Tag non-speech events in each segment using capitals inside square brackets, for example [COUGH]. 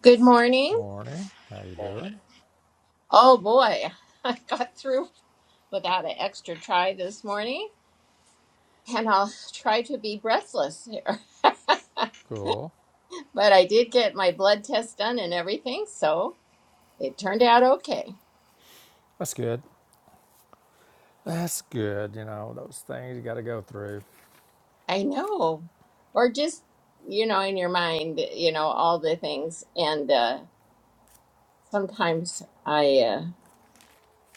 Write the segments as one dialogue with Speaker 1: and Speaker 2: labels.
Speaker 1: Good morning.
Speaker 2: Morning. How you doing?
Speaker 1: Oh boy, [LAUGHS] I got through without an extra try this morning, and I'll try to be breathless here. [LAUGHS]
Speaker 2: Cool.
Speaker 1: But I did get my blood test done and everything, so it turned out okay.
Speaker 2: That's good. That's good. You know those things you got to go through,
Speaker 1: I know. Or just, you know, in your mind, you know, all the things. And uh, sometimes I uh,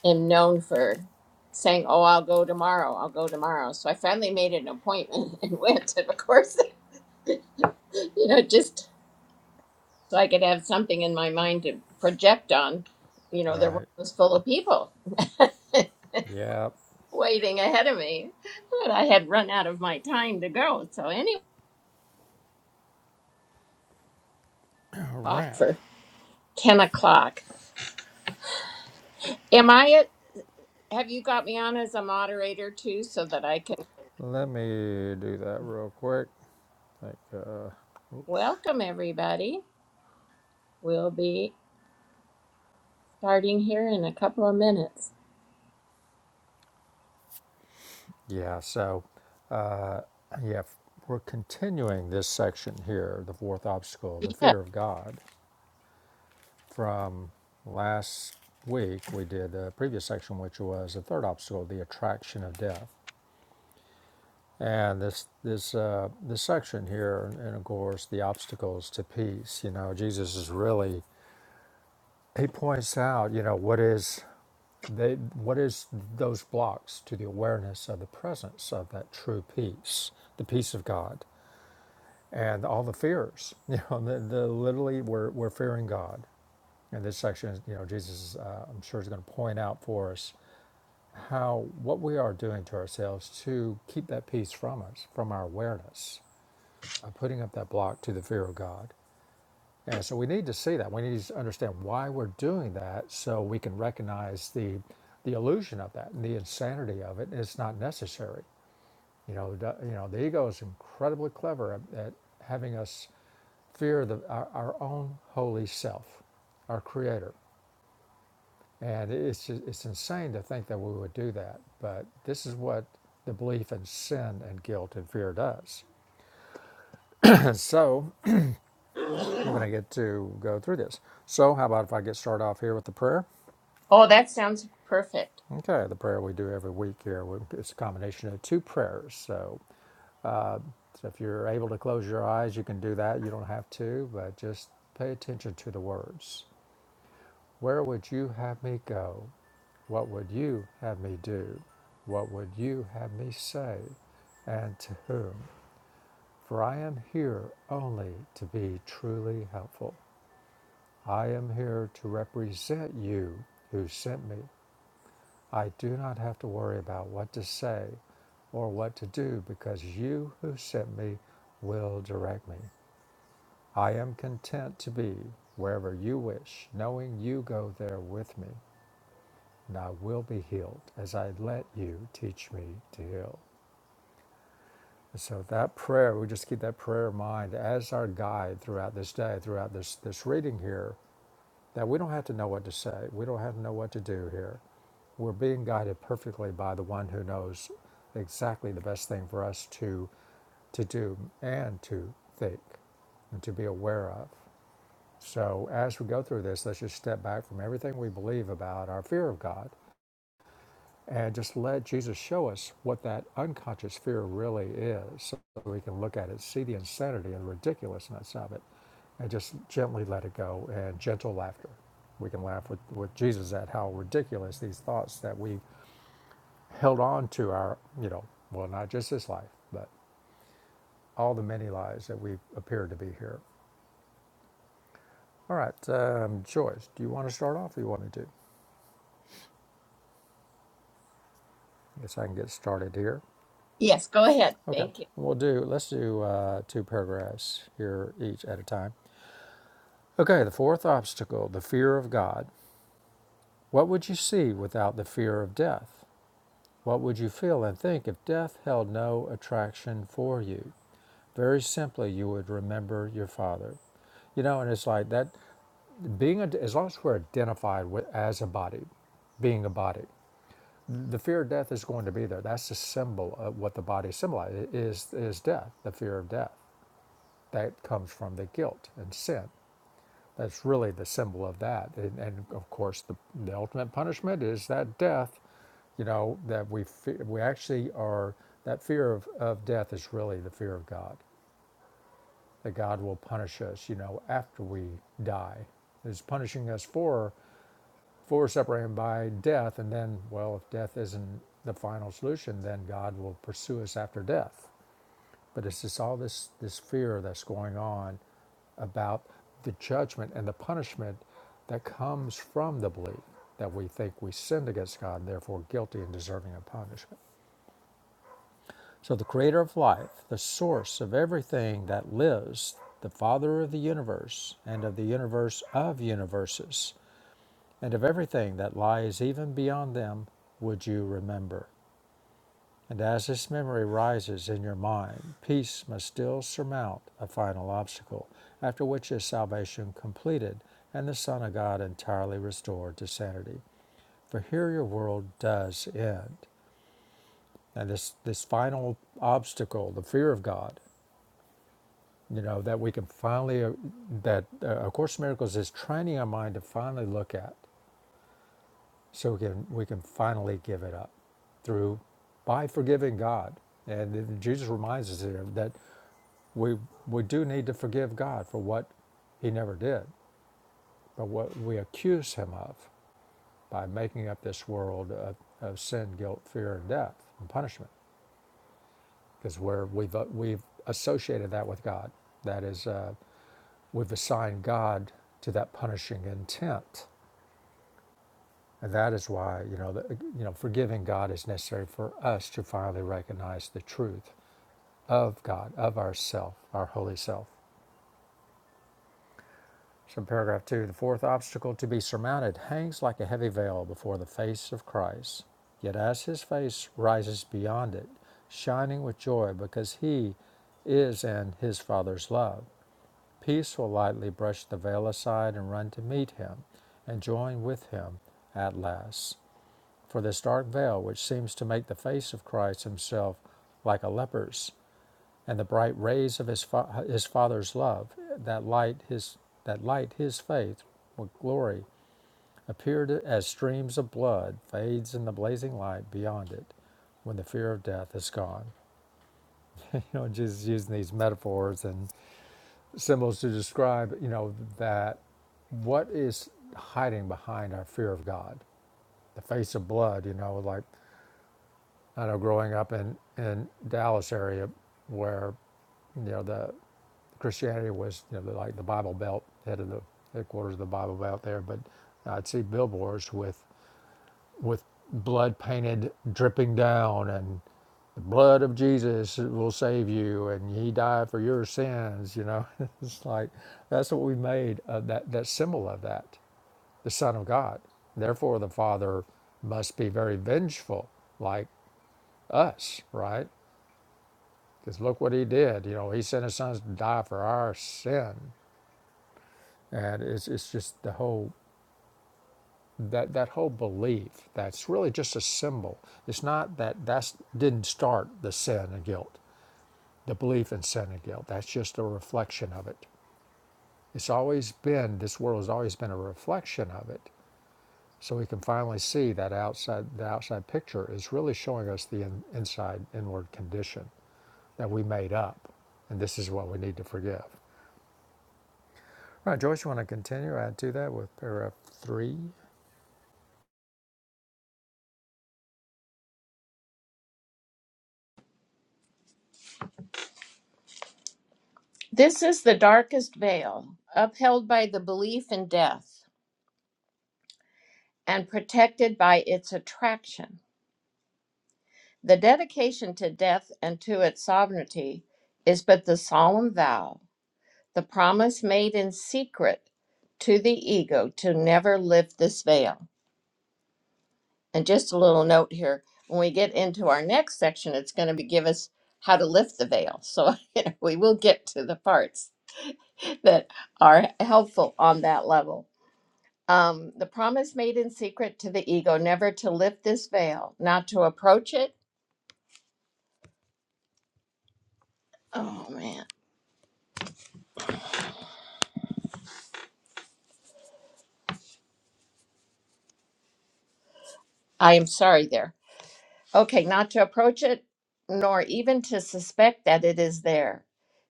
Speaker 1: am known for saying, oh, I'll go tomorrow, I'll go tomorrow. So I finally made an appointment [LAUGHS] and went, and of course, [LAUGHS] you know, just so I could have something in my mind to project on. You know, the room
Speaker 2: right?
Speaker 1: was full of people [LAUGHS]
Speaker 2: Yep.
Speaker 1: waiting ahead of me, but I had run out of my time to go. So anyway,
Speaker 2: All
Speaker 1: clock
Speaker 2: right.
Speaker 1: for ten o'clock. Am I? At, have you got me on as a moderator too, so that I can
Speaker 2: Let me do that real quick. Like, uh, oops.
Speaker 1: welcome everybody? We'll be starting here in a couple of minutes.
Speaker 2: Yeah. So, yeah, we're continuing this section here, the fourth obstacle, the
Speaker 1: Yeah.
Speaker 2: fear of God. From last week, we did the previous section, which was the third obstacle, the attraction of death. and this this uh, this section here, and of course the obstacles to peace. You know, Jesus is really he points out, you know, what is they what is those blocks to the awareness of the presence of that true peace, the peace of God, and all the fears. [LAUGHS] You know, the, the literally we're we're fearing God. And this section, you know, Jesus, uh, I'm sure is going to point out for us how what we are doing to ourselves to keep that peace from us, from our awareness by putting up that block to the fear of God. And so we need to see that. We need to understand why we're doing that so we can recognize the the illusion of that and the insanity of it. It's not necessary. You know, the, you know, the ego is incredibly clever at, at having us fear the, our, our own holy self, our creator. And it's it's insane to think that we would do that, but this is what the belief in sin and guilt and fear does. [CLEARS THROAT] And so we're going to get to go through this. So, how about if I get started off here with the prayer?
Speaker 1: Oh, that sounds perfect.
Speaker 2: Okay, the prayer we do every week here. It's a combination of two prayers. So, so if you're able to close your eyes, you can do that. You don't have to, but just pay attention to the words. Where would you have me go? What would you have me do? What would you have me say? And to whom? For I am here only to be truly helpful. I am here to represent you who sent me. I do not have to worry about what to say or what to do because you who sent me will direct me. I am content to be wherever you wish, knowing you go there with me, and I will be healed as I let you teach me to heal. so that prayer, we just keep that prayer in mind as our guide throughout this day, throughout this this reading here, That we don't have to know what to say. We don't have to know what to do here. We're being guided perfectly by the one who knows exactly the best thing for us to to do and to think and to be aware of. So as we go through this, let's just step back from everything we believe about our fear of God and just let Jesus show us what that unconscious fear really is so that we can look at it, see the insanity and ridiculousness of it, and just gently let it go and gentle laughter. We can laugh with, with Jesus at how ridiculous these thoughts that we held on to our, you know, well, not just this life, but all the many lives that we appear to be here. All right, um, Joyce, do you want to start off or you want me to? I guess I can get started here.
Speaker 1: Yes, go ahead.
Speaker 2: Okay,
Speaker 1: Thank you.
Speaker 2: we'll do, let's do uh, two paragraphs here each at a time. Okay, the fourth obstacle, the fear of God. What would you see without the fear of death? What would you feel and think if death held no attraction for you? Very simply, you would remember your father. You know, and it's like that being, a, as long as we're identified with, as a body, being a body, the fear of death is going to be there. That's the symbol of what the body symbolizes is, is death, the fear of death. that comes from the guilt and sin. That's really the symbol of that. And, and of course, the, the ultimate punishment is that death, you know, that we, fe- we actually are, that fear of, of death is really the fear of God, that God will punish us, you know, after we die. Is punishing us for, for separating by death. And then, well, if death isn't the final solution, then God will pursue us after death. But it's just all this, this fear that's going on about the judgment and the punishment that comes from the belief that we think we sinned against God and therefore guilty and deserving of punishment. So, the creator of life, the source of everything that lives, the father of the universe and of the universe of universes, and of everything that lies even beyond them, would you remember? And as this memory rises in your mind, peace must still surmount a final obstacle, after which is salvation completed and the Son of God entirely restored to sanity. For here your world does end. And this, this final obstacle, the fear of God, you know, that we can finally, uh, that uh, A Course in Miracles is training our mind to finally look at so we can, we can finally give it up through by forgiving God. And Jesus reminds us here that We, we do need to forgive God for what he never did, but what we accuse him of by making up this world of, of sin, guilt, fear, and death and punishment. Because where we've, uh, we've associated that with God, that is, uh, we've assigned God to that punishing intent. And that is why, you know, the, you know, forgiving God is necessary for us to finally recognize the truth of God, of ourself, our holy self. So paragraph two, the fourth obstacle to be surmounted hangs like a heavy veil before the face of Christ. Yet as his face rises beyond it, shining with joy because he is in his Father's love, peace will lightly brush the veil aside and run to meet him and join with him at last. For this dark veil, which seems to make the face of Christ himself like a leper's, and the bright rays of his, fa- his father's love that light his that light his faith with glory appeared as streams of blood fades in the blazing light beyond it when the fear of death is gone [LAUGHS] you know jesus using these metaphors and symbols to describe you know that what is hiding behind our fear of god the face of blood you know like i know growing up in in dallas area where you know the Christianity was you know, like the Bible Belt, head of the headquarters of the Bible Belt there. But I'd see billboards with with blood painted dripping down, and the blood of Jesus will save you, and He died for your sins. You know, [LAUGHS] it's like that's what we made of that that symbol of that the Son of God. Therefore, the Father must be very vengeful, like us, right? Because look what He did. You know, He sent His Son to die for our sin And it's, it's just the whole that that whole belief that's really just a symbol. It's not that that didn't start the sin and guilt, the belief in sin and guilt. That's just a reflection of it. It's always been this world has always been a reflection of it. So we can finally see that outside the outside picture is really showing us the in, inside inward condition that we made up, and this is what we need to forgive. All right, Joyce, you want to continue? Add to that with paragraph three.
Speaker 1: This is the darkest veil, upheld by the belief in death. and protected by its attraction. The dedication to death and to its sovereignty is but the solemn vow, the promise made in secret to the ego to never lift this veil. And just a little note here when we get into our next section, it's going to be give us how to lift the veil. So [LAUGHS] you know, we will get to the parts that are helpful on that level. Um, the promise made in secret to the ego never to lift this veil, not to approach it Oh man, I am sorry there. Okay, not to approach it, nor even to suspect that it is there.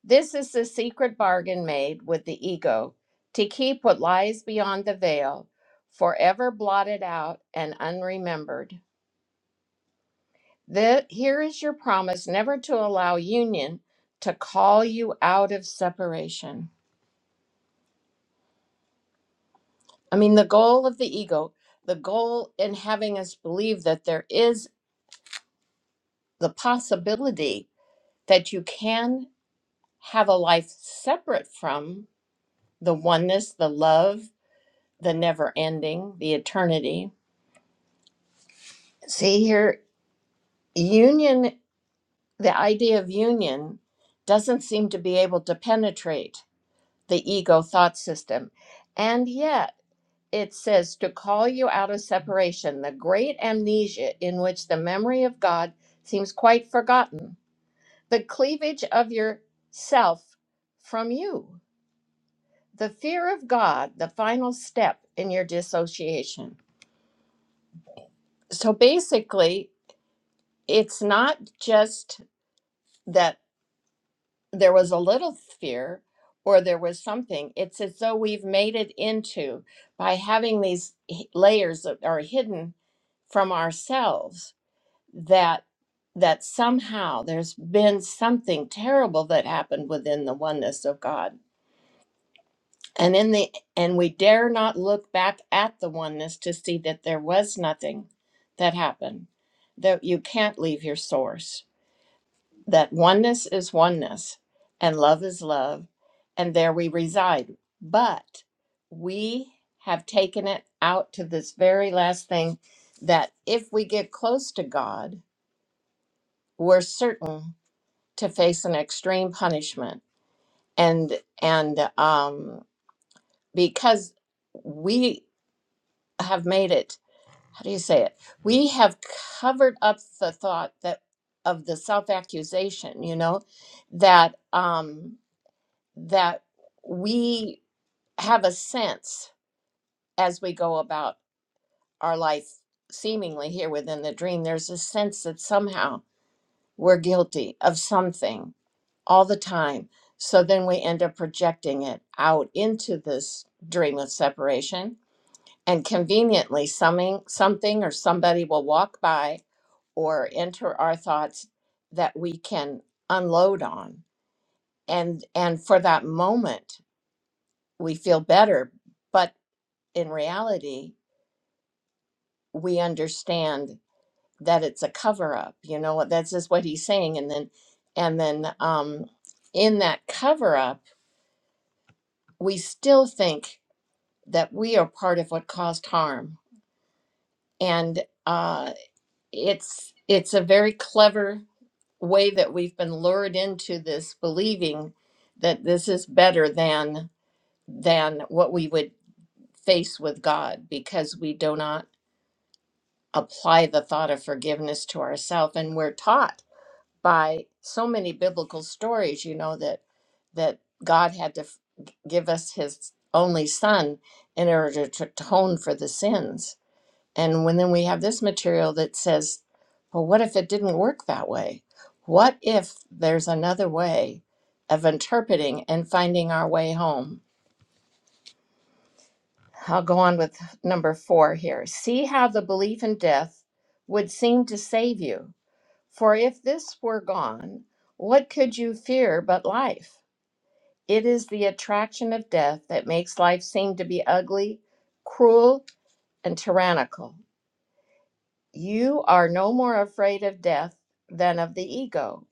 Speaker 1: This is the secret bargain made with the ego to keep what lies beyond the veil forever blotted out and unremembered. The, here is your promise never to allow union to call you out of separation. I mean, the goal of the ego, the goal in having us believe that there is the possibility that you can have a life separate from the oneness, the love, the never ending, the eternity. See here, union, the idea of union doesn't seem to be able to penetrate the ego thought system. And yet, it says to call you out of separation, the great amnesia in which the memory of God seems quite forgotten, the cleavage of your self from you. the fear of God, the final step in your dissociation. So basically, it's not just that there was a little fear or there was something, it's as though we've made it into by having these h- layers that are hidden from ourselves that that somehow there's been something terrible that happened within the oneness of God And in the and we dare not look back at the oneness to see that there was nothing that happened. That you can't leave your source. That oneness is oneness and love is love and there we reside. But we have taken it out to this very last thing that if we get close to God, we're certain to face an extreme punishment. And and um because we have made it how do you say it we have covered up the thought that of the self accusation you know that um that we have a sense as we go about our life seemingly here within the dream there's a sense that somehow we're guilty of something all the time so then we end up projecting it out into this dream of separation and conveniently something something or somebody will walk by or enter our thoughts that we can unload on and and for that moment we feel better but in reality we understand that it's a cover up you know that's just what he's saying and then and then um in that cover up we still think that we are part of what caused harm and uh it's it's a very clever way that we've been lured into this believing that this is better than than what we would face with God because we do not apply the thought of forgiveness to ourselves and we're taught by so many biblical stories you know that that God had to f- give us his only son in order to atone for the sins and when then we have this material that says, well, what if it didn't work that way? What if there's another way of interpreting and finding our way home? I'll go on with number four here. See how the belief in death would seem to save you. For if this were gone, what could you fear but life? It is the attraction of death that makes life seem to be ugly, cruel, and tyrannical. You are no more afraid of death than of the ego.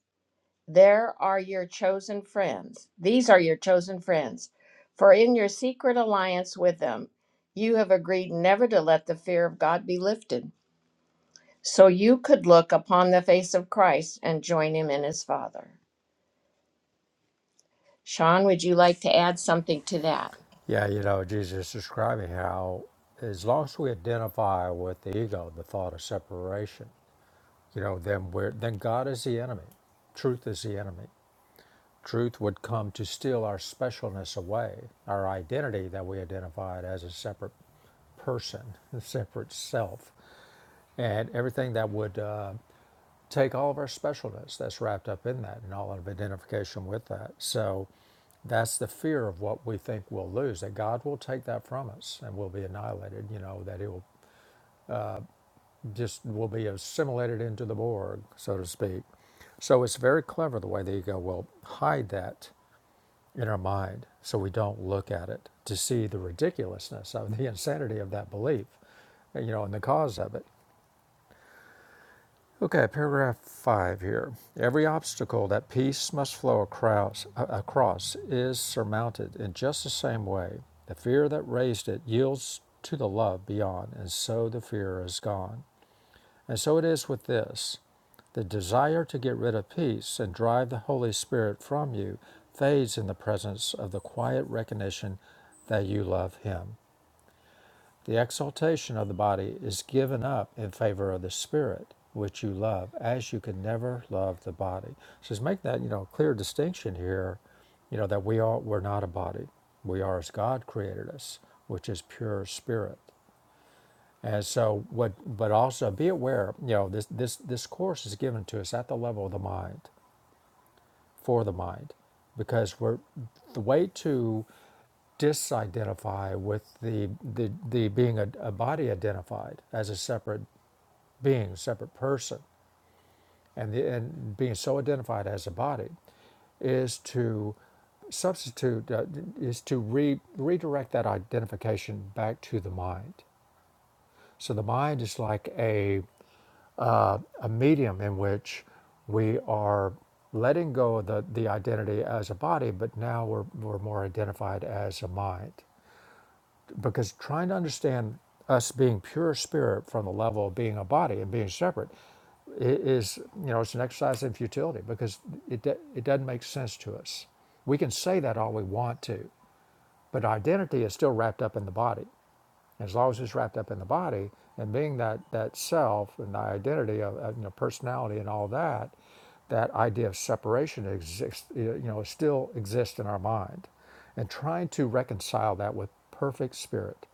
Speaker 1: There are your chosen friends. These are your chosen friends. For in your secret alliance with them, you have agreed never to let the fear of God be lifted. So you could look upon the face of Christ and join him in his Father. Sean, would you like to add something to that?
Speaker 2: Yeah, you know, Jesus is describing how as long as we identify with the ego, the thought of separation, you know, then we're then God is the enemy. Truth is the enemy. Truth would come to steal our specialness away, our identity that we identified as a separate person, [LAUGHS] a separate self, and everything that would uh, take all of our specialness that's wrapped up in that and all of identification with that. So that's the fear of what we think we'll lose, that God will take that from us and we'll be annihilated, you know, that it will just will be assimilated into the Borg, so to speak. So it's very clever the way the ego will hide that in our mind so we don't look at it to see the ridiculousness of the [LAUGHS] insanity of that belief, you know, and the cause of it. Okay, paragraph five here. Every obstacle that peace must flow across, uh, across is surmounted in just the same way. The fear that raised it yields to the love beyond, and so the fear is gone. And so it is with this. The desire to get rid of peace and drive the Holy Spirit from you fades in the presence of the quiet recognition that you love Him. The exaltation of the body is given up in favor of the spirit, which you love, as you can never love the body. So just make that, you know, clear distinction here, you know, that we are we're not a body. We are as God created us, which is pure spirit. And so what but also be aware, you know, this this this course is given to us at the level of the mind, for the mind. Because we're the way to disidentify with the the, the being a, a body identified as a separate being, separate person, and the, and being so identified as a body is to substitute uh, is to re, redirect that identification back to the mind. So the mind is like a a medium in which we are letting go of the, the identity as a body, but now we're, we're more identified as a mind. because trying to understand us being pure spirit from the level of being a body and being separate i- is you know it's an exercise in futility because it do- it doesn't make sense to us. We can say that all we want to, but identity is still wrapped up in the body as long as it's wrapped up in the body and being that that self and the identity of, of, you know personality and all that that idea of separation exists you know still exists in our mind and trying to reconcile that with perfect spirit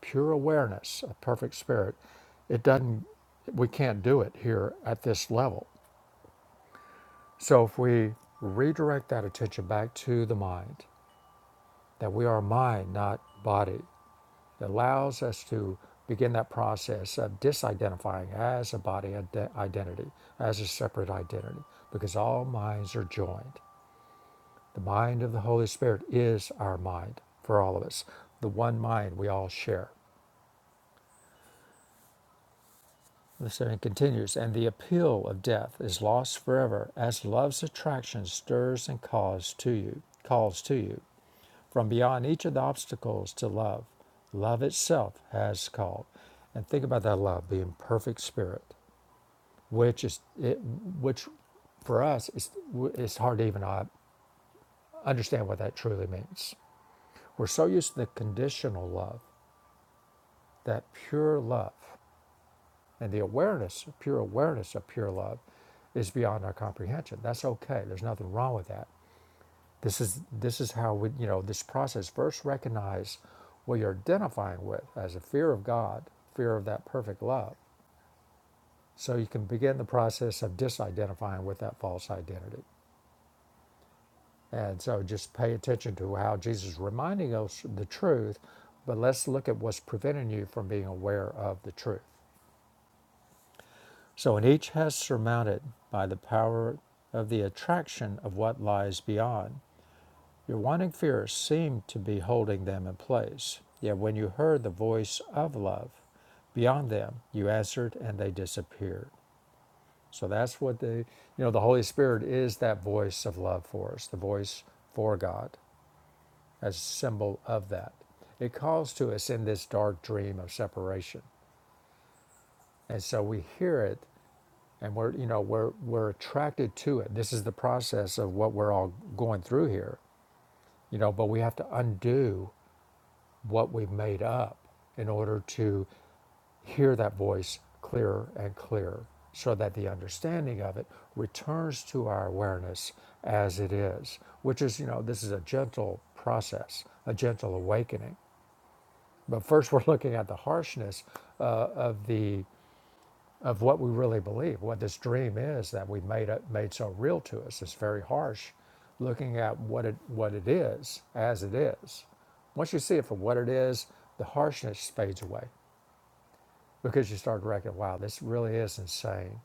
Speaker 2: pure awareness of perfect spirit it doesn't we can't do it here at this level so if we redirect that attention back to the mind that we are mind not body that allows us to begin that process of disidentifying as a body ide- identity, as a separate identity, because all minds are joined. The mind of the Holy Spirit is our mind for all of us, the one mind we all share. Listen, it continues, and the appeal of death is lost forever as love's attraction stirs and calls to you, calls to you. From beyond each of the obstacles to love, love itself has called. And think about that love being perfect spirit which is it, which for us is it's hard to even uh, understand what that truly means. We're so used to the conditional love, that pure love, and the awareness, pure awareness of pure love, is beyond our comprehension. That's okay. There's nothing wrong with that. This is this is how we you know this process. First, recognize what you're identifying with as a fear of God, fear of that perfect love. So you can begin the process of disidentifying with that false identity. And so just pay attention to how Jesus is reminding us the truth, but let's look at what's preventing you from being aware of the truth. So, and each has surmounted by the power of the attraction of what lies beyond. Your wanting fear seemed to be holding them in place. Yet when you heard the voice of love beyond them, you answered and they disappeared. So that's what the, you know, the Holy Spirit is that voice of love for us, the voice for God as a symbol of that. It calls to us in this dark dream of separation. And so we hear it and we're, you know, we're, we're attracted to it. This is the process of what we're all going through here, you know, but we have to undo what we've made up in order to hear that voice clearer and clearer so that the understanding of it returns to our awareness as it is, which is, you know, this is a gentle process, a gentle awakening But first, [LAUGHS] we're looking at the harshness uh, of the of what we really believe, what this dream is that we've made it, made so real to us. It's very harsh, looking at what it what it is as it is. Once you see it for what it is, the harshness fades away because you start to reckon, wow, this really is insane,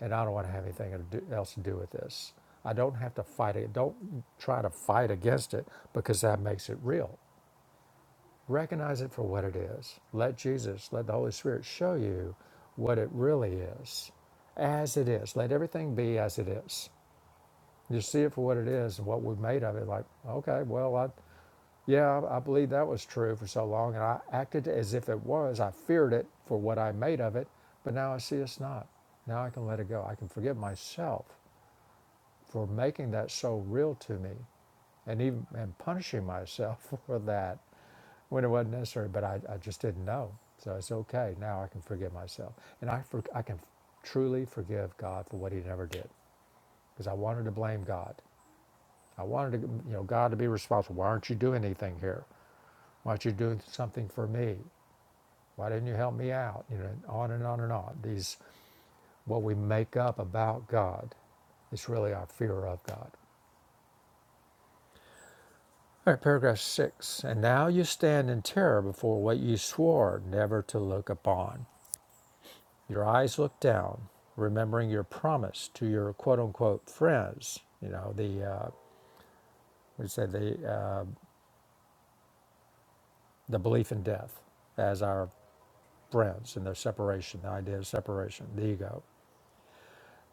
Speaker 2: and I don't want to have anything to do- else to do with this. I don't have to fight it. Don't try to fight against it because that makes it real. Recognize it for what it is. Let Jesus, let the Holy Spirit show you what it really is as it is. Let everything be as it is. Just see it for what it is and what we've made of it. Like, okay, well, I, yeah, I I believe that was true for so long and I acted as if it was. I feared it for what I made of it, but now I see it's not. Now I can let it go. I can forgive myself for making that so real to me and even and punishing myself [LAUGHS] for that when it wasn't necessary, but I, I just didn't know. So it's okay. Now I can forgive myself. And I, for, I can truly forgive God for what he never did because I wanted to blame God. I wanted to, you know, God to be responsible. Why aren't you doing anything here? Why aren't you doing something for me? Why didn't you help me out? You know, and on and on and on. These, what we make up about God is really our fear of God. All right, paragraph six. And now you stand in terror before what you swore never to look upon. Your eyes look down, remembering your promise to your quote unquote friends. You know, the, uh, we said the, uh, the belief in death as our friends and their separation, the idea of separation, the ego.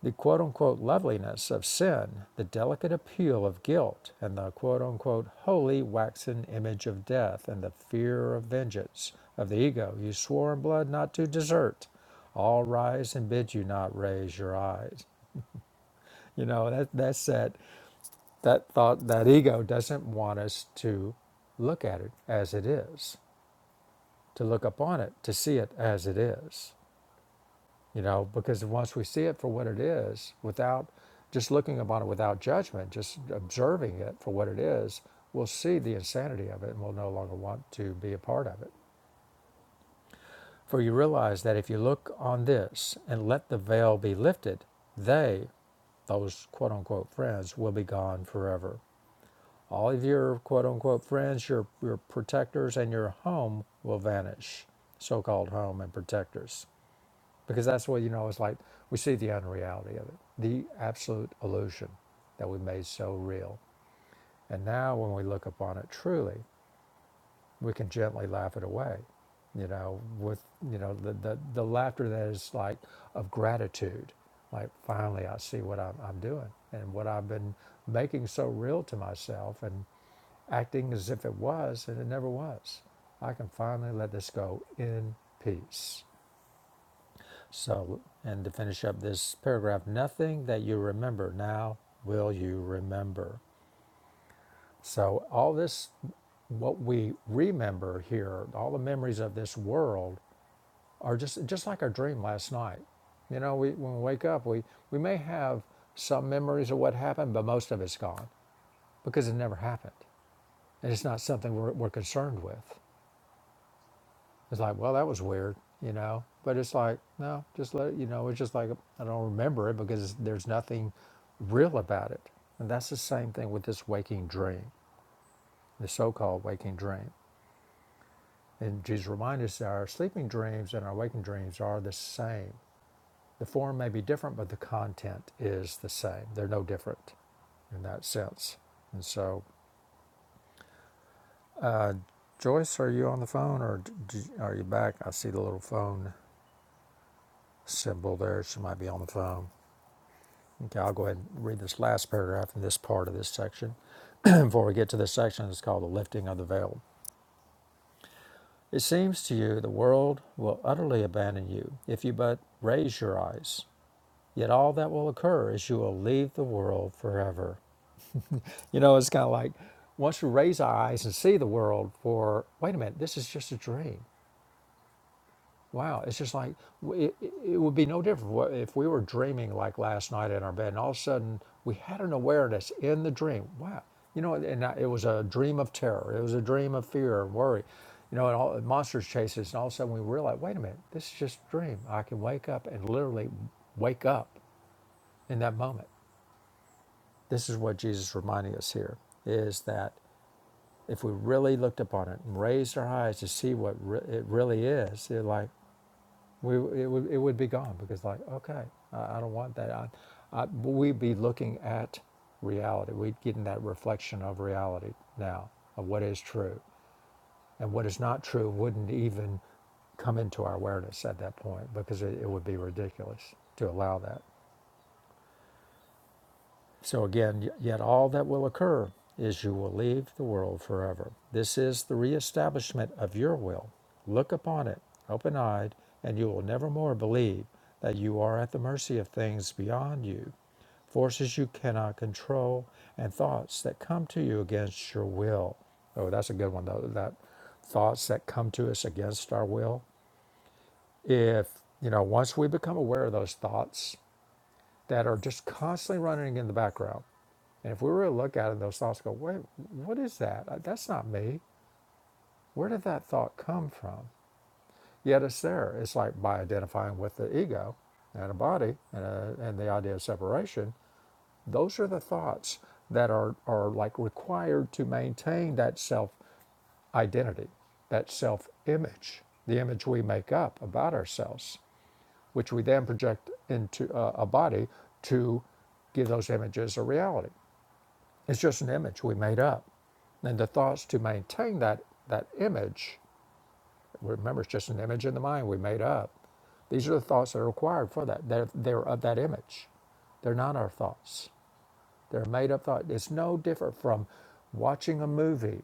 Speaker 2: The quote unquote loveliness of sin, the delicate appeal of guilt, and the quote unquote holy waxen image of death, and the fear of vengeance of the ego you swore in blood not to desert all rise and bid you not raise your eyes. You know, that, that's that that thought that ego doesn't want us to look at it as it is to look upon it to see it as it is you know because once we see it for what it is without just looking upon it without judgment just observing it for what it is we'll see the insanity of it and we'll no longer want to be a part of it for you realize that if you look on this and let the veil be lifted they those quote unquote friends will be gone forever All of your quote unquote friends, your, your protectors, and your home will vanish, so called home and protectors. Because that's what, you know, it's like we see the unreality of it, the absolute illusion that we made so real. And now when we look upon it truly, we can gently laugh it away, you know, with, you know, the, the, the laughter that is like of gratitude. Like, finally, I see what I'm, I'm doing and what I've been making so real to myself. And acting as if it was, and it never was. I can finally let this go in peace. So, and to finish up this paragraph, nothing that you remember now will you remember. So, all this, what we remember here, all the memories of this world are just just like our dream last night. You know, we, when we wake up, we, we may have some memories of what happened, but most of it's gone because it never happened. And it's not something we're, we're concerned with. It's like, well, that was weird, you know. But it's like, no, just let it, you know. It's just like I don't remember it because there's nothing real about it, and that's the same thing with this waking dream, the so-called waking dream. And Jesus reminds us that our sleeping dreams and our waking dreams are the same. The form may be different, but the content is the same. They're no different in that sense. And so, Joyce, are you on the phone or d- d- are you back? I see the little phone symbol there. She might be on the phone. Okay, I'll go ahead and read this last paragraph in this part of this section [CLEARS THROAT] before we get to this section that's called the lifting of the veil. It seems to you the world will utterly abandon you if you but raise your eyes. Yet all that will occur is you will leave the world forever. You know, it's kind of like once we raise our eyes and see the world for, wait a minute, this is just a dream. Wow, it's just like w- it, it it would be no different wha- if we were dreaming like last night in our bed, and all of a sudden we had an awareness in the dream. Wow, you know, and I- it was a dream of terror, it was a dream of fear and worry, you know, and all monsters chase us, and all of a sudden we realize, wait a minute, this is just a dream. I can wake up and literally wake up in that moment. This is what Jesus is reminding us here: is that if we really looked upon it and raised our eyes to see what re- it really is, it like we it would it would be gone because like okay I, I don't want that I, I we'd be looking at reality we'd get in that reflection of reality now of what is true and what is not true wouldn't even come into our awareness at that point because it, it would be ridiculous to allow that So again, yet all that will occur is you will leave the world forever. This is the reestablishment of your will. Look upon it, open eyed, and you will nevermore believe that you are at the mercy of things beyond you, forces you cannot control, and thoughts that come to you against your will. Oh, that's a good one, though, that thoughts that come to us against our will. If, you know, once we become aware of those thoughts that are just constantly running in the background, and if we were to look at it, those thoughts go, wait, what is that? Uh, That's not me. Where did that thought come from? Yet it's there. It's like by identifying with the ego and a body and, a, and the idea of separation, those are the thoughts that are, are like required to maintain that self identity, that self image, the image we make up about ourselves, which we then project into uh, a body to give those images a reality. It's just an image we made up. And the thoughts to maintain that, that image, remember it's just an image in the mind we made up. These are the thoughts that are required for that. They're, they're of that image. They're not our thoughts. They're made up thoughts. It's no different from watching a movie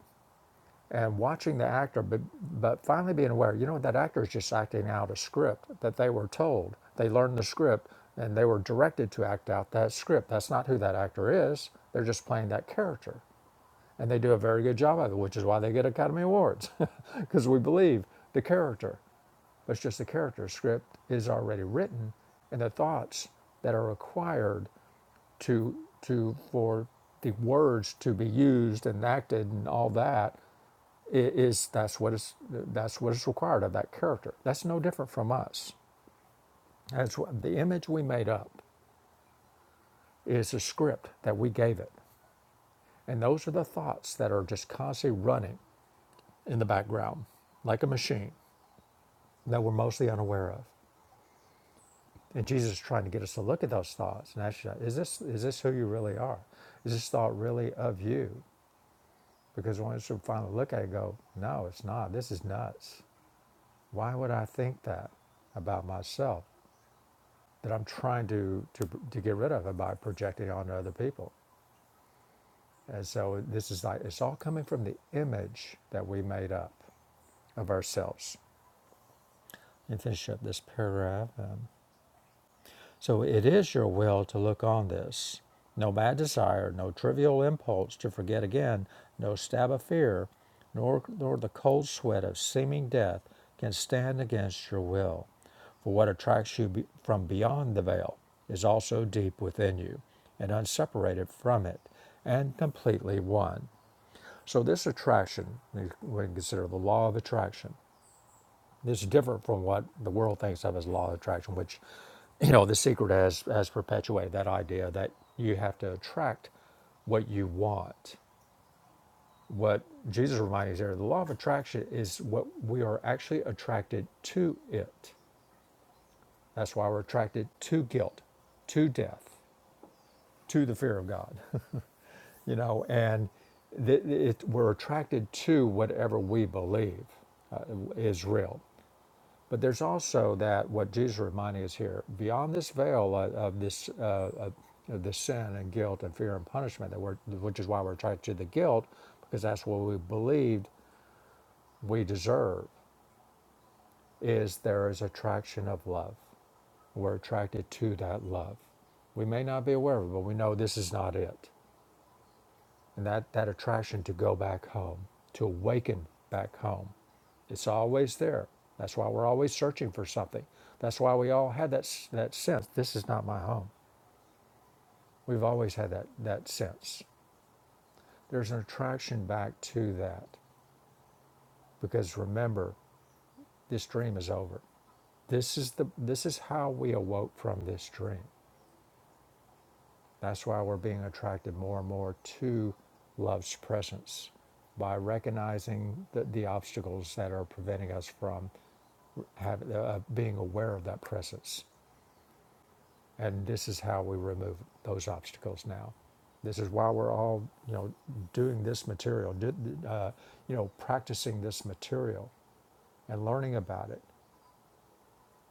Speaker 2: and watching the actor, but, but finally being aware, you know, that actor is just acting out a script that they were told. They learned the script and they were directed to act out that script. That's not who that actor is. They're just playing that character. And they do a very good job of it, which is why they get Academy Awards, because [LAUGHS] we believe the character. But it's just the character script is already written, and the thoughts that are required to to for the words to be used and acted and all that's what is that's what is that's what is required of that character. That's no different from us. That's what the image we made up is the script that we gave it, and those are the thoughts that are just constantly running. in the background, like a machine that we're mostly unaware of. And Jesus is trying to get us to look at those thoughts and ask, you, is this is this who you really are? Is this thought really of you? Because once you finally look at it, and go, no, it's not. This is nuts. Why would I think that about myself that I'm trying to to, to get rid of it by projecting it onto other people? And so this is like it's all coming from the image that we made up of ourselves. And finish up this paragraph. Um, So it is your will to look on this. No mad desire, no trivial impulse to forget again, no stab of fear, nor, nor the cold sweat of seeming death can stand against your will. For what attracts you be, from beyond the veil is also deep within you and unseparated from it and completely one. So, this attraction, we we consider the law of attraction, this is different from what the world thinks of as law of attraction, which, you know, the secret has has perpetuated that idea that you have to attract what you want. What Jesus reminds us here, the law of attraction is what we are actually attracted to it. That's why we're attracted to guilt, to death, to the fear of God, [LAUGHS] you know, and th- it, we're attracted to whatever we believe uh, is real. But there's also that what Jesus reminding us here beyond this veil of, of this uh, of, of this sin and guilt and fear and punishment that we're, which is why we're attracted to the guilt because that's what we believed we deserve is there is attraction of love. We're attracted to that love. We may not be aware of it, but we know this is not it. and that, that attraction to go back home, to awaken back home. It's always there. That's why we're always searching for something. That's why we all had that, that sense this is not my home. We've always had that, that sense. There's an attraction back to that because remember, this dream is over. This is, the, this is how we awoke from this dream. That's why we're being attracted more and more to love's presence by recognizing the, the obstacles that are preventing us from have, uh, uh, being aware of that presence. And this is how we remove those obstacles now. This is why we're all, you know, doing this material, uh, you know, practicing this material and learning about it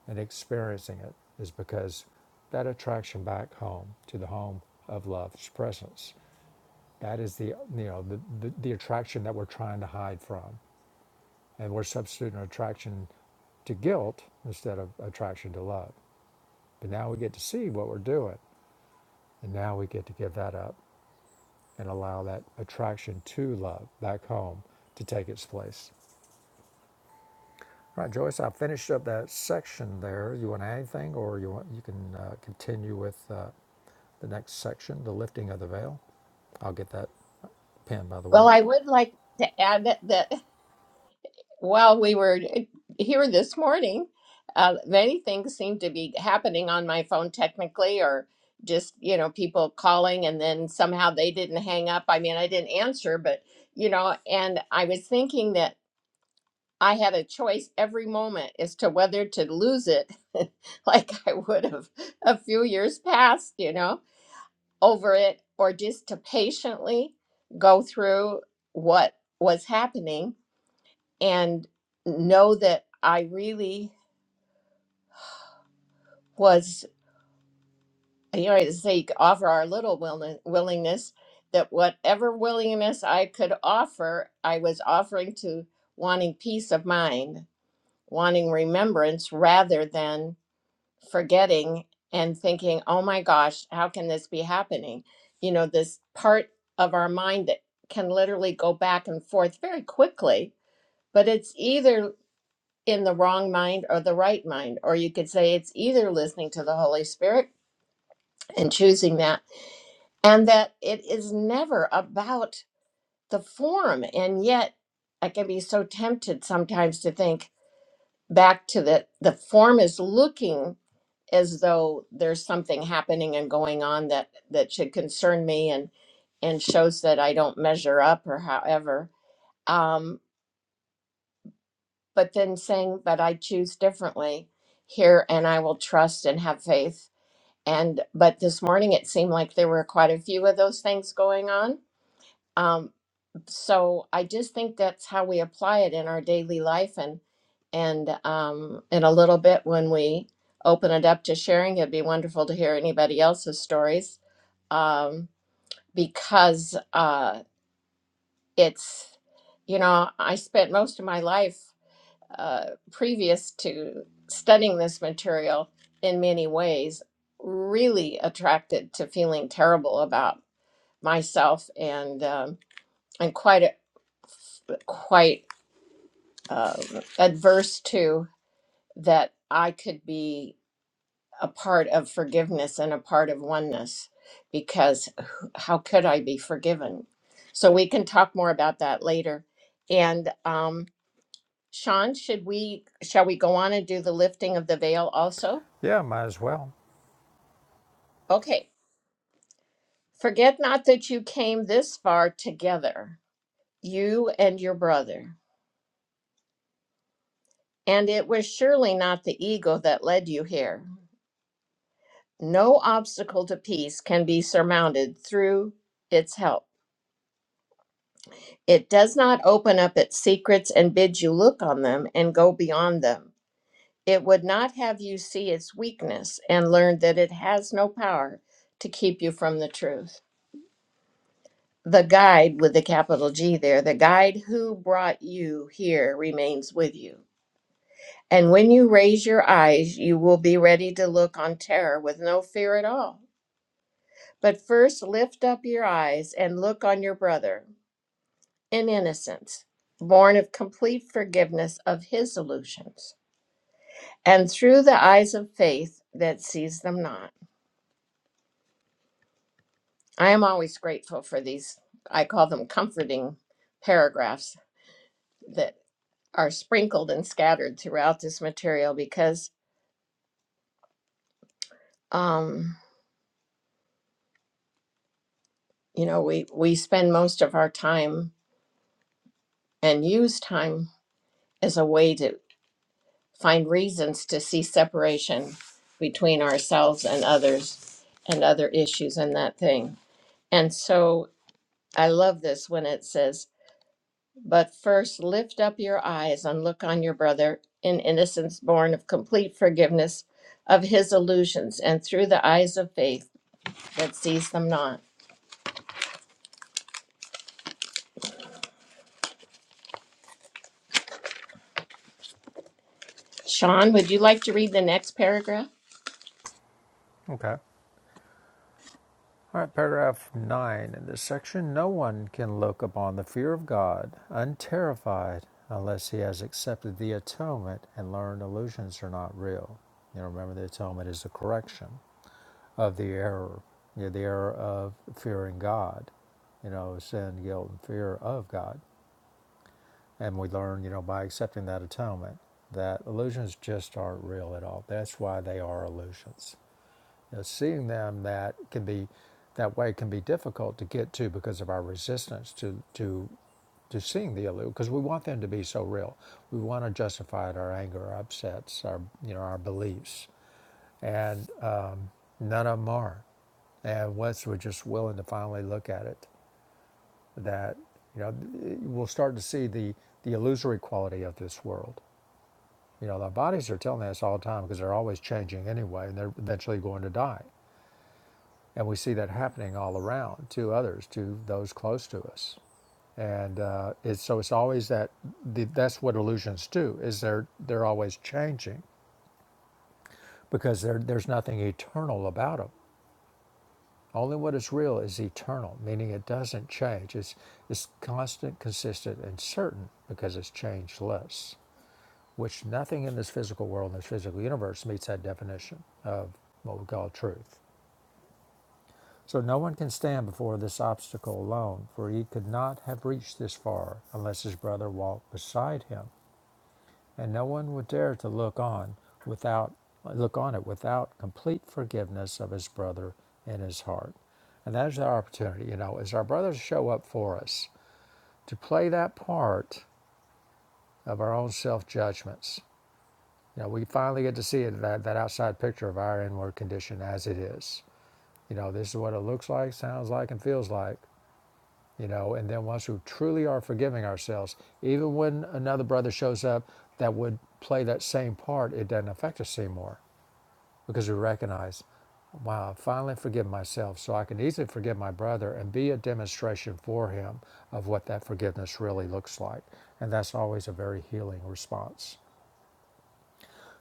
Speaker 2: and experiencing it is because that attraction back home to the home of love's presence. That is the, you know, the, the, the attraction that we're trying to hide from. And we're substituting attraction to guilt instead of attraction to love. But now we get to see what we're doing. And now we get to give that up and allow that attraction to love back home to take its place. All right, Joyce, I finished up that section there. You want to add anything or you want you can uh, continue with uh, the next section, the lifting of the veil? I'll get that pen, by the way.
Speaker 1: Well, I would like to add that. that Well, we were eh, here this morning. Uh, many things seemed to be happening on my phone technically, or just, you know, people calling and then somehow they didn't hang up. I mean, I didn't answer, but, you know, and I was thinking that I had a choice every moment as to whether to lose it [LAUGHS] like I would have a few years past, you know, over it, or just to patiently go through what was happening and know that I really was, you know, I say offer our little willin- willingness, that whatever willingness I could offer, I was offering to wanting peace of mind, wanting remembrance rather than forgetting and thinking, oh my gosh, how can this be happening? You know, this part of our mind that can literally go back and forth very quickly, but it's either in the wrong mind or the right mind. Or you could say it's either listening to the Holy Spirit and choosing that, and that it is never about the form. And yet, I can be so tempted sometimes to think back to the the form is looking as though there's something happening and going on that that should concern me and and shows that I don't measure up or however. Um, but then saying, but I choose differently here and I will trust and have faith And but this morning it seemed like there were quite a few of those things going on. Um, so I just think that's how we apply it in our daily life, and and um, in a little bit when we open it up to sharing, it'd be wonderful to hear anybody else's stories um, because uh, it's you know I spent most of my life uh, previous to studying this material in many ways really attracted to feeling terrible about myself and um, I'm quite a, quite uh, adverse to that I could be a part of forgiveness and a part of oneness because how could I be forgiven? So we can talk more about that later. And um, Sean, should we shall we go on and do the lifting of the veil also?
Speaker 2: Yeah, might as well.
Speaker 1: Okay. Forget not that you came this far together, you and your brother. And it was surely not the ego that led you here. No obstacle to peace can be surmounted through its help. It does not open up its secrets and bid you look on them and go beyond them. It would not have you see its weakness and learn that it has no power to keep you from the truth. The guide with the capital G there, the guide who brought you here remains with you. And when you raise your eyes, you will be ready to look on terror with no fear at all. But first lift up your eyes and look on your brother in innocence, born of complete forgiveness of his illusions, and through the eyes of faith that sees them not. I am always grateful for these, I call them comforting paragraphs that are sprinkled and scattered throughout this material because um you know we we spend most of our time and use time as a way to find reasons to see separation between ourselves and others and other issues and that thing. And so I love this when it says, But first lift up your eyes and look on your brother in innocence born of complete forgiveness of his illusions and through the eyes of faith that sees them not. Sean, would you like to read the next paragraph?
Speaker 2: Okay. All right, paragraph nine in this section no one can look upon the fear of God unterrified unless he has accepted the atonement and learned illusions are not real. You know, remember the atonement is the correction of the error, you know, the error of fearing God, you know, sin, guilt, and fear of God. And we learn, you know, by accepting that atonement that illusions just aren't real at all. That's why they are illusions. You know, seeing them that can be that way can be difficult to get to because of our resistance to to to seeing the illusion because we want them to be so real. We want to justify it, our anger, our upsets, our you know our beliefs, and uh, none of them are. And once we're just willing to finally look at it, that you know we'll start to see the the illusory quality of this world. You know, our bodies are telling us all the time because they're always changing anyway, and they're eventually going to die. And we see that happening all around to others, to those close to us. And uh, it's, so it's always that the, that's what illusions do is they're they're always changing because there there's nothing eternal about them. Only what is real is eternal, meaning it doesn't change. It's it's constant, consistent, and certain because it's changeless. Which nothing in this physical world, in this physical universe, meets that definition of what we call truth. So no one can stand before this obstacle alone, for he could not have reached this far unless his brother walked beside him, and no one would dare to look on without look on it without complete forgiveness of his brother in his heart. And that is our opportunity, you know, is our brothers show up for us to play that part of our own self judgments. You know, we finally get to see it, that, that outside picture of our inward condition as it is. You know, this is what it looks like, sounds like, and feels like. you know and then once we truly are forgiving ourselves even when another brother shows up that would play that same part it doesn't affect us anymore because we recognize wow i finally forgive myself so i can easily forgive my brother and be a demonstration for him of what that forgiveness really looks like and that's always a very healing response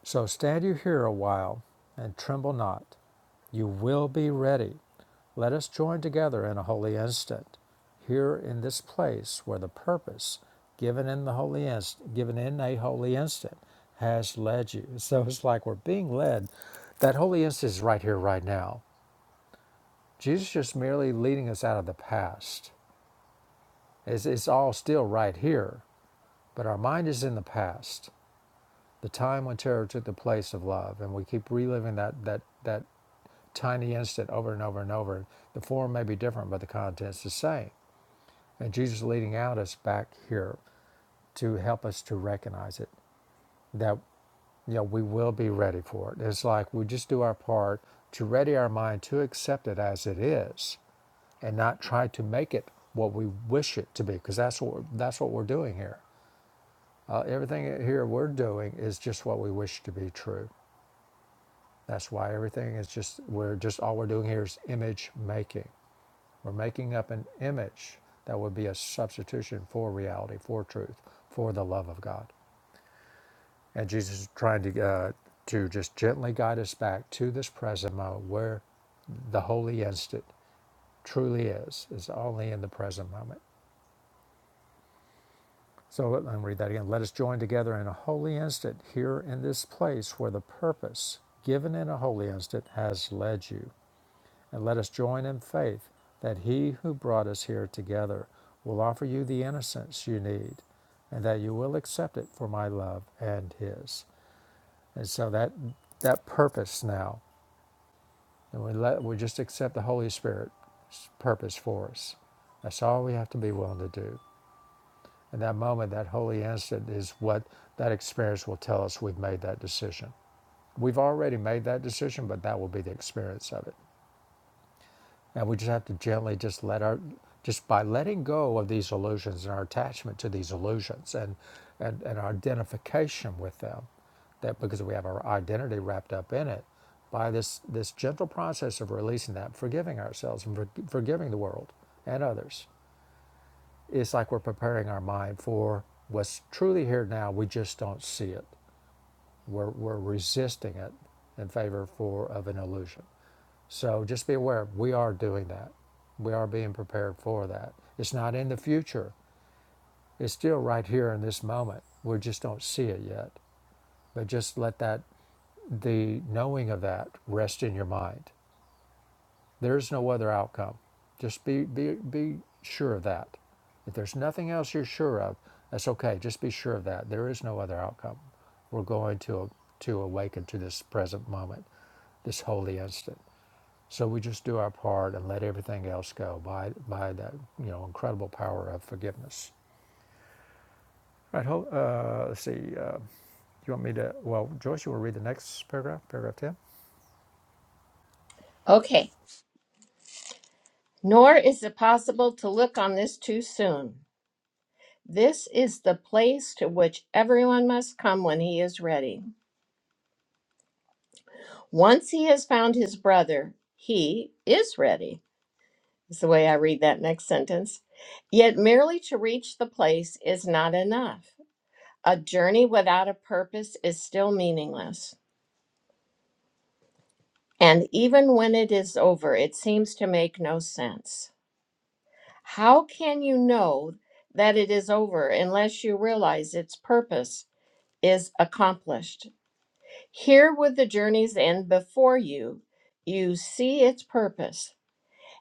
Speaker 2: so stand you here a while and tremble not you will be ready Let us join together in a holy instant, here in this place where the purpose given in the holy instant, given in a holy instant, has led you. [LAUGHS] So it's like we're being led. That holy instant is right here, right now. Jesus is just merely leading us out of the past. It's, it's all still right here, but our mind is in the past, the time when terror took the place of love, and we keep reliving that that that tiny instant over and over and over. The form may be different, but the content's the same. And Jesus is leading out us back here to help us to recognize it, that you know, we will be ready for it. It's like we just do our part to ready our mind to accept it as it is and not try to make it what we wish it to be, because that's what, we're, that's what we're doing here. Uh, everything here we're doing is just what we wish to be true. That's why everything is just, we're just, all we're doing here is image making. We're making up an image that would be a substitution for reality, for truth, for the love of God. And Jesus is trying to uh, to just gently guide us back to this present moment where the holy instant truly is, is only in the present moment. So let me read that again. Let us join together in a holy instant here in this place where the purpose given in a holy instant has led you. And let us join in faith that he who brought us here together will offer you the innocence you need and that you will accept it for my love and his. And so that that purpose now And we, let, we just accept the Holy Spirit's purpose for us. That's all we have to be willing to do. In that moment, that holy instant is what that experience will tell us we've made that decision. We've already made that decision, but that will be the experience of it. And we just have to gently just let our, just by letting go of these illusions and our attachment to these illusions and, and, and our identification with them, that because we have our identity wrapped up in it, by this, this gentle process of releasing that, forgiving ourselves and for, forgiving the world and others, it's like we're preparing our mind for what's truly here now. We just don't see it. We're, we're resisting it in favor for of an illusion. So just be aware, we are doing that. We are being prepared for that. It's not in the future, it's still right here in this moment. We just don't see it yet. But just let that, the knowing of that, rest in your mind. There's no other outcome. Just be, be, be sure of that. If there's nothing else you're sure of, that's okay. Just be sure of that. There is no other outcome. We're going to, to awaken to this present moment, this holy instant. So we just do our part and let everything else go by by that you know incredible power of forgiveness. All right. Hold, uh, let's see. Uh, you want me to? Well, Joyce, you want to read the next paragraph? Paragraph ten.
Speaker 1: Okay. Nor is it possible to look on this too soon. This is the place to which everyone must come when he is ready. Once he has found his brother, he is ready, is the way I read that next sentence. Yet merely to reach the place is not enough. A journey without a purpose is still meaningless. And even when it is over, it seems to make no sense. How can you know that it is over unless you realize its purpose is accomplished? Here would the journey's end before you, you see its purpose,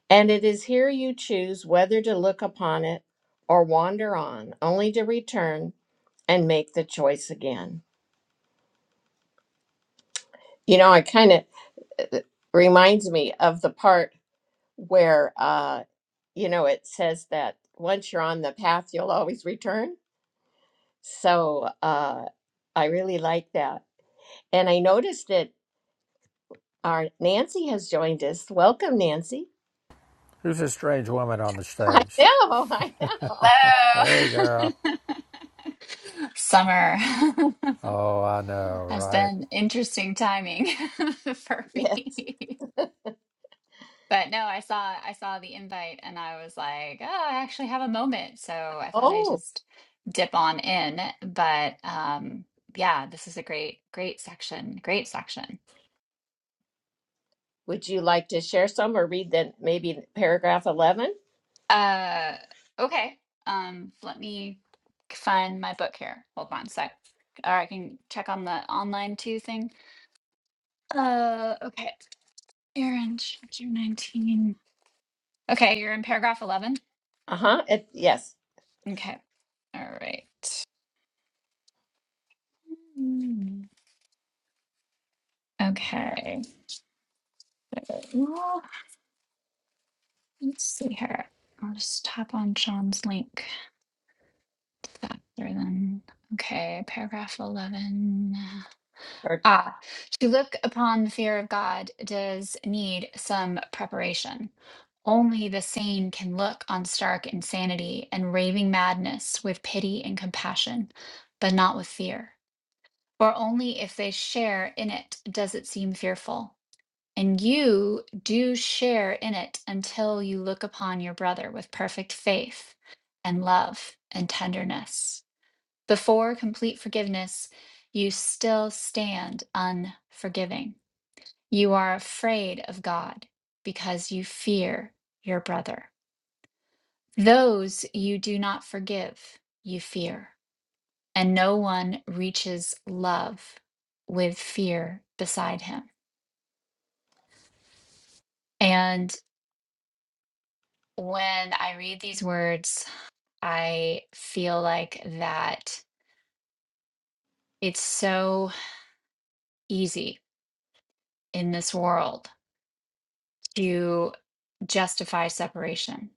Speaker 1: and it is here you choose whether to look upon it or wander on, only to return and make the choice again. You know, it kind of it reminds me of the part where uh, you know, it says that once you're on the path, you'll always return. So uh I really like that. And I noticed that our Nancy has joined us. Welcome, Nancy.
Speaker 2: Who's this strange woman on the
Speaker 1: I
Speaker 2: stage?
Speaker 1: know, [LAUGHS] I
Speaker 2: [LAUGHS]
Speaker 1: know.
Speaker 2: Hey, girl.
Speaker 3: Hello. [LAUGHS] Summer [LAUGHS]
Speaker 2: Oh, I know,
Speaker 3: has
Speaker 2: right?
Speaker 3: been interesting timing [LAUGHS] for
Speaker 1: Yeah.
Speaker 3: me. But no, I saw I saw the invite and I was like, oh, I actually have a moment. So I thought I
Speaker 1: Oh,
Speaker 3: just dip on in. But um yeah, this is a great, great section. Great section.
Speaker 1: would you like to share some or read then maybe paragraph 11?
Speaker 3: Uh okay. Um let me find my book here. Hold on a sec. Or I can check on the online too thing. Uh okay. Aaron, chapter 19. Okay, you're in paragraph 11.
Speaker 1: Uh-huh. It, yes.
Speaker 3: Okay. All right. Hmm. Okay. Well, let's see here. I'll just tap on Sean's link faster than. Okay, paragraph 11.
Speaker 1: Or,
Speaker 3: Ah, to look upon the fear of God does need some preparation. Only the sane can look on stark insanity and raving madness with pity and compassion, but not with fear. for only if they share in it does it seem fearful. And you do share in it until you look upon your brother with perfect faith and love and tenderness. Before complete forgiveness, you still stand unforgiving. You are afraid of God because you fear your brother. Those you do not forgive, you fear and no one reaches love with fear beside him. And when I read these words, I feel like that it's so easy in this world to justify separation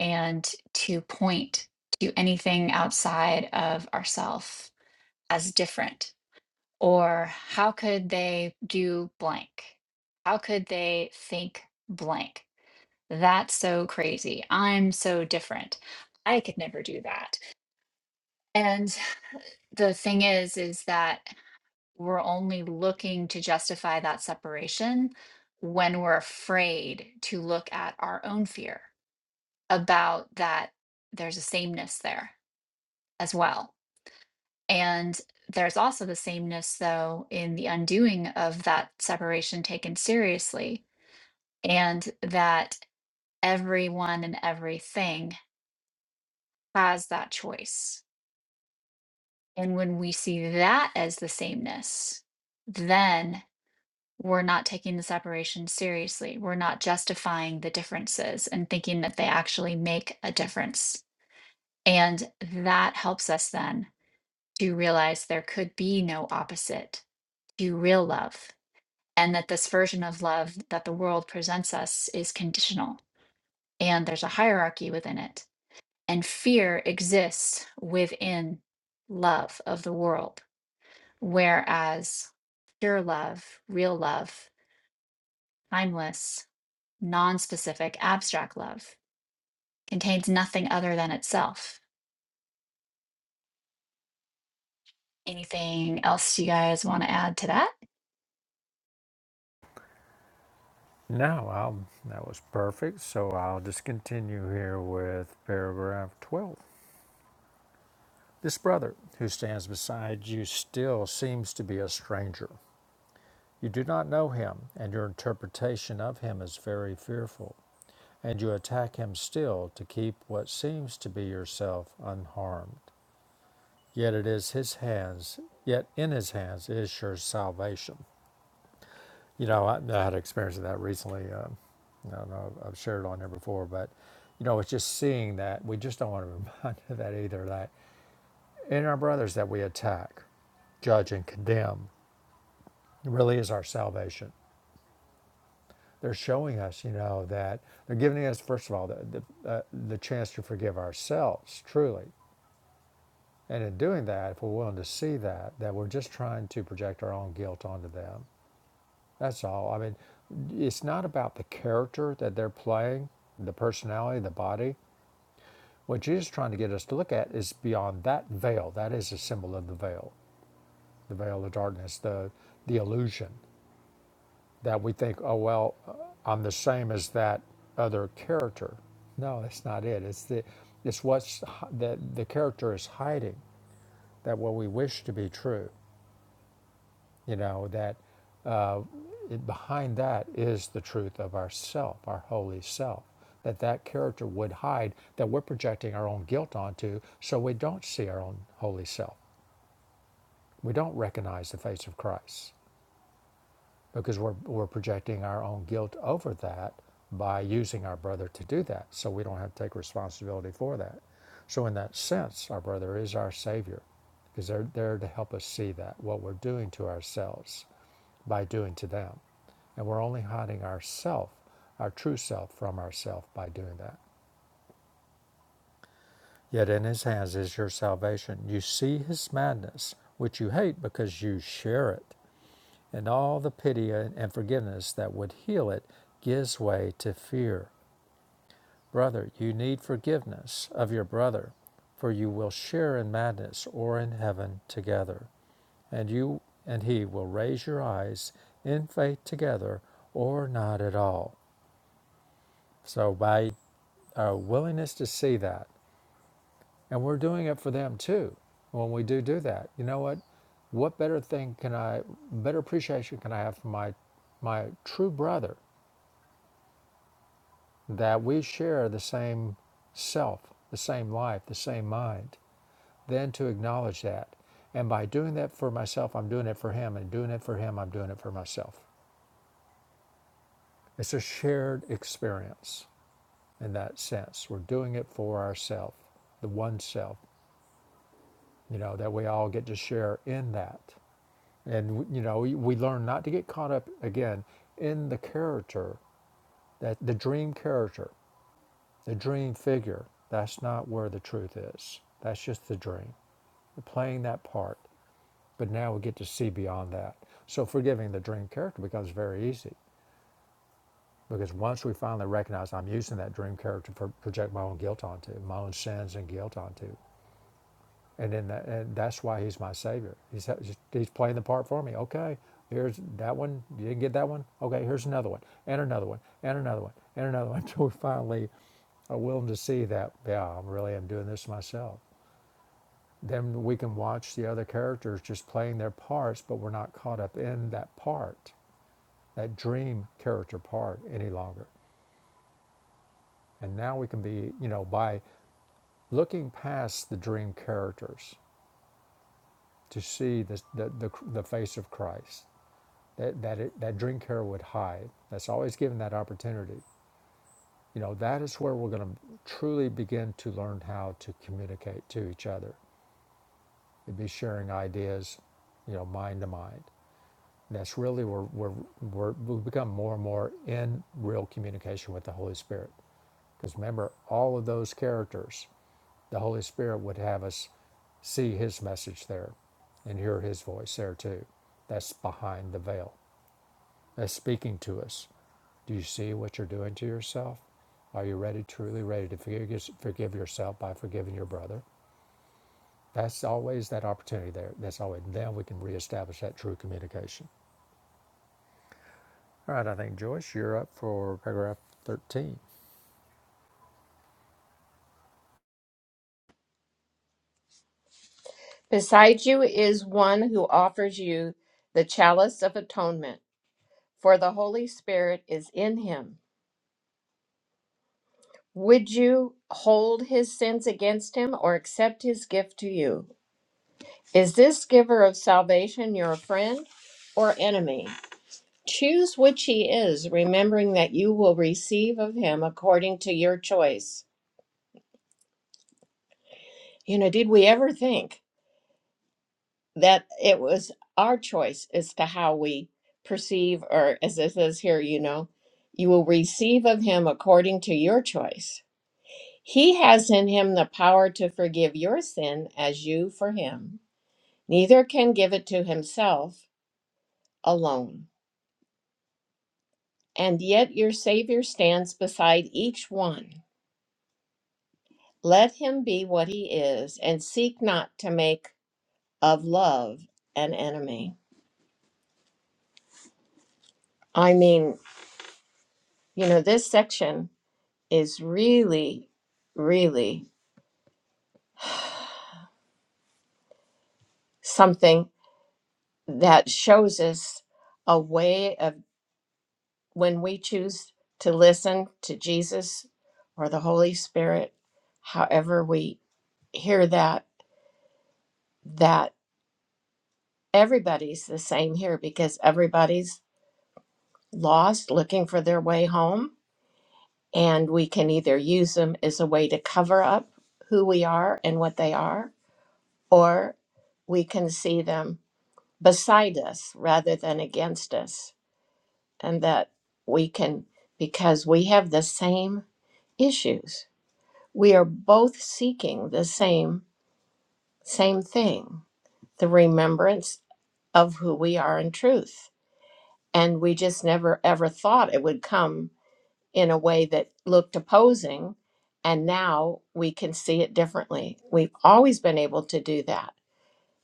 Speaker 3: and to point to anything outside of ourself as different. Or how could they do blank? How could they think blank? That's so crazy. I'm so different. I could never do that. And the thing is, is that we're only looking to justify that separation when we're afraid to look at our own fear about that there's a sameness there as well. And there's also the sameness, though, in the undoing of that separation taken seriously, and that everyone and everything has that choice And when we see that as the sameness, then we're not taking the separation seriously. We're not justifying the differences and thinking that they actually make a difference. And that helps us then to realize there could be no opposite to real love, and that this version of love that the world presents us is conditional and there's a hierarchy within it. And fear exists within love of the world Whereas pure love, real love, timeless, non specific, abstract love contains nothing other than itself. Anything else you guys want to add to that?
Speaker 2: No, I'll, that was perfect. So I'll just continue here with paragraph 12. This brother who stands beside you still seems to be a stranger. You do not know him, and your interpretation of him is very fearful, and you attack him still to keep what seems to be yourself unharmed. Yet it is his hands, yet in his hands is your salvation. You know, I, I had experience of that recently. Um, I don't know, I've shared it on here before, but you know, it's just seeing that we just don't want to [LAUGHS] be reminded of that either. That in our brothers that we attack, judge, and condemn really is our salvation. They're showing us, you know, that they're giving us, first of all, the, the, uh, the chance to forgive ourselves, truly. And in doing that, if we're willing to see that, that we're just trying to project our own guilt onto them. That's all. I mean, it's not about the character that they're playing, the personality, the body. What Jesus is trying to get us to look at is beyond that veil. That is a symbol of the veil, the veil of darkness, the the illusion. that we think, oh, well, uh, I'm the same as that other character. No, that's not it. It's the it's what's hi- that the character is hiding that what we wish to be true. You know that it, behind that is the truth of ourself, our holy self. That that character would hide that we're projecting our own guilt onto, so we don't see our own holy self. We don't recognize the face of Christ. because we're, we're projecting our own guilt over that by using our brother to do that. So we don't have to take responsibility for that. So, in that sense, our brother is our savior because they're there to help us see that what we're doing to ourselves by doing to them. And we're only hiding ourself, our true self, from ourself by doing that. Yet in his hands is your salvation. You see his madness, which you hate because you share it. and all the pity and forgiveness that would heal it gives way to fear. Brother, you need forgiveness of your brother, for you will share in madness or in heaven together, and you and he will raise your eyes in faith together or not at all. So by our willingness to see that, and we're doing it for them too. When we do do that, you know what? What better thing can I, better appreciation can I have for my my true brother that we share the same self, the same life, the same mind, then to acknowledge that. And by doing that for myself, I'm doing it for him, and doing it for him, I'm doing it for myself. It's a shared experience in that sense. We're doing it for ourselves, the one self, you know, that we all get to share in that. And, you know, we we learn not to get caught up again in the character, that the dream character, the dream figure. That's not where the truth is. That's just the dream. We're playing that part, but now we get to see beyond that. So forgiving the dream character becomes very easy because once we finally recognize I'm using that dream character to project my own guilt onto, my own sins and guilt onto, and then that, and that's why he's my savior. He's he's playing the part for me. Okay, here's that one. You didn't get that one. Okay, here's another one, and another one, and another one, and another one [LAUGHS] until we finally are willing to see that. Yeah, I really am doing this myself. then we can watch the other characters just playing their parts, but we're not caught up in that part, that dream character part any longer. And now we can be, you know, by looking past the dream characters to see the, the, the, the face of Christ that, that, it, that dream character would hide. That's always given that opportunity. You know, that is where we're going to truly begin to learn how to communicate to each other. It'd be sharing ideas, you know, mind to mind. And That's really where, where, where we become more and more in real communication with the Holy Spirit. Because remember, all of those characters, the Holy Spirit would have us see His message there and hear His voice there too. That's behind the veil. That's speaking to us. Do you see what you're doing to yourself? Are you ready, truly ready to forgive, forgive yourself by forgiving your brother? That's always that opportunity there. That's always, then we can reestablish that true communication. All right, I think Joyce, you're up for paragraph 13.
Speaker 1: Beside you is one who offers you the chalice of atonement, for the Holy Spirit is in him. Would you hold his sins against him or accept his gift to you? Is this giver of salvation your friend or enemy? Choose which he is, remembering that you will receive of him according to your choice. You know, did we ever think that it was our choice as to how we perceive, or as it says here, you know, you will receive of him according to your choice? He has in him the power to forgive your sin as you for him. Neither can give it to himself alone. And yet your Savior stands beside each one Let him be what he is, and seek not to make of love an enemy. I mean, you know, this section is really, really something that shows us a way of when we choose to listen to Jesus or the Holy Spirit, however we hear that, that everybody's the same here because everybody's lost, looking for their way home And we can either use them as a way to cover up who we are and what they are, or we can see them beside us rather than against us. And that we can, because we have the same issues, we are both seeking the same, same thing the remembrance of who we are in truth. And we just never ever thought it would come in a way that looked opposing. And now we can see it differently. We've always been able to do that.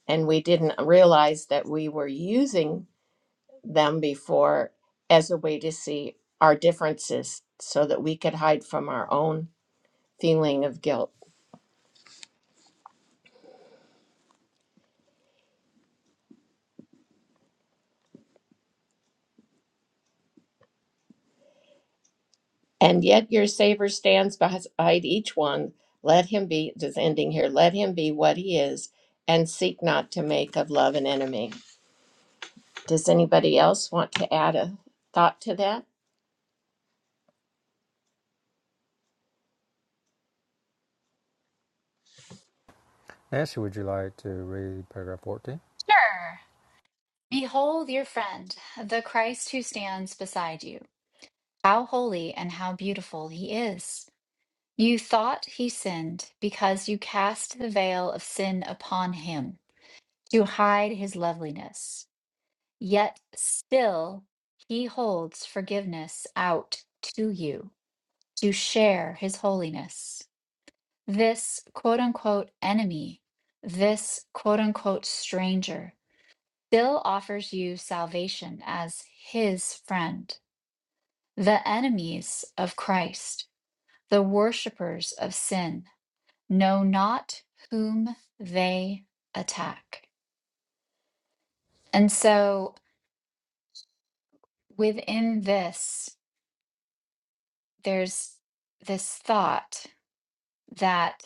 Speaker 1: And we didn't realize that we were using them before as a way to see our differences so that we could hide from our own feeling of guilt. And yet your Savior stands beside each one. Let him be, just ending here, let him be what he is and seek not to make of love an enemy. Does anybody else want to add a thought to that?
Speaker 2: Nancy, would you like to read paragraph 14?
Speaker 3: Sure. Behold your friend, the Christ who stands beside you. How holy and how beautiful he is. You thought he sinned because you cast the veil of sin upon him to hide his loveliness. Yet still he holds forgiveness out to you to share his holiness. This quote unquote enemy, this quote unquote stranger, still offers you salvation as his friend. The enemies of Christ, the worshippers of sin, know not whom they attack. And so within this, there's this thought that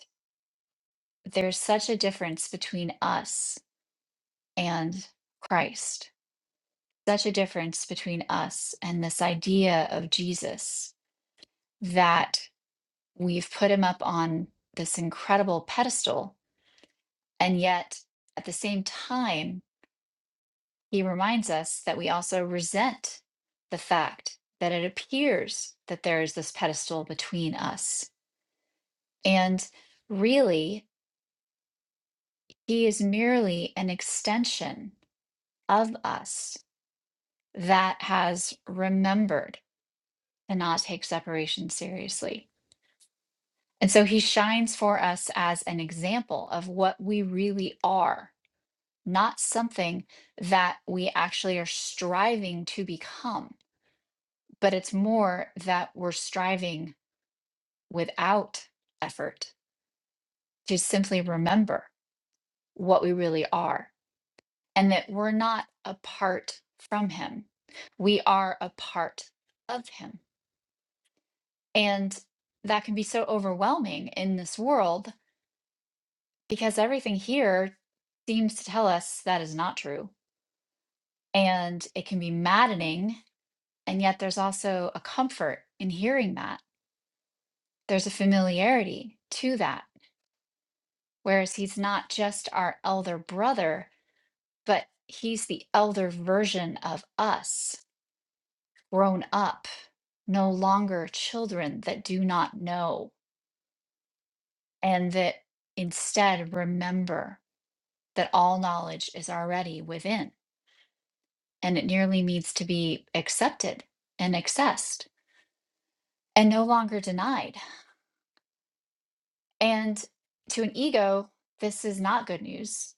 Speaker 3: there's such a difference between us and Christ, such a difference between us and this idea of Jesus that we've put him up on this incredible pedestal. And yet, at the same time, he reminds us that we also resent the fact that it appears that there is this pedestal between us. And really, he is merely an extension of us that has remembered to not take separation seriously. And so he shines for us as an example of what we really are, not something that we actually are striving to become, but it's more that we're striving without effort to simply remember what we really are and that we're not apart from him. We are a part of him. And that can be so overwhelming in this world because everything here seems to tell us that is not true. And it can be maddening. And yet there's also a comfort in hearing that. There's a familiarity to that. Whereas he's not just our elder brother, but he's the elder version of us, grown up, no longer children that do not know and that instead remember that all knowledge is already within and it merely needs to be accepted and accessed and no longer denied. And to an ego, this is not good news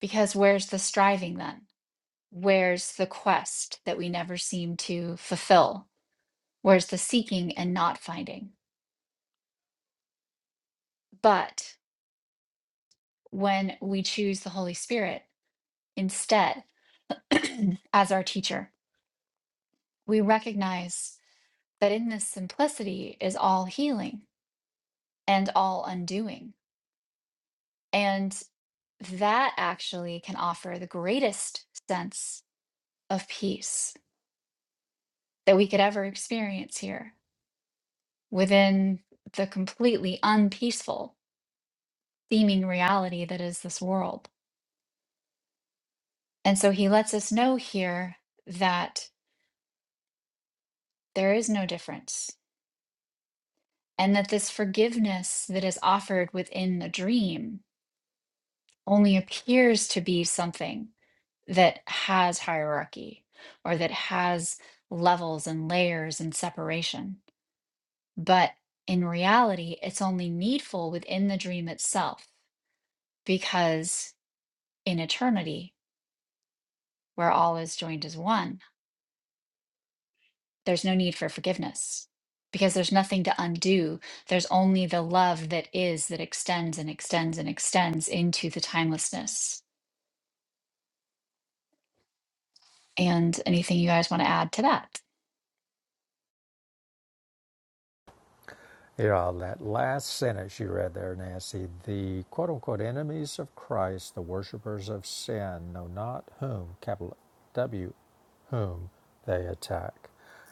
Speaker 3: because where's the striving then? Where's the quest that we never seem to fulfill? Where's the seeking and not finding? But when we choose the Holy Spirit instead [CLEARS THROAT] as our teacher, we recognize that in this simplicity is all healing and all undoing. And that actually can offer the greatest sense of peace that we could ever experience here within the completely unpeaceful seeming reality that is this world. And so he lets us know here that there is no difference and that this forgiveness that is offered within the dream only appears to be something that has hierarchy or that has levels and layers and separation. But in reality, it's only needful within the dream itself because in eternity, where all is joined as one, there's no need for forgiveness because there's nothing to undo. There's only the love that is, that extends and extends and extends into the timelessness. and anything you guys want to add to that?
Speaker 2: Yeah, that last sentence you read there, Nancy. The quote unquote enemies of Christ, the worshippers of sin, know not whom, capital W, whom they attack.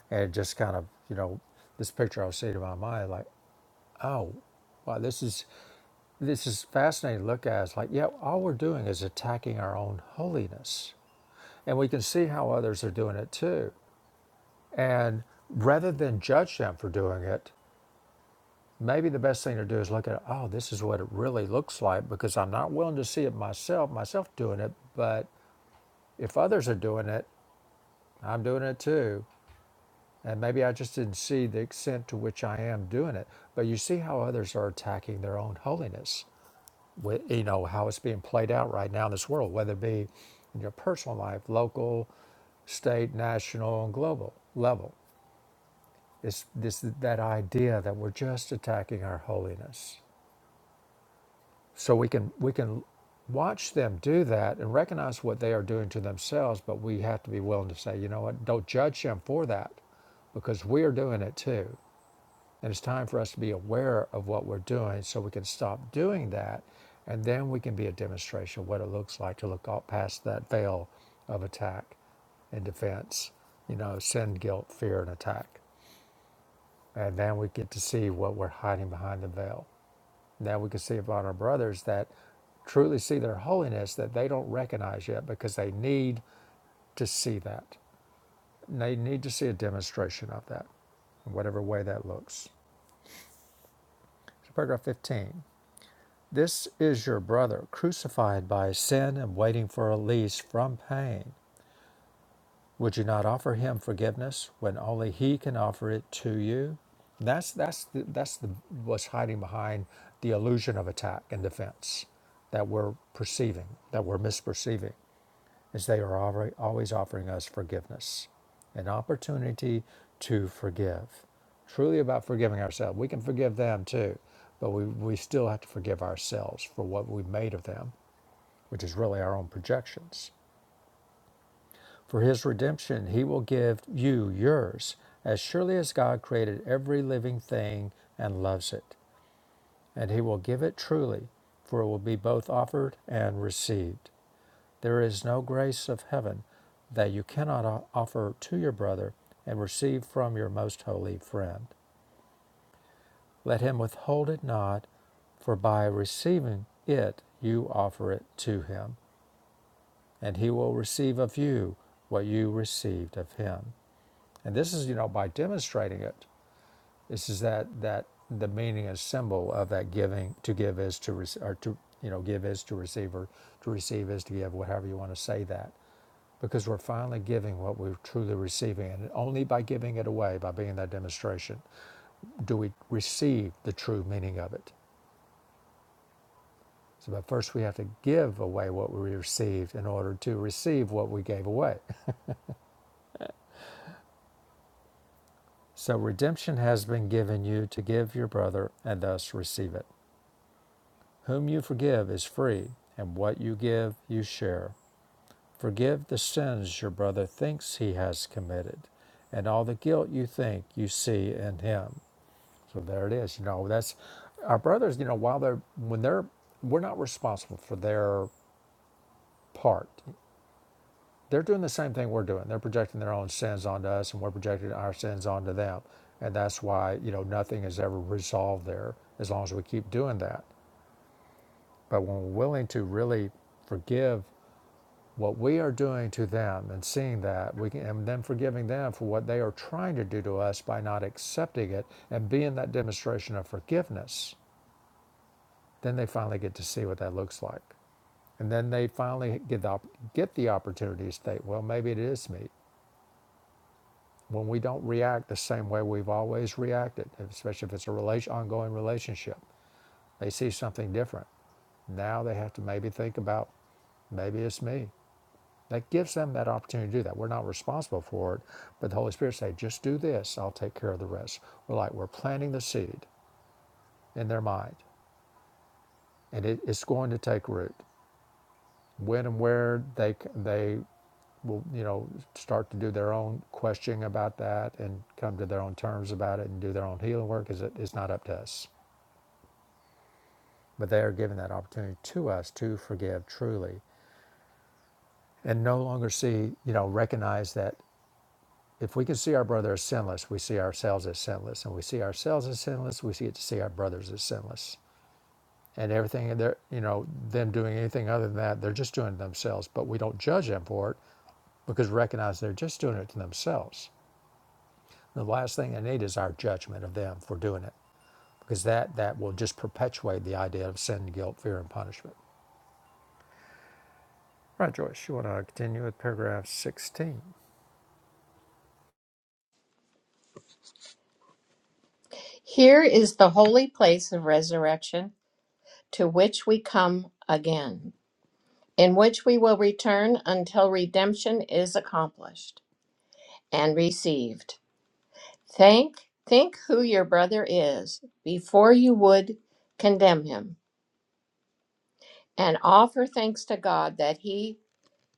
Speaker 2: And it just kind of, you know, this picture I was seeing in my mind, like, oh, wow, this is this is fascinating to look at. It's like, yeah, all we're doing is attacking our own holiness. And we can see how others are doing it too. And rather than judge them for doing it, maybe the best thing to do is look at, oh, this is what it really looks like because I'm not willing to see it myself, myself doing it. But if others are doing it, I'm doing it too. And maybe I just didn't see the extent to which I am doing it. But you see how others are attacking their own holiness, with, you know, how it's being played out right now in this world, whether it be in your personal life, local, state, national, and global level. It's this that idea that we're just attacking our holiness. So we can we can watch them do that and recognize what they are doing to themselves, but we have to be willing to say, you know what, don't judge them for that because we are doing it too. And it's time for us to be aware of what we're doing so we can stop doing that. And then we can be a demonstration of what it looks like to look all past that veil of attack and defense, you know, sin, guilt, fear, and attack. And then we get to see what we're hiding behind the veil. Now we can see about our brothers that truly see their holiness that they don't recognize yet because they need to see that. And they need to see a demonstration of that, in whatever way that looks. So paragraph 15. This is your brother crucified by sin and waiting for release from pain. Would you not offer him forgiveness when only he can offer it to you? That's that's the, that's the, what's hiding behind the illusion of attack and defense that we're perceiving, that we're misperceiving, is they are alre- always offering us forgiveness, an opportunity to forgive. Truly about forgiving ourselves. We can forgive them too, but we, we still have to forgive ourselves for what we made of them, which is really our own projections for his redemption, he will give you yours, as surely as God created every living thing and loves it. And he will give it truly, for it will be both offered and received. There is no grace of heaven that you cannot offer to your brother and receive from your most holy friend. Let him withhold it not, for by receiving it, you offer it to him, and he will receive of you what you received of him. And this is, you know, by demonstrating it, this is that that the meaning and symbol of that giving to give is to receive, or to you know give is to receive or to receive is to give, whatever you want to say that, because we're finally giving what we're truly receiving, and only by giving it away, by being that demonstration, do we receive the true meaning of it. So, but first we have to give away what we received in order to receive what we gave away. So redemption has been given you to give your brother and thus receive it. Whom you forgive is free, and what you give you share. Forgive the sins your brother thinks he has committed, and all the guilt you think you see in him. So there it is. You know, that's our brothers, you know, while they're, when they're, we're not responsible for their part. They're doing the same thing we're doing. They're projecting their own sins onto us, and we're projecting our sins onto them. And that's why, you know, nothing is ever resolved there as long as we keep doing that. But when we're willing to really forgive what we are doing to them and seeing that we can, and then forgiving them for what they are trying to do to us by not accepting it and being that demonstration of forgiveness then they finally get to see what that looks like and then they finally get the, get the opportunity to state well maybe it is me when we don't react the same way we've always reacted especially if it's a relation, ongoing relationship they see something different now they have to maybe think about maybe it's me That gives them that opportunity to do that. We're not responsible for it, but the Holy Spirit say, just do this, I'll take care of the rest. We're like, we're planting the seed in their mind, and it, it's going to take root. When and where they, they will, you know, start to do their own questioning about that and come to their own terms about it and do their own healing work is it, it's not up to us. But they are giving that opportunity to us to forgive truly and no longer see, you know, recognize that if we can see our brother as sinless, we see ourselves as sinless, and we see ourselves as sinless, we get to see our brothers as sinless. And everything they're you know them doing anything other than that, they're just doing it themselves. But we don't judge them for it because we recognize they're just doing it to themselves. The last thing they need is our judgment of them for doing it because that that will just perpetuate the idea of sin, guilt, fear, and punishment. Right, Joyce. You want to continue with paragraph sixteen?
Speaker 1: Here is the holy place of resurrection to which we come again, in which we will return until redemption is accomplished and received. Think, think who your brother is before you would condemn him, and offer thanks to God that he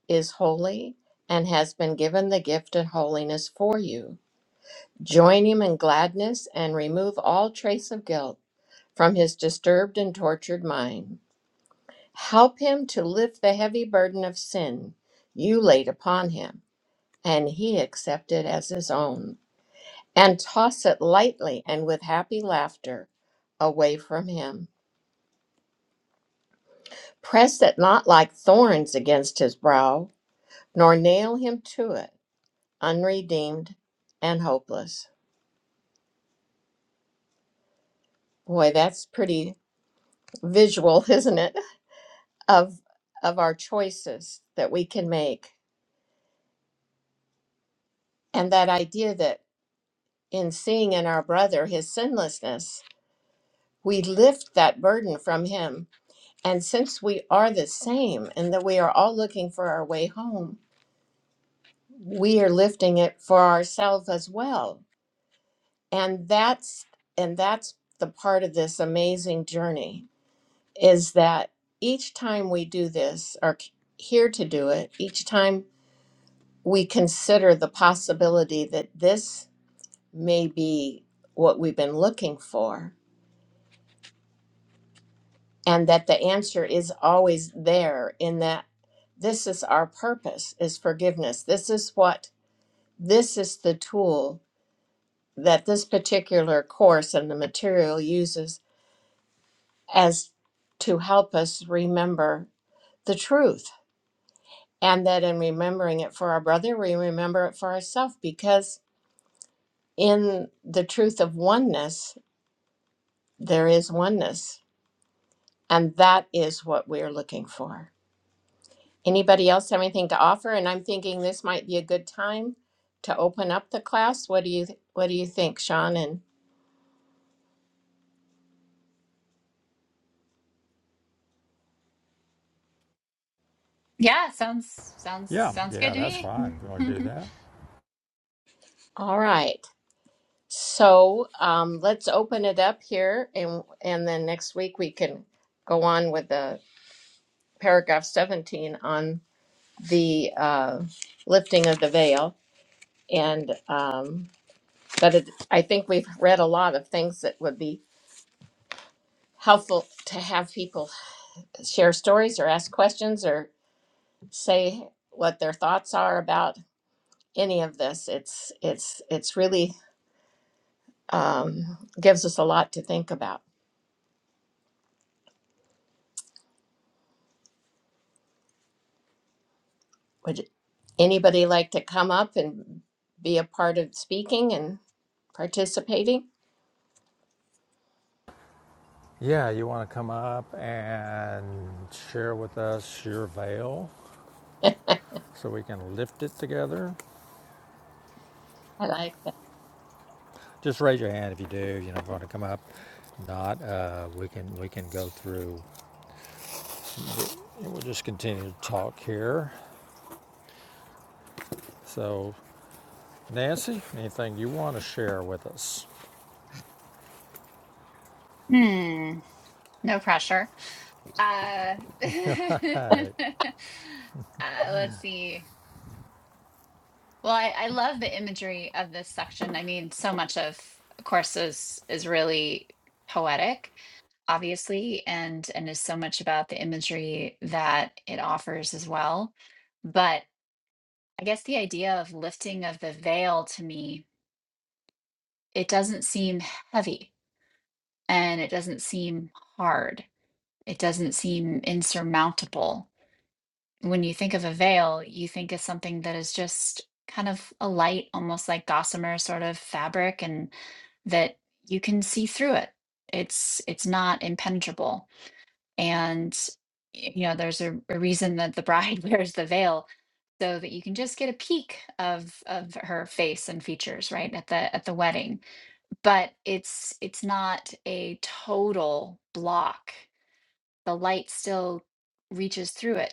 Speaker 1: is holy and has been given the gift of holiness for you. Join him in gladness and remove all trace of guilt from his disturbed and tortured mind. Help him to lift the heavy burden of sin you laid upon him, and he accept it as his own, and toss it lightly and with happy laughter away from him. Press it not like thorns against his brow, nor nail him to it, unredeemed and hopeless. Boy, that's pretty visual, [LAUGHS] isn't it? Of of our choices that we can make. And that idea that in seeing in our brother his sinlessness, we lift that burden from him. And since we are the same and that we are all looking for our way home, we are lifting it for ourselves as well. And that's and that's the part of this amazing journey is that each time we do this or c- here to do it, each time we consider the possibility that this may be what we've been looking for, and that the answer is always there in that this is our purpose is forgiveness this is what this is the tool that this particular course and the material uses as to help us remember the truth and that in remembering it for our brother we remember it for ourselves because in the truth of oneness there is oneness and that is what we're looking for Anybody else have anything to offer? And I'm thinking this might be a good time to open up the class. What do you What do you think, Sean? And
Speaker 3: Yeah, sounds sounds
Speaker 2: Yeah,
Speaker 3: sounds good
Speaker 2: yeah,
Speaker 3: to
Speaker 2: that's
Speaker 3: me.
Speaker 2: fine. If you want to do
Speaker 3: [LAUGHS]
Speaker 2: that.
Speaker 1: all right, so um, let's open it up here, and and then next week we can go on with the paragraph 17 on the uh, lifting of the veil. And um, but it, I think we've read a lot of things that would be helpful to have people share stories or ask questions or say what their thoughts are about any of this. It's it's it's really um, gives us a lot to think about. Would anybody like to come up and be a part of speaking and participating?
Speaker 2: Yeah, you want to come up and share with us your veil so we can lift it together.
Speaker 1: I like that.
Speaker 2: Just raise your hand if you do. You know, if you want to come up. Not, uh, we can we can go through. we'll just continue to talk here. So, Nancy, anything you want to share with us?
Speaker 3: Hmm, no pressure. Uh, [LAUGHS]
Speaker 2: Hey,
Speaker 3: uh, let's see. Well, I, I love the imagery of this section. I mean, so much of, of course, is is really poetic, obviously, and and is so much about the imagery that it offers as well. But I guess the idea of lifting of the veil to me, it doesn't seem heavy and it doesn't seem hard. It doesn't seem insurmountable. when you think of a veil, you think of something that is just kind of a light, almost like gossamer sort of fabric, and that you can see through it. It's it's not impenetrable. And y- you know, there's a, a reason that the bride [LAUGHS] wears the veil so that you can just get a peek of of her face and features right at the at the wedding but it's it's not a total block the light still reaches through it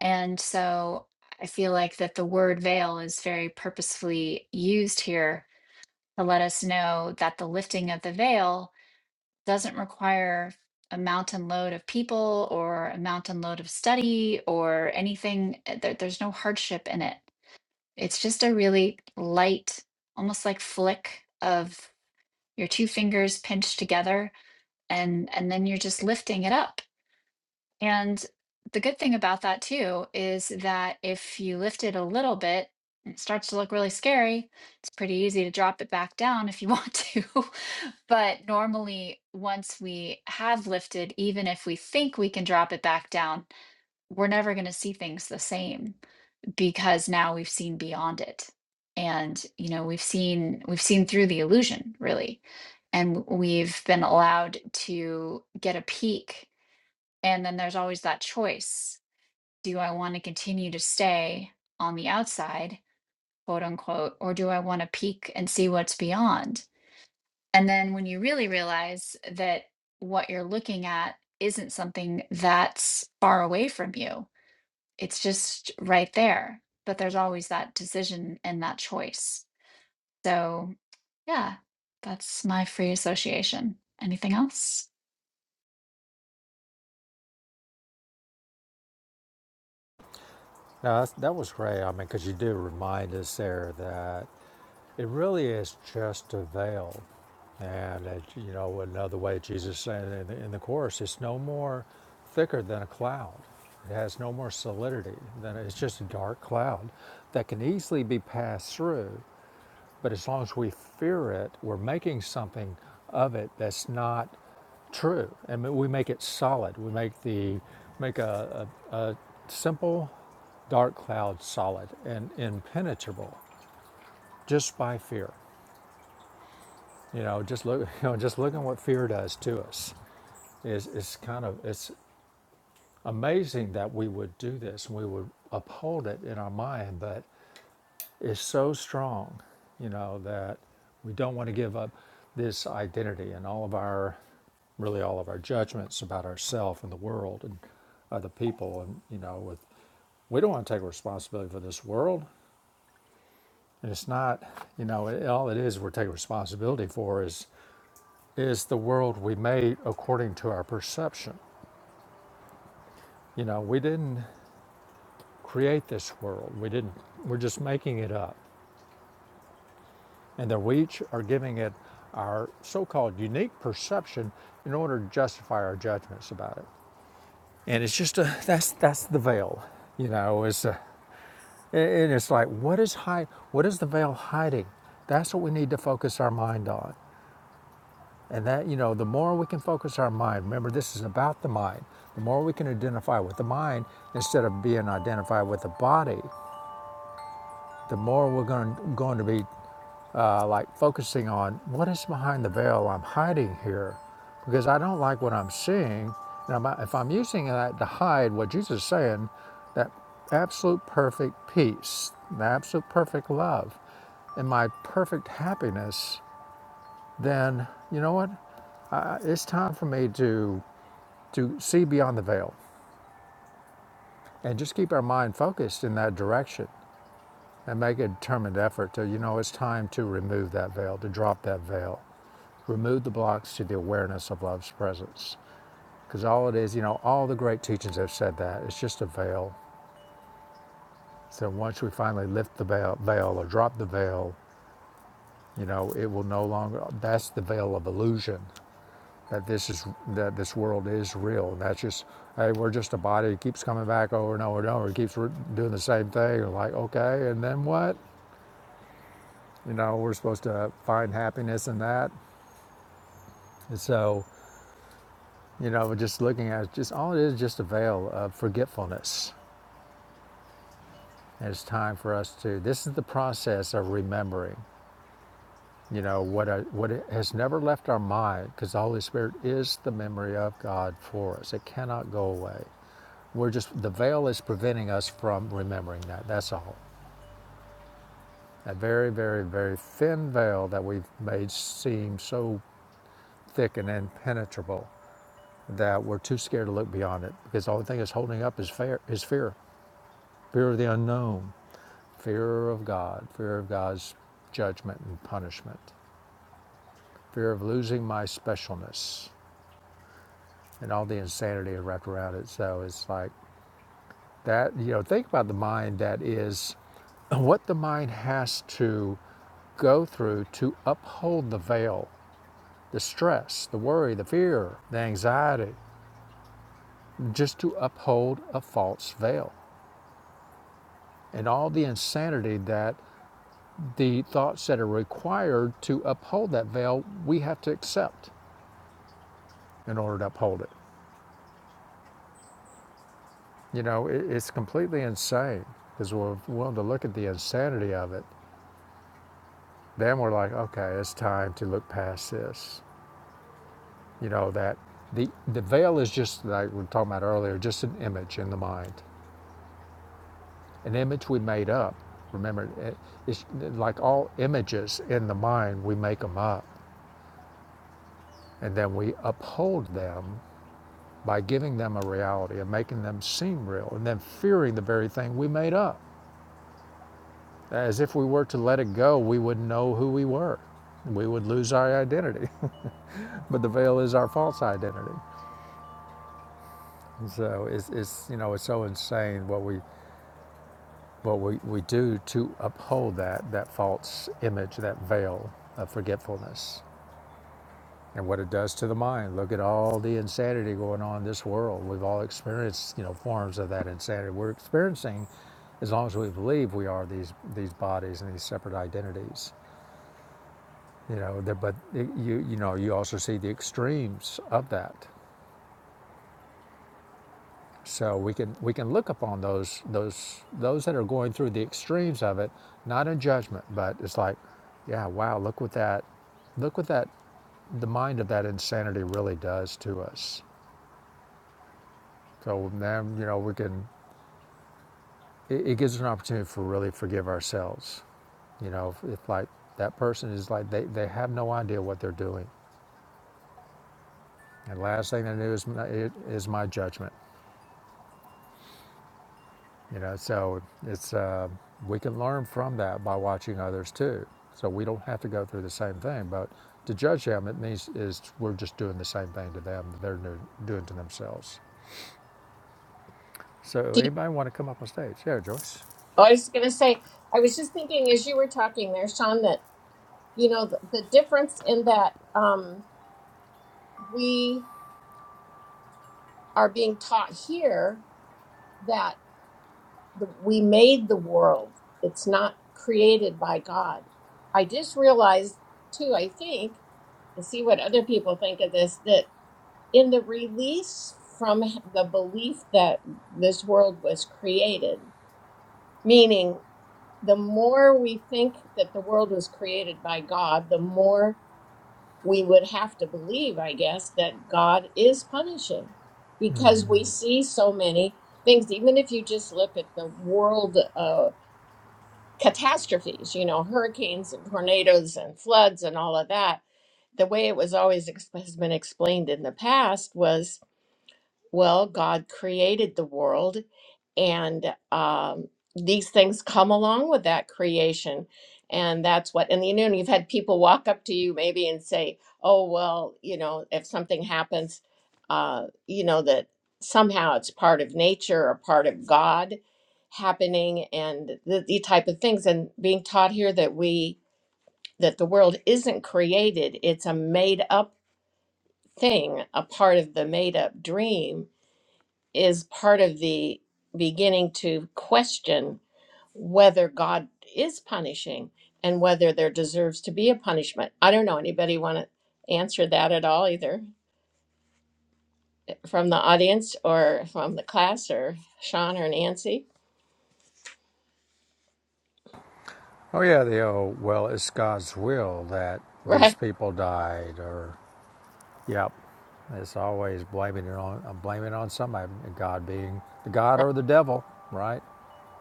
Speaker 3: and so I feel like that the word veil is very purposefully used here to let us know that the lifting of the veil doesn't require a mountain load of people or a mountain load of study or anything. uh, There, there's no hardship in it. It's just a really light, almost like flick of your two fingers pinched together and and then you're just lifting it up and the good thing about that too is that if you lift it a little bit, and it starts to look really scary. It's pretty easy to drop it back down if you [LAUGHS] want to. but normally, once we have lifted, even if we think we can drop it back down, we're never going to see things the same because now we've seen beyond it. And you know, we've seen we've seen through the illusion, really. And we've been allowed to get a peek and then there's always that choice. Do I want to continue to stay on the outside, quote unquote, or do I want to peek and see what's beyond? And then when you really realize that what you're looking at isn't something that's far away from you, it's just right there. But there's always that decision and that choice. So, yeah, that's my free association. Anything else?
Speaker 2: no, that's, that was great. I mean, because you do remind us there that. It really is just a veil. And, it, you know, another way Jesus said in the, in the Course, it's no more thicker than a cloud. It has no more solidity than it's just a dark cloud that can easily be passed through. But as long as we fear it, we're making something of it that's not true. And we make it solid. We make the make a, a, a simple dark cloud solid and impenetrable just by fear. You know, just look, [LAUGHS] you know, just looking what fear does to us is is kind of it's amazing that we would do this and we would uphold it in our mind, but it's so strong, you know, that we don't want to give up this identity and all of our really all of our judgments about ourselves and the world and other people and you know with we don't want to take responsibility for this world and it's not you know it, all it is we're taking responsibility for is is the world we made according to our perception. You know, we didn't create this world. We didn't. We're just making it up. And that we each are giving it our so-called unique perception in order to justify our judgments about it. And it's just a that's that's the veil. You know, is a, and it's like what is hide what is the veil hiding? That's what we need to focus our mind on. And that, you know, the more we can focus our mind, remember this is about the mind, the more we can identify with the mind instead of being identified with the body, the more we're going, to, going to be uh, like focusing on what is behind the veil I'm hiding here because I don't like what I'm seeing. And I'm, if I'm using that to hide what Jesus is saying, that absolute perfect peace, the absolute perfect love, and my perfect happiness, then you know what? It's time for me to to see beyond the veil and just keep our mind focused in that direction and make a determined effort to, you know, it's time to remove that veil, to drop that veil, remove the blocks to the awareness of love's presence. Because all it is, you know, all the great teachings have said that it's just a veil. So once we finally lift the veil, veil or drop the veil, you know, it will no longer, that's the veil of illusion that this is that this world is real. That's just hey, we're just a body. It keeps coming back over and over and over. It keeps re- doing the same thing. You're like okay, and then what? You know, we're supposed to find happiness in that. And so, you know, just looking at it, just all it is, just a veil of forgetfulness. And it's time for us to. This is the process of remembering. You know what? A, what it has never left our mind, because the Holy Spirit is the memory of God for us. It cannot go away. We're just, the veil is preventing us from remembering that. That's all. a very, very, very thin veil that we've made seem so thick and impenetrable that we're too scared to look beyond it because the only thing that's holding up is fear, is fear. Fear of the unknown, fear of God, fear of God's judgment and punishment, fear of losing my specialness and all the insanity wrapped around it. So it's like, That, you know, think about the mind that is what the mind has to go through to uphold the veil, the stress, the worry, the fear, the anxiety, just to uphold a false veil. And all the insanity that the thoughts that are required to uphold that veil, we have to accept in order to uphold it. You know, it, it's completely insane because we're willing to look at the insanity of it. Then we're like, okay, it's time to look past this. you know that the the veil is just like we were talking about earlier just an image in the mind an image we made up remember it- it's like all images in the mind we make them up and then we uphold them by giving them a reality and making them seem real and then fearing the very thing we made up as if we were to let it go we would not know who we were we would lose our identity [LAUGHS] but the veil is our false identity so it's, it's you know it's so insane what we Well, we, we do to uphold that, that false image, that veil of forgetfulness and what it does to the mind. Look at all the insanity going on in this world. We've all experienced, you know, forms of that insanity. We're experiencing as long as we believe we are these these bodies and these separate identities. You know, but you you know, you also see the extremes of that. So we can we can look upon those those those that are going through the extremes of it, not in judgment, but it's like, yeah, wow, look what that look what that the mind of that insanity really does to us. So then you know we can it, it gives us an opportunity for really forgive ourselves. You know, if, if like that person is like they, they have no idea what they're doing, and last thing they knew is my, it, is my judgment. You know, so it's uh, we can learn from that by watching others too. So we don't have to go through the same thing. But to judge them, it means is we're just doing the same thing to them that they're doing to themselves. So
Speaker 1: Do you,
Speaker 2: anybody want to come up on stage? Yeah, Joyce.
Speaker 1: I was going to say, I was just thinking as you were talking there, Sean, that, you know, the, the difference in that um, we are being taught here that the, we made the world, it's not created by God. I just realized, too, I think, to see what other people think of this, in the release from the belief that this world was created, meaning the more we think that the world was created by God, the more we would have to believe, I guess, that God is punishing because we see so many things. Even if you just look at the world uh, catastrophes, you know, hurricanes and tornadoes and floods and all of that, the way it was always ex- has been explained in the past was Well, God created the world, and um, these things come along with that creation. And that's what, and you know, you've had people walk up to you maybe and say, oh, well, you know, if something happens, uh, you know, that somehow it's part of nature or part of God happening and the, the type of things. And being taught here that we, that the world isn't created, it's a made up thing, a part of the made up dream is part of the beginning to question whether God is punishing and whether there deserves to be a punishment. I don't know. Anybody want to answer that at all, either from the audience or from the class or Sean or Nancy?
Speaker 2: Oh yeah, the old well, it's God's will that
Speaker 1: [LAUGHS]
Speaker 2: these
Speaker 1: Right,
Speaker 2: people died, or yep. It's always blaming it on I'm blaming it on somebody, God being the God
Speaker 1: right,
Speaker 2: or the devil, right?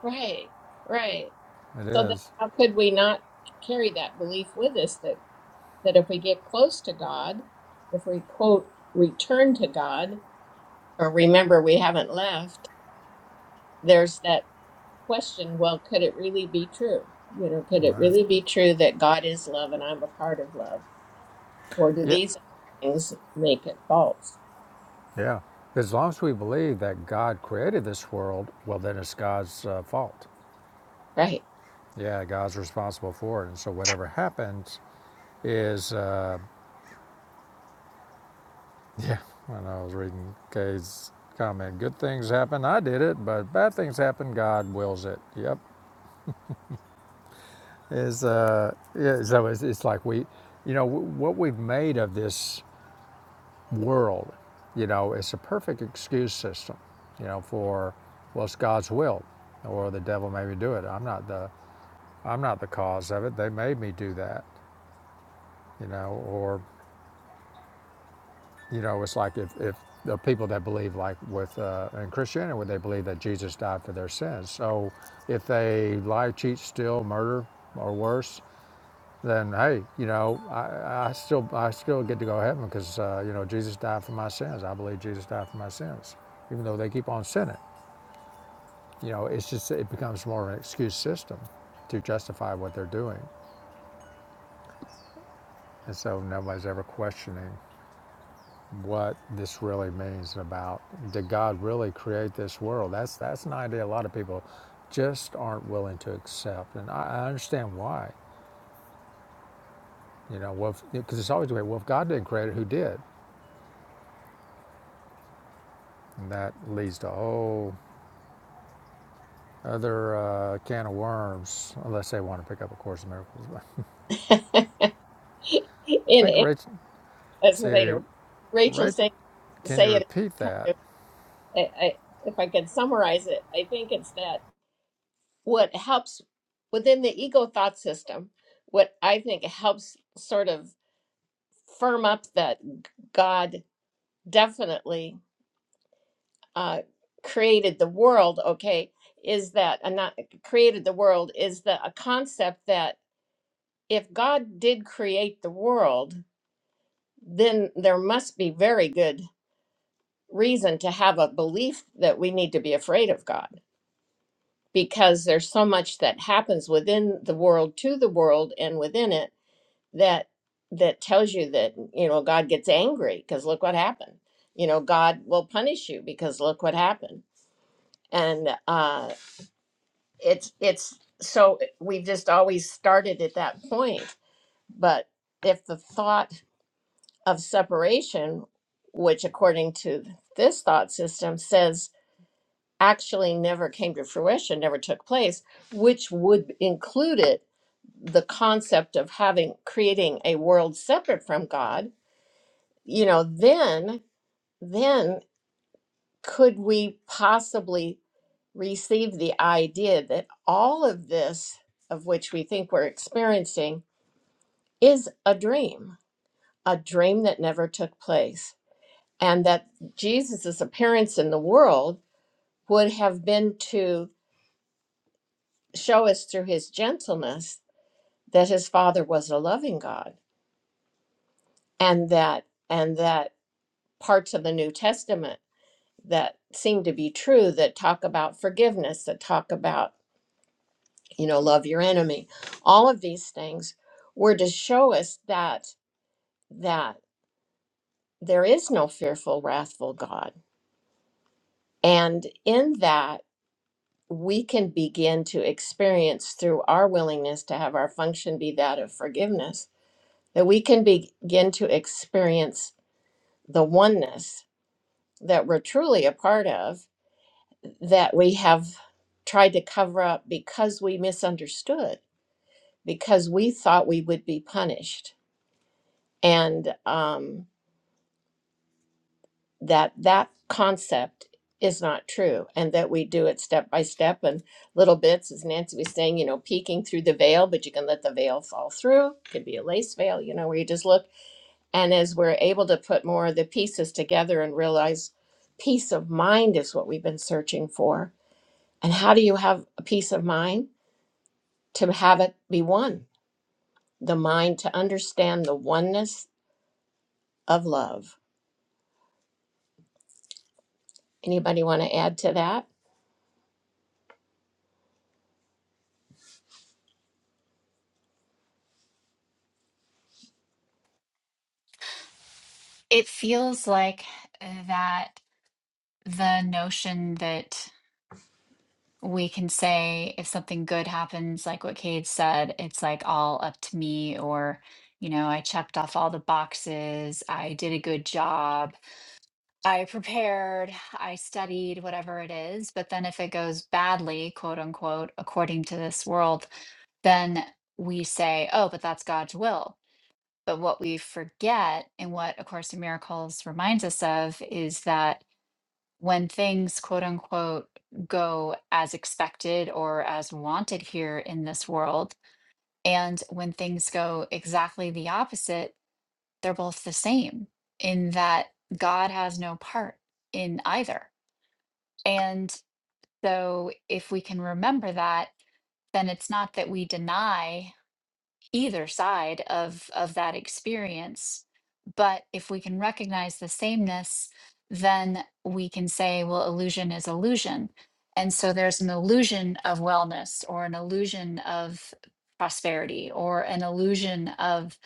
Speaker 1: right. right.
Speaker 2: It
Speaker 1: So then,
Speaker 2: is.
Speaker 1: how could we not carry that belief with us that that if we get close to God, if we quote return to God or remember we haven't left there's that question, well, could it really be true? You know, could it really be true that God is love and I'm a part of love? Or do
Speaker 2: Yeah.
Speaker 1: these things make it false?
Speaker 2: Yeah. As long as we believe that God created this world, well, then it's God's uh, fault.
Speaker 1: Right.
Speaker 2: Yeah, God's responsible for it. And so whatever happens is, uh, [LAUGHS] yeah, when I was reading Kay's comment, good things happen, I did it, but bad things happen, God wills it. Yep. Is, uh, yeah, so it's, it's like we, you know, w- what we've made of this world, you know, it's a perfect excuse system, you know, for, well, it's God's will or the devil made me do it. I'm not the I'm not the cause of it. They made me do that, you know. Or, you know, it's like if, if the people that believe, like with uh, in Christianity, where they believe that Jesus died for their sins. So if they lie, cheat, steal, murder, or worse, then hey, you know, I, I still I still get to go to heaven because uh, you know Jesus died for my sins. I believe Jesus died for my sins, even though they keep on sinning. You know, it's just it becomes more of an excuse system to justify what they're doing, and so nobody's ever questioning what this really means about did God really create this world? That's that's an idea a lot of people just aren't willing to accept, and I, I understand why. You know, well, because it's always the way. Well, if God didn't create it, who did? And that leads to a whole other uh, can of worms, unless they want to pick up a Course in Miracles. [LAUGHS] but
Speaker 1: [LAUGHS] and,
Speaker 2: I think
Speaker 1: and
Speaker 2: Rachel.
Speaker 1: I was going to say
Speaker 2: See,
Speaker 1: to Rachel,
Speaker 2: Rach,
Speaker 1: say,
Speaker 2: can you
Speaker 1: say it
Speaker 2: repeat
Speaker 1: kind
Speaker 2: that?
Speaker 1: of, I, I, if I could summarize it, I think it's that what helps within the ego thought system, what I think helps sort of firm up that God definitely. uh, created the world, okay, is that and not created the world is the a concept that if God did create the world, then there must be very good reason to have a belief that we need to be afraid of God because there's so much that happens within the world to the world and within it that that tells you that you know God gets angry because look what happened. You know God will punish you because look what happened. And uh it's it's so we've just always started at that point but if the thought of separation which according to this thought system says actually never came to fruition never took place which would include it the concept of having creating a world separate from god you know then then could we possibly receive the idea that all of this of which we think we're experiencing is a dream, a dream that never took place. And that Jesus' appearance in the world would have been to show us through his gentleness that his father was a loving God and that and that parts of the New Testament that seem to be true that talk about forgiveness, that talk about, you know, love your enemy, all of these things were to show us that that there is no fearful, wrathful God. And in that we can begin to experience through our willingness to have our function be that of forgiveness, that we can be- begin to experience the oneness that we're truly a part of, that we have tried to cover up because we misunderstood, because we thought we would be punished. And, um, that that concept is not true and that we do it step by step and little bits as nancy was saying you know peeking through the veil but you can let the veil fall through could be a lace veil you know where you just look and as we're able to put more of the pieces together and realize peace of mind is what we've been searching for and how do you have a peace of mind to have it be one the mind to understand the oneness of love anybody want to add to that
Speaker 3: It feels like that the notion that we can say if something good happens, like what Cade said, it's like all up to me, or, you know, I checked off all the boxes, I did a good job, I prepared, I studied, whatever it is. But then if it goes badly, quote unquote, according to this world, then we say, oh, but that's God's will. But what we forget, and what A Course in Miracles reminds us of, is that when things quote unquote go as expected or as wanted here in this world and when things go exactly the opposite they're both the same in that god has no part in either and so if we can remember that then it's not that we deny either side of of that experience but if we can recognize the sameness then we can say well illusion is illusion and so there's an illusion of wellness or an illusion of prosperity or an illusion of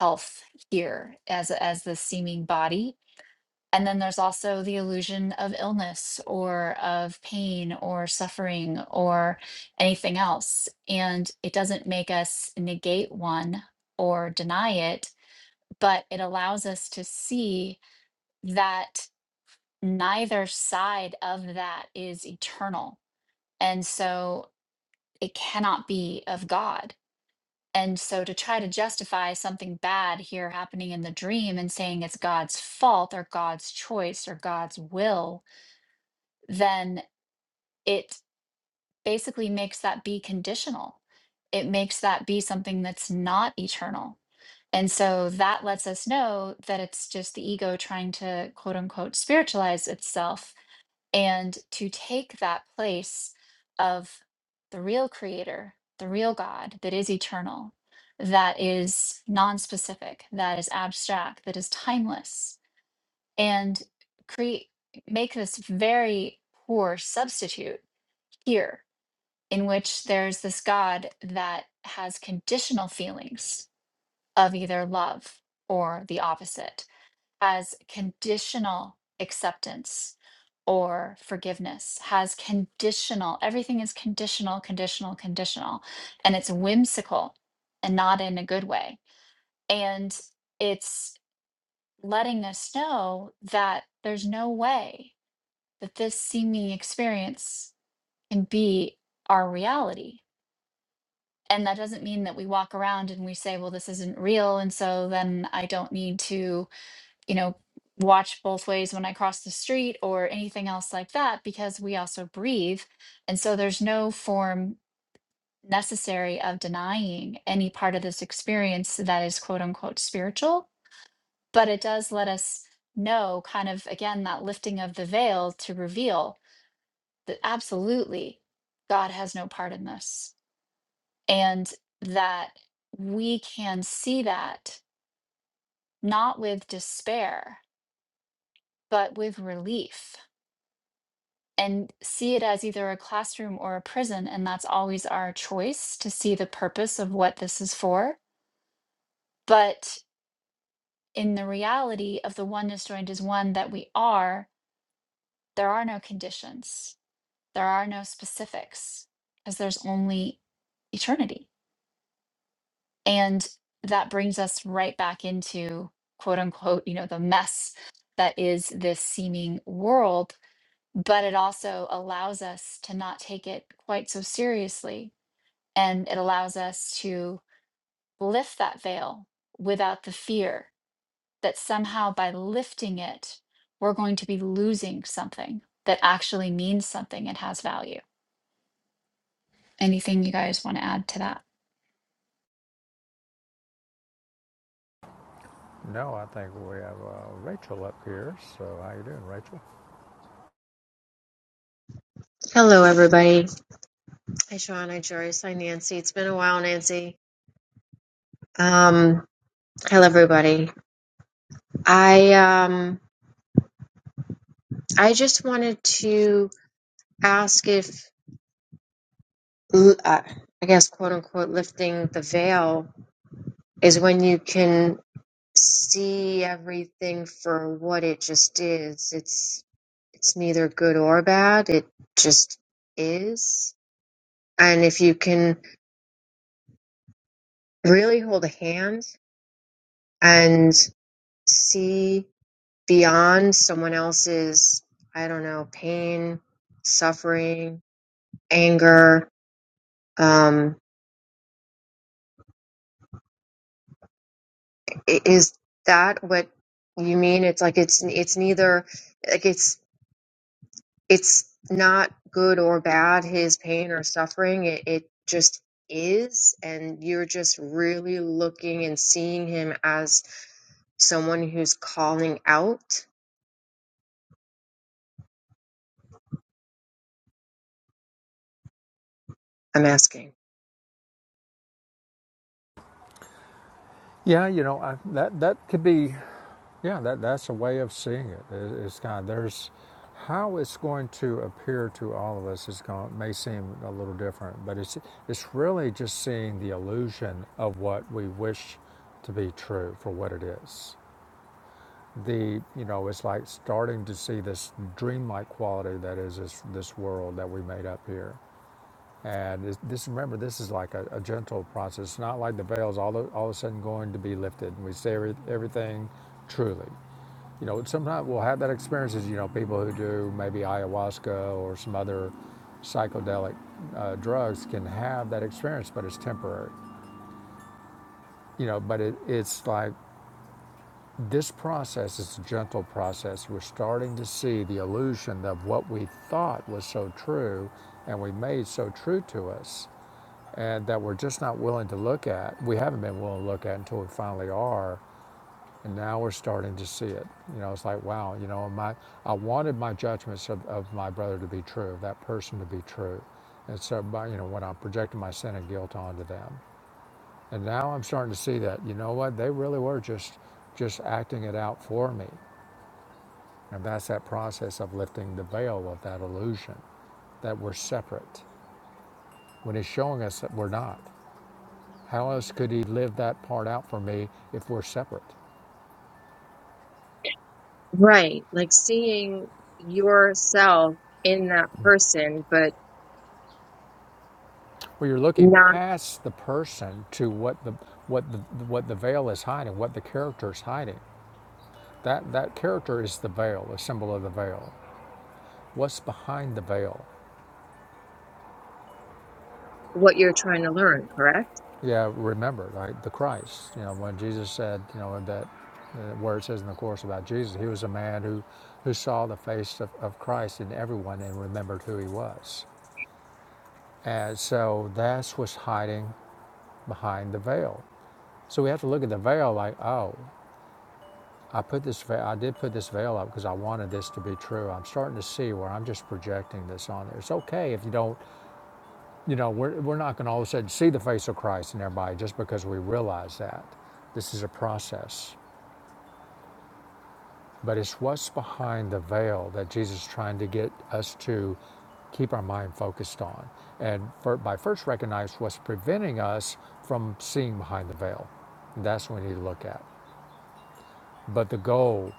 Speaker 3: health here as as the seeming body and then there's also the illusion of illness or of pain or suffering or anything else. And it doesn't make us negate one or deny it, but it allows us to see that neither side of that is eternal. And so it cannot be of God. And so to try to justify something bad here happening in the dream and saying it's God's fault or God's choice or God's will then it basically makes that be conditional. It makes that be something that's not eternal. And so that lets us know that it's just the ego trying to quote unquote spiritualize itself and to take that place of the real creator, the real God that is eternal, that is non-specific, that is abstract, that is timeless, and create make this very poor substitute here in which there's this God that has conditional feelings of either love or the opposite, has conditional acceptance or forgiveness, has conditional, everything is conditional, conditional, conditional. And it's whimsical and not in a good way. And it's letting us know that there's no way that this seeming experience can be our reality and that doesn't mean that we walk around and we say well this isn't real and so then i don't need to you know watch both ways when i cross the street or anything else like that because we also breathe and so there's no form necessary of denying any part of this experience that is quote unquote spiritual but it does let us know kind of again that lifting of the veil to reveal that absolutely god has no part in this and that we can see that not with despair, but with relief and see it as either a classroom or a prison. And that's always our choice to see the purpose of what this is for. But in the reality of the oneness joined is one that we are, there are no conditions, there are no specifics, because there's only eternity. And that brings us right back into quote unquote, you know, the mess that is this seeming world. But it also allows us to not take it quite so seriously. And it allows us to lift that veil without the fear that somehow by lifting it, we're going to be losing something that actually means something and has value. Anything you guys want to add to that?
Speaker 2: No, I think we have uh, Rachel up here. So how you doing, Rachel?
Speaker 4: Hello, everybody. Hi, Sean. Hi, Joyce. Hi, Nancy. It's been a while, Nancy. Um, hello, everybody. I um, I just wanted to ask if, uh, I guess, quote unquote, lifting the veil is when you can see everything for what it just is. It's it's neither good or bad. It just is. And if you can really hold a hand and see beyond someone else's i don't know pain suffering anger um is that what you mean it's like it's it's neither like it's it's not good or bad his pain or suffering it, it just is and you're just really looking and seeing him as someone who's calling out i'm asking
Speaker 2: Yeah, you know I, that that could be Yeah, that, that's a way of seeing it. It's kind of there's how it's going to appear to all of us is going may seem a little different, but it's it's really just seeing the illusion of what we wish to be true for what it is. The you know it's like starting to see this dreamlike quality that is this this world that we made up here. And it's, this remember this is like a, a gentle process. It's not like the veil's all of, all of a sudden going to be lifted and we see every, everything truly you know, sometimes we'll have that experience as, you know, people who do maybe ayahuasca or some other psychedelic uh, drugs can have that experience, but it's temporary. You know, but it, it's like this process is a gentle process. We're starting to see the illusion of what we thought was so true and we made so true to us, and that we're just not willing to look at. We haven't been willing to look at until we finally are And now we're starting to see it. You know, it's like, wow, you know, my, I wanted my judgments of, of my brother to be true, that person to be true. And so, by, you know, when I projected my sin and guilt onto them. And now I'm starting to see that, you know what, they really were just, just acting it out for me. And that's that process of lifting the veil of that illusion that we're separate when he's showing us that we're not. How else could he live that part out for me if we're separate?
Speaker 4: Right. Like seeing yourself in that person, but
Speaker 2: where you're looking
Speaker 4: not
Speaker 2: past the person to what the what the what the veil is hiding, what the character is hiding. That that character is the veil, a symbol of the veil. What's behind the veil?
Speaker 4: what you're trying to learn, correct?
Speaker 2: Yeah, remember, right? The Christ. You know, when Jesus said, you know, that uh, where it says in the course about Jesus, he was a man who who saw the face of, of Christ in everyone and remembered who he was. And so that's what's hiding behind the veil. So we have to look at the veil like, oh, I put this veil, I did put this veil up because I wanted this to be true. I'm starting to see where I'm just projecting this on there. It's okay if you don't, you know, we're, we're not going to all of a sudden see the face of Christ in everybody just because we realize that. This is a process. But it's what's behind the veil that Jesus is trying to get us to keep our mind focused on. And for, by first recognize what's preventing us from seeing behind the veil. That's what we need to look at. But the goal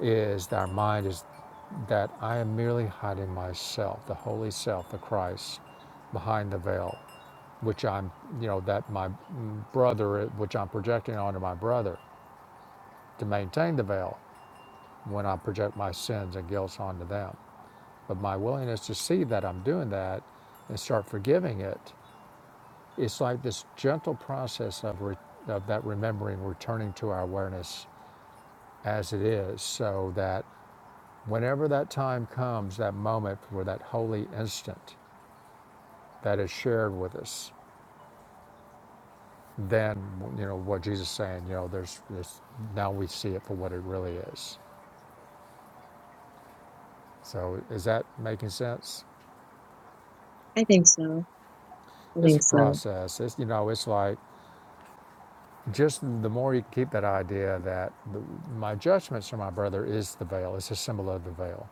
Speaker 2: is that our mind is that I am merely hiding myself, the holy self, the Christ, behind the veil, which I'm, you know, that my brother, which I'm projecting onto my brother to maintain the veil when I project my sins and guilt onto them. But my willingness to see that I'm doing that and start forgiving it, it's like this gentle process of, re- of that remembering, returning to our awareness as it is, so that whenever that time comes, that moment where that holy instant, that is shared with us Then, you know what Jesus is saying. You know, there's, there's now we see it for what it really is. So is that making sense?
Speaker 4: I think so. I
Speaker 2: It's
Speaker 4: think
Speaker 2: a
Speaker 4: so.
Speaker 2: process. It's you know, it's like just the more you keep that idea that the, my judgments from my brother is the veil. It's a symbol of the veil.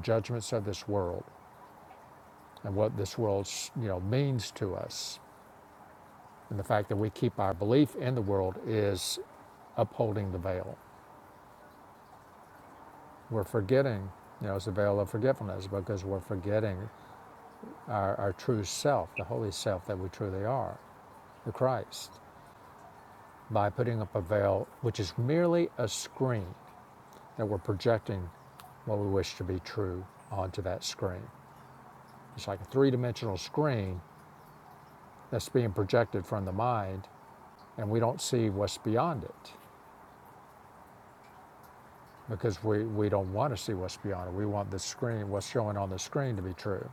Speaker 2: Judgments of this world and what this world you know means to us, and the fact that we keep our belief in the world is upholding the veil. We're forgetting, you know, it's the veil of forgetfulness because we're forgetting our, our true self, the holy self that we truly are, the Christ, by putting up a veil which is merely a screen that we're projecting what we wish to be true onto that screen. It's like a three dimensional screen that's being projected from the mind, and we don't see what's beyond it because we, we don't want to see what's beyond it. We want the screen, what's showing on the screen, to be true.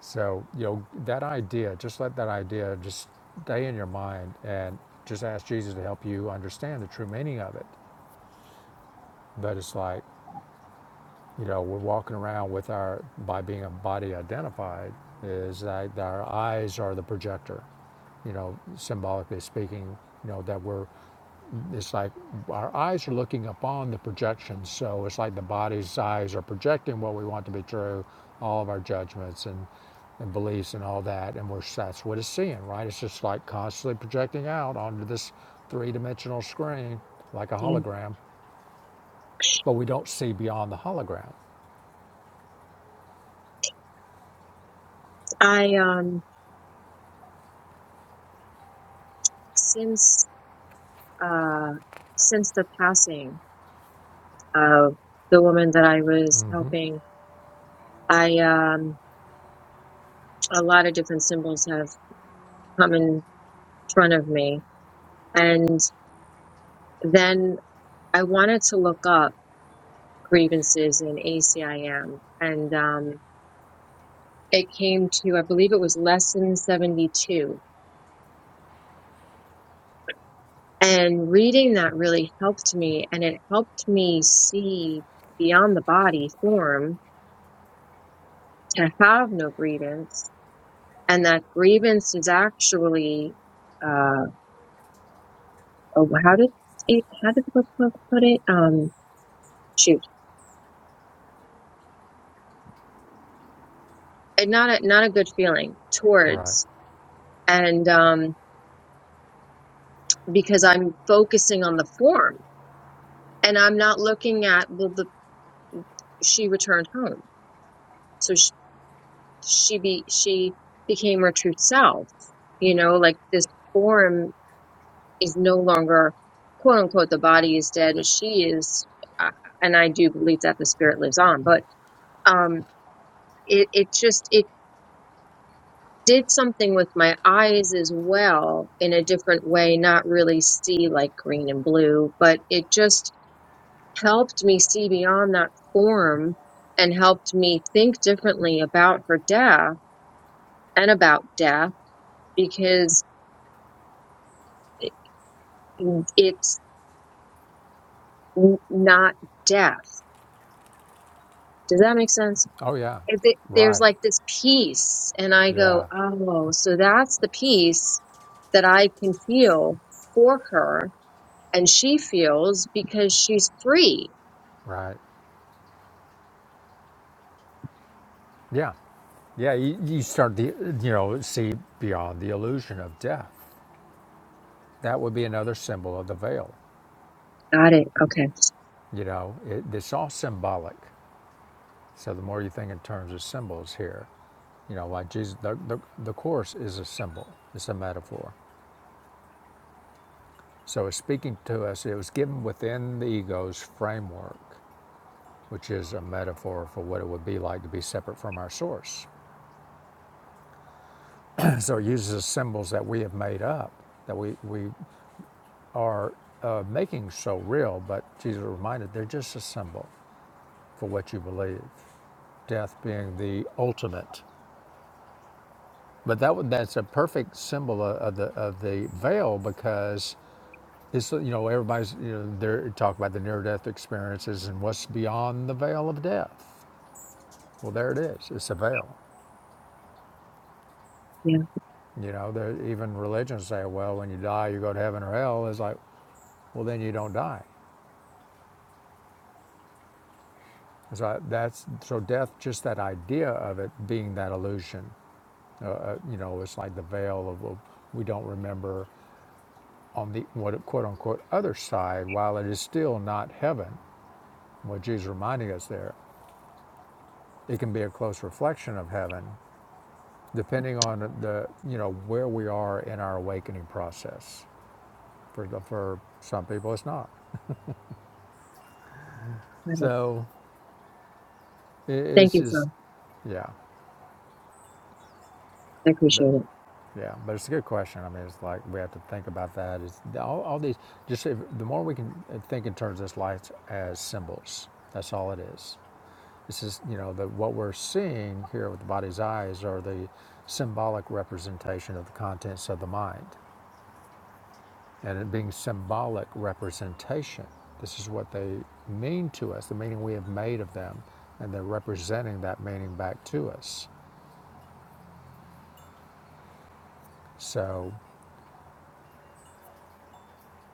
Speaker 2: So, you know, that idea, just let that idea just stay in your mind and just ask Jesus to help you understand the true meaning of it. But it's like, you know, we're walking around with our, by being a body identified, is that our eyes are the projector, you know, symbolically speaking, you know, that we're it's like our eyes are looking upon the projections, so it's like the body's eyes are projecting what we want to be true, all of our judgments and, and beliefs and all that, and we're that's what it's seeing, right? It's just like constantly projecting out onto this three-dimensional screen, like a
Speaker 4: Yeah.
Speaker 2: hologram, but we don't see beyond the hologram,
Speaker 4: I, um, since, uh, since the passing of the woman that I was helping, I, um, a lot of different symbols have come in front of me. And then I wanted to look up grievances in ACIM and, um, it came to, I believe it was lesson 72. And reading that really helped me. And it helped me see beyond the body form to have no grievance. And that grievance is actually, uh, oh, how did it, how did the book put it? Um, shoot, And not a, not a good feeling
Speaker 2: right?
Speaker 4: towards. And, um, because I'm focusing on the form and I'm not looking at, well, the, she returned home. So she be she became her true self. You know, like this form is no longer quote unquote the body is dead and she is uh, and I do believe that the spirit lives on, but um it it just it did something with my eyes as well in a different way, not really see like green and blue, but it just helped me see beyond that form and helped me think differently about her death and about death because it's n- not death. Does that make sense?
Speaker 2: Oh yeah,
Speaker 4: If it, there's
Speaker 2: right,
Speaker 4: like this peace, and I go,
Speaker 2: yeah,
Speaker 4: oh, so that's the peace that I can feel for her, and she feels because she's free.
Speaker 2: right, yeah. Yeah, you, you start the you know see beyond the illusion of death. That would be another symbol of the veil.
Speaker 4: Got it. Okay.
Speaker 2: You know, it, it's all symbolic. So the more you think in terms of symbols here, you know, like Jesus, the, the, the Course is a symbol, it's a metaphor. So it's speaking to us, it was given within the ego's framework, which is a metaphor for what it would be like to be separate from our source. [CLEARS THROAT] so it uses symbols that we have made up, that we, we are uh, making so real, but Jesus reminded they're just a symbol for what you believe. Death being the ultimate But that would- that's a perfect symbol of, of the of the veil because it's you know everybody's you know they're talking about the near death experiences and what's beyond the veil of death. Well, there it is. It's a veil.
Speaker 4: Yeah.
Speaker 2: You know, there, even religions say, well, when you die, you go to heaven or hell. It's like, well, then you don't die. So that's so death. Just that idea of it being that illusion. Uh, uh, you know, it's like the veil of of- we don't remember on the what quote unquote other side while it is still not heaven What Jesus is reminding us there, it can be a close reflection of heaven, depending on the you know where we are in our awakening process. For the, for some people, it's not.
Speaker 4: Got it.
Speaker 2: So it,
Speaker 4: Thank
Speaker 2: it's
Speaker 4: you,
Speaker 2: just
Speaker 4: Phil.
Speaker 2: yeah,
Speaker 4: I
Speaker 2: but
Speaker 4: appreciate it.
Speaker 2: yeah, but it's a good question. I mean, it's like we have to think about that. It's all, all these. Just if, the more we can think in terms of this life as symbols. That's all it is. This is, you know, the, what we're seeing here with the body's eyes are the symbolic representation of the contents of the mind. And it being symbolic representation, this is what they mean to us, the meaning we have made of them, and they're representing that meaning back to us. So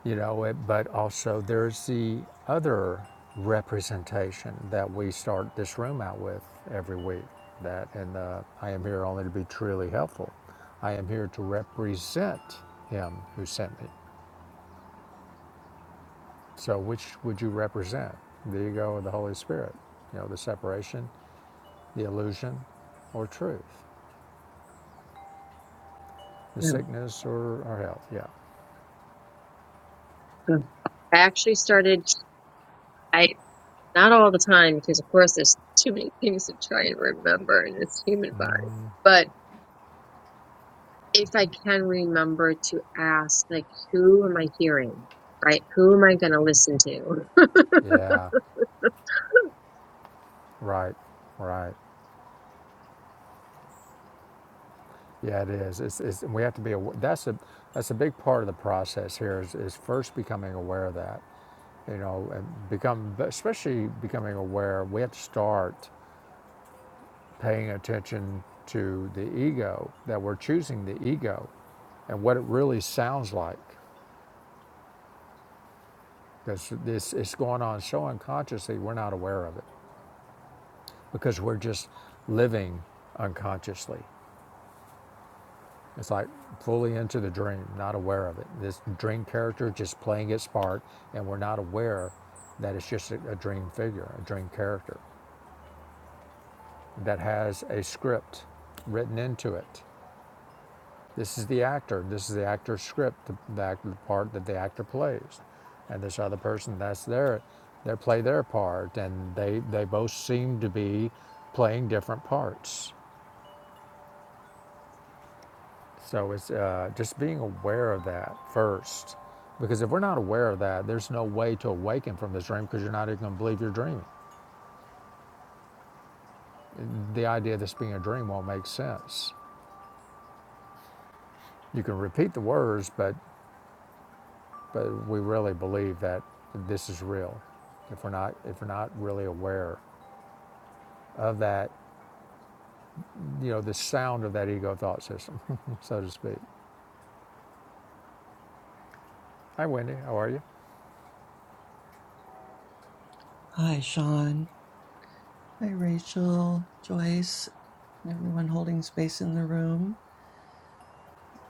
Speaker 2: you know it, but also there's the other representation that we start this room out with every week that and uh, i am here only to be truly helpful i am here to represent him who sent me so which would you represent There you go, the holy spirit you know the separation the illusion or truth the
Speaker 4: Yeah.
Speaker 2: sickness or, or health yeah
Speaker 4: Good. I actually started. I not all the time because, of course, there's too many things to try and remember in this human body, but. if I can remember to ask, like, who am I hearing? Right? Who am I going to listen to? [LAUGHS]
Speaker 2: yeah right right Yeah, it is. It's, it's, we have to be aware. That's a that's a big part of the process here is, is first becoming aware of that. You know, and become especially becoming aware. We have to start paying attention to the ego that we're choosing the ego, and what it really sounds like. Because this it's going on so unconsciously, we're not aware of it because we're just living unconsciously. It's like fully into the dream, not aware of it. This dream character just playing its part, and we're not aware that it's just a, a dream figure, a dream character that has a script written into it. This is the actor. This is the actor's script, the, the, act- the part that the actor plays, and this other person that's their, they play their part, and they they both seem to be playing different parts. So it's uh, just being aware of that first. Because if we're not aware of that, there's no way to awaken from this dream because you're not even going to believe you're dreaming. The idea of this being a dream won't make sense. You can repeat the words, but, but we really believe that this is real. If we're not, if we're not really aware of that, you know, the sound of that ego thought system, [LAUGHS] so to speak. Hi, Wendy. How are you?
Speaker 5: Hi, Sean. Hi, Rachel, Joyce, and everyone holding space in the room.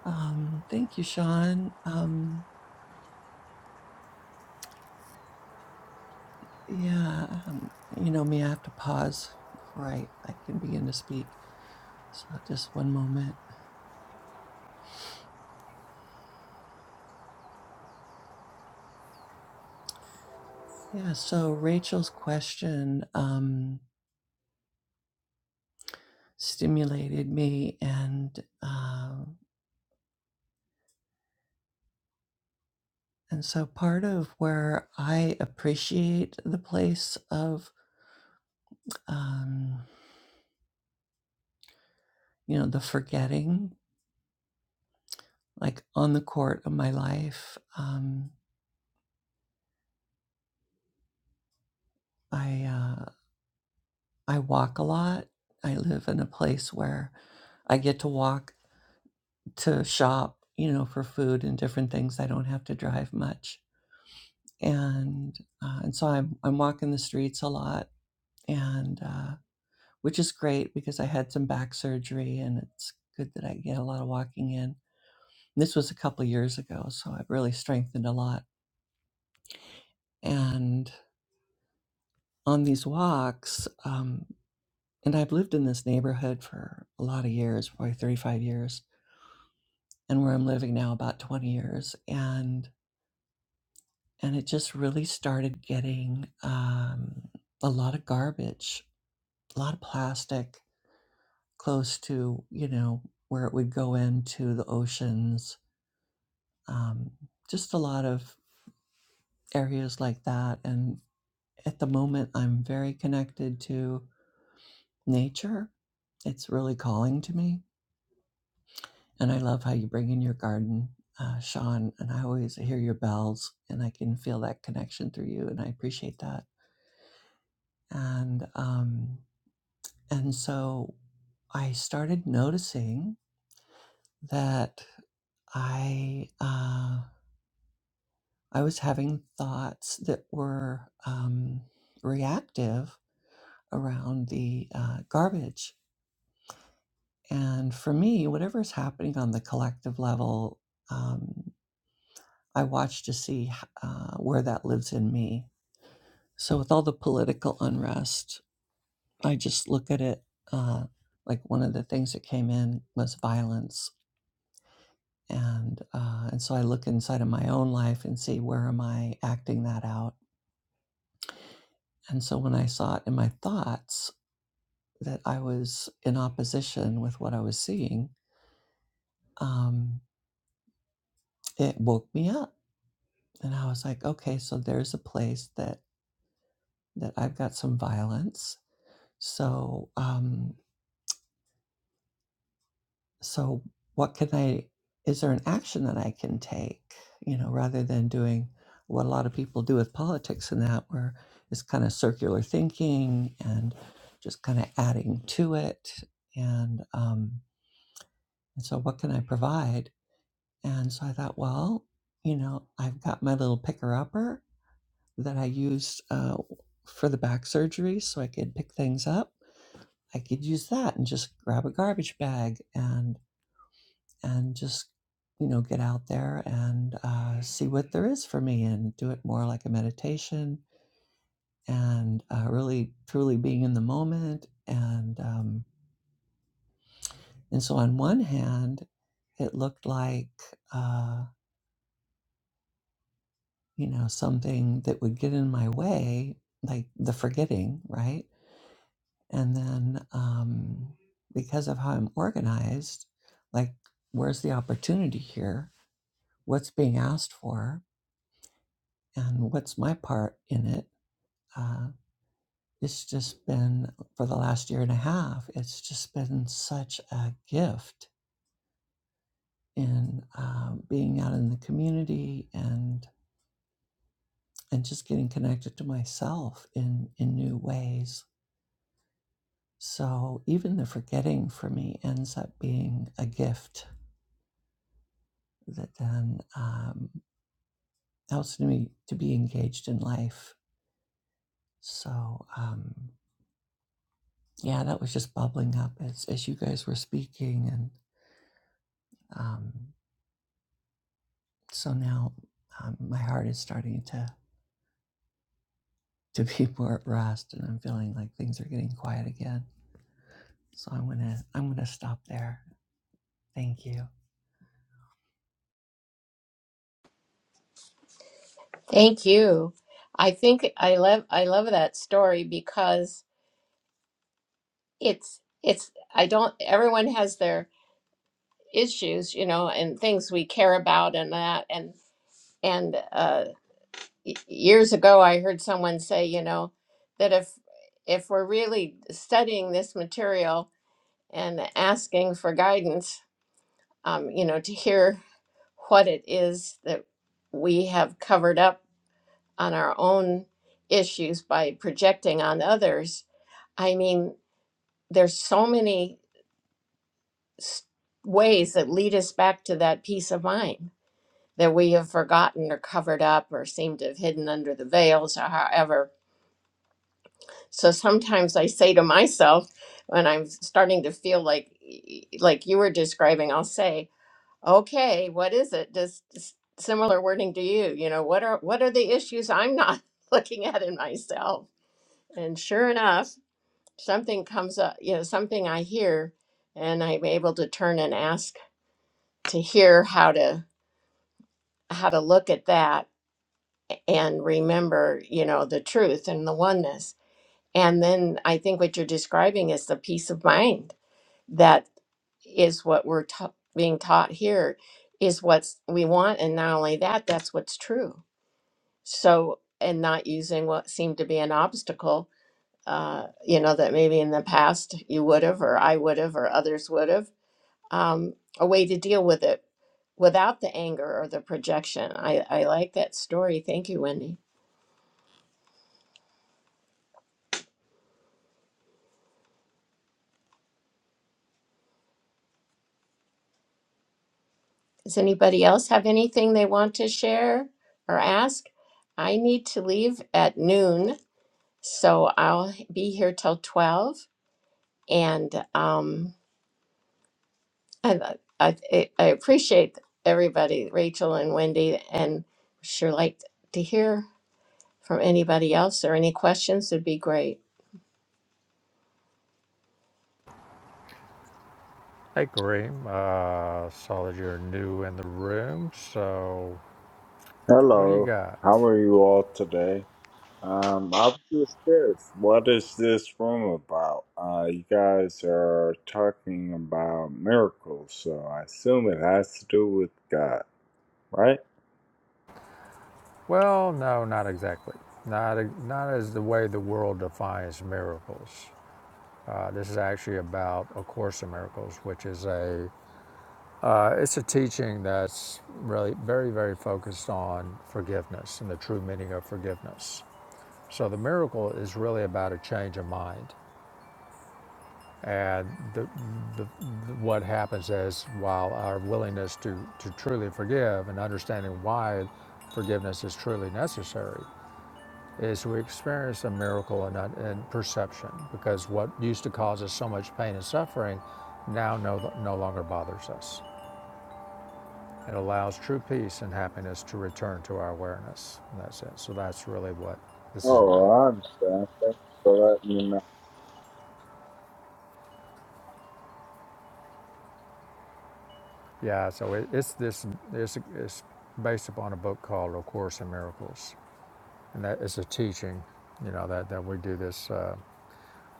Speaker 5: Um, thank you, Sean. Um, yeah, um, you know me, I have to pause before I, I can begin to speak. So just one moment. Yeah, so Rachel's question um, stimulated me and um, and so part of where I appreciate the place of um, you know the forgetting like on the court of my life. Um, I uh, I walk a lot. I live in a place where I get to walk to shop, you know, for food and different things. I don't have to drive much, and uh, and so I'm I'm walking the streets a lot, and uh, which is great because I had some back surgery, and it's good that I get a lot of walking in. This was a couple years ago, so I've really strengthened a lot, and on these walks. um, And I've lived in this neighborhood for a lot of years, probably 35 years, and where I'm living now about 20 years. And and it just really started getting um, a lot of garbage, a lot of plastic close to, you know, where it would go into the oceans, um, just a lot of areas like that. And at the moment, I'm very connected to nature. It's really calling to me And I love how you bring in your garden, uh, Sean. And I always hear your bells, and I can feel that connection through you, and I appreciate that. And um, and so I started noticing that I uh, I was having thoughts that were um, reactive around the uh, garbage. And for me, whatever is happening on the collective level, um, I watch to see h- uh, where that lives in me So, with all the political unrest, I just look at it uh, like one of the things that came in was violence, and uh, and so I look inside of my own life and see where am I acting that out. And so when I saw it in my thoughts that I was in opposition with what I was seeing, um, it woke me up, and I was like, okay, so there's a place that that I've got some violence. So. um. so what can i is there an action that i can take you know rather than doing what a lot of people do with politics and that where it's kind of circular thinking and just kind of adding to it and um and so what can i provide and so i thought well you know i've got my little picker upper that i used uh, for the back surgery so i could pick things up i could use that and just grab a garbage bag and. and just you know get out there and uh, see what there is for me and do it more like a meditation and uh, really truly being in the moment and um, and so on one hand it looked like uh, you know something that would get in my way like the forgetting right and then um, because of how i'm organized like where's the opportunity here what's being asked for and what's my part in it Uh, it's just been for the last year and a half, it's just been such a gift in um, being out in the community and and just getting connected to myself in in new ways. So even the forgetting for me ends up being a gift that then um, helps me to be engaged in life. So um, yeah, that was just bubbling up as as you guys were speaking and. um, so now um, my heart is starting to to be [LAUGHS] more at rest and i'm feeling like things are getting quiet again so i'm gonna i'm gonna stop there thank you
Speaker 1: Thank you. I think I love I love that story because it's it's I don't everyone has their issues, you know, and things we care about and that and and uh y- years ago I heard someone say, you know, that if if we're really studying this material and asking for guidance, um, you know, to hear what it is that we have covered up on our own issues by projecting on others I mean, there's so many s- ways that lead us back to that peace of mind that we have forgotten or covered up or seem to have hidden under the veils or however. So sometimes I say to myself when I'm starting to feel like like you were describing, I'll say, "Okay, what is it?" Just s- similar wording to you, you know, what are what are the issues I'm not [LAUGHS] looking at in myself? And sure enough, something comes up, you know, something I hear, and I'm able to turn and ask to hear how to how to look at that and remember, you know, the truth and the oneness. And then I think what you're describing is the peace of mind that is what we're ta- being taught here is what's we want and not only that that's what's true. So and not using what seemed to be an obstacle uh, you know, that maybe in the past you would have, or I would have, or others would have um, a way to deal with it without the anger or the projection. I, I like that story. Thank you, Wendy. Does anybody else have anything they want to share or ask? I need to leave at noon, so I'll be here till 12. And um, I, I, I I appreciate everybody, Rachel and Wendy, and sure like to hear from anybody else or any questions would be great.
Speaker 2: Hey, Kareem. Uh, saw that you're new in the room. So, what do you
Speaker 6: Hello,
Speaker 2: got?
Speaker 6: how are you all today? Um, I'm just curious, what is this room about? Uh, you guys are talking about miracles, so I assume it has to do with God, right?
Speaker 2: Well, no, not exactly. Not, e- not as the way the world defines miracles. Uh, this is actually about A Course in Miracles, which is a uh, it's a teaching that's really very very focused on forgiveness and the true meaning of forgiveness. So the miracle is really about a change of mind, and the, the, the, what happens is while our willingness to to truly forgive and understanding why forgiveness is truly necessary is we experience a miracle in, in perception because what used to cause us so much pain and suffering now no, no longer bothers us. It allows true peace and happiness to return to our awareness. And that's it. So that's really what this is about.
Speaker 6: Oh, I understand. Thanks for letting me know.
Speaker 2: Yeah. So it, it's this. It's, it's based upon a book called A Course in Miracles, and that is a teaching. You know that that we do this. Uh,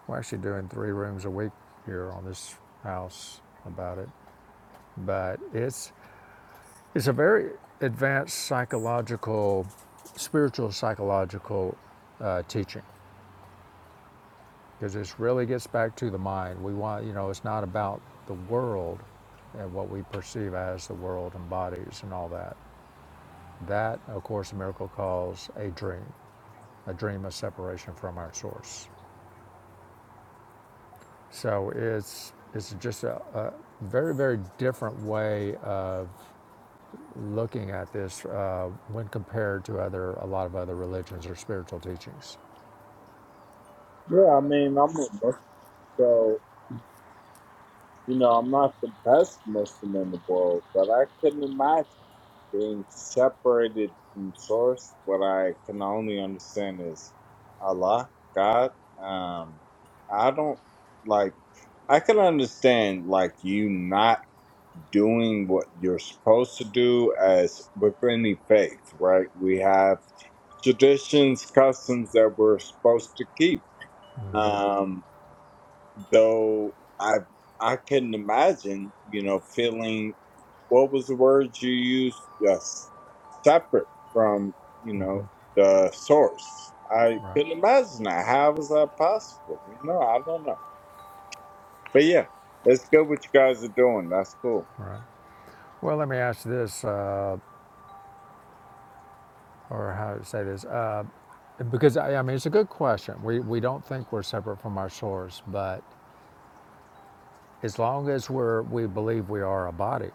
Speaker 2: we're actually doing three rooms a week here on this house about it. But it's It's a very advanced psychological, spiritual psychological uh, teaching because this really gets back to the mind. We want, you know, it's not about the world and what we perceive as the world and bodies and all that. That, of course, the miracle calls a dream, a dream of separation from our source. So it's it's just a, a very very different way of. looking at this uh, when compared to other a lot of other religions or spiritual teachings.
Speaker 6: Yeah, I mean, I'm a Muslim, so, you know, I'm not the best Muslim in the world, but I couldn't imagine. being separated from source, what I can only understand is Allah, God. Um, I don't like. I can understand like you not doing what you're supposed to do as with any faith, right? We have traditions, customs that we're supposed to keep. Um, though I I couldn't imagine, you know, feeling what was the word you used? Yes, separate from you know the source. I
Speaker 2: Right,
Speaker 6: couldn't imagine that. How was that possible? You know, I don't know. But yeah, it's good what you guys are doing. That's cool.
Speaker 2: right. Well, let me ask this, uh, or how to say this, uh, because I, I mean it's a good question. We we don't think we're separate from our source, but as long as we're we believe we are a body,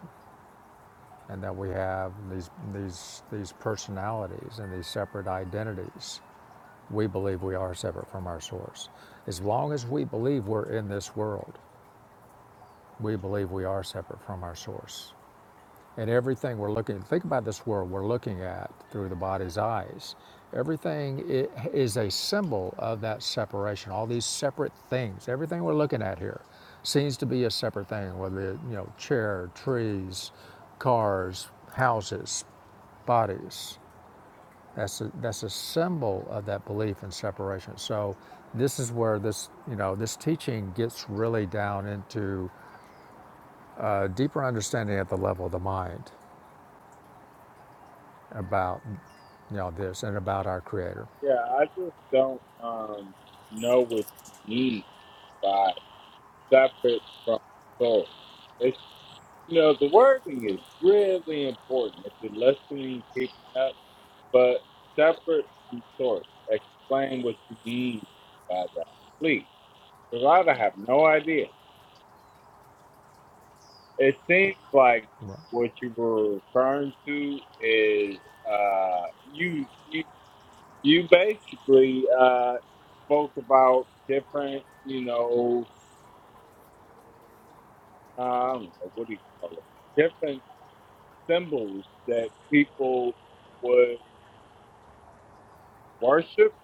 Speaker 2: and that we have these these these personalities and these separate identities, we believe we are separate from our source. As long as we believe we're in this world, we believe we are separate from our source. And everything we're looking, think about this world we're looking at through the body's eyes. Everything i- is a symbol of that separation. All these separate things, everything we're looking at here, seems to be a separate thing. Whether it, you know, chair, trees, cars, houses, bodies. That's a, that's a symbol of that belief in separation. So this is where this you know this teaching gets really down into a deeper understanding at the level of the mind about you know this and about our creator
Speaker 6: Yeah, I just don't um know what you mean by separate from source. It's you know the wording is really important. If you're listening, keeping up. But separate from source, explain what you mean by that, please. Because I have no idea. It seems like
Speaker 2: Right.
Speaker 6: what you were referring to is uh, you you you basically uh, spoke about different, you know, um, what do you call it? Different symbols that people would worship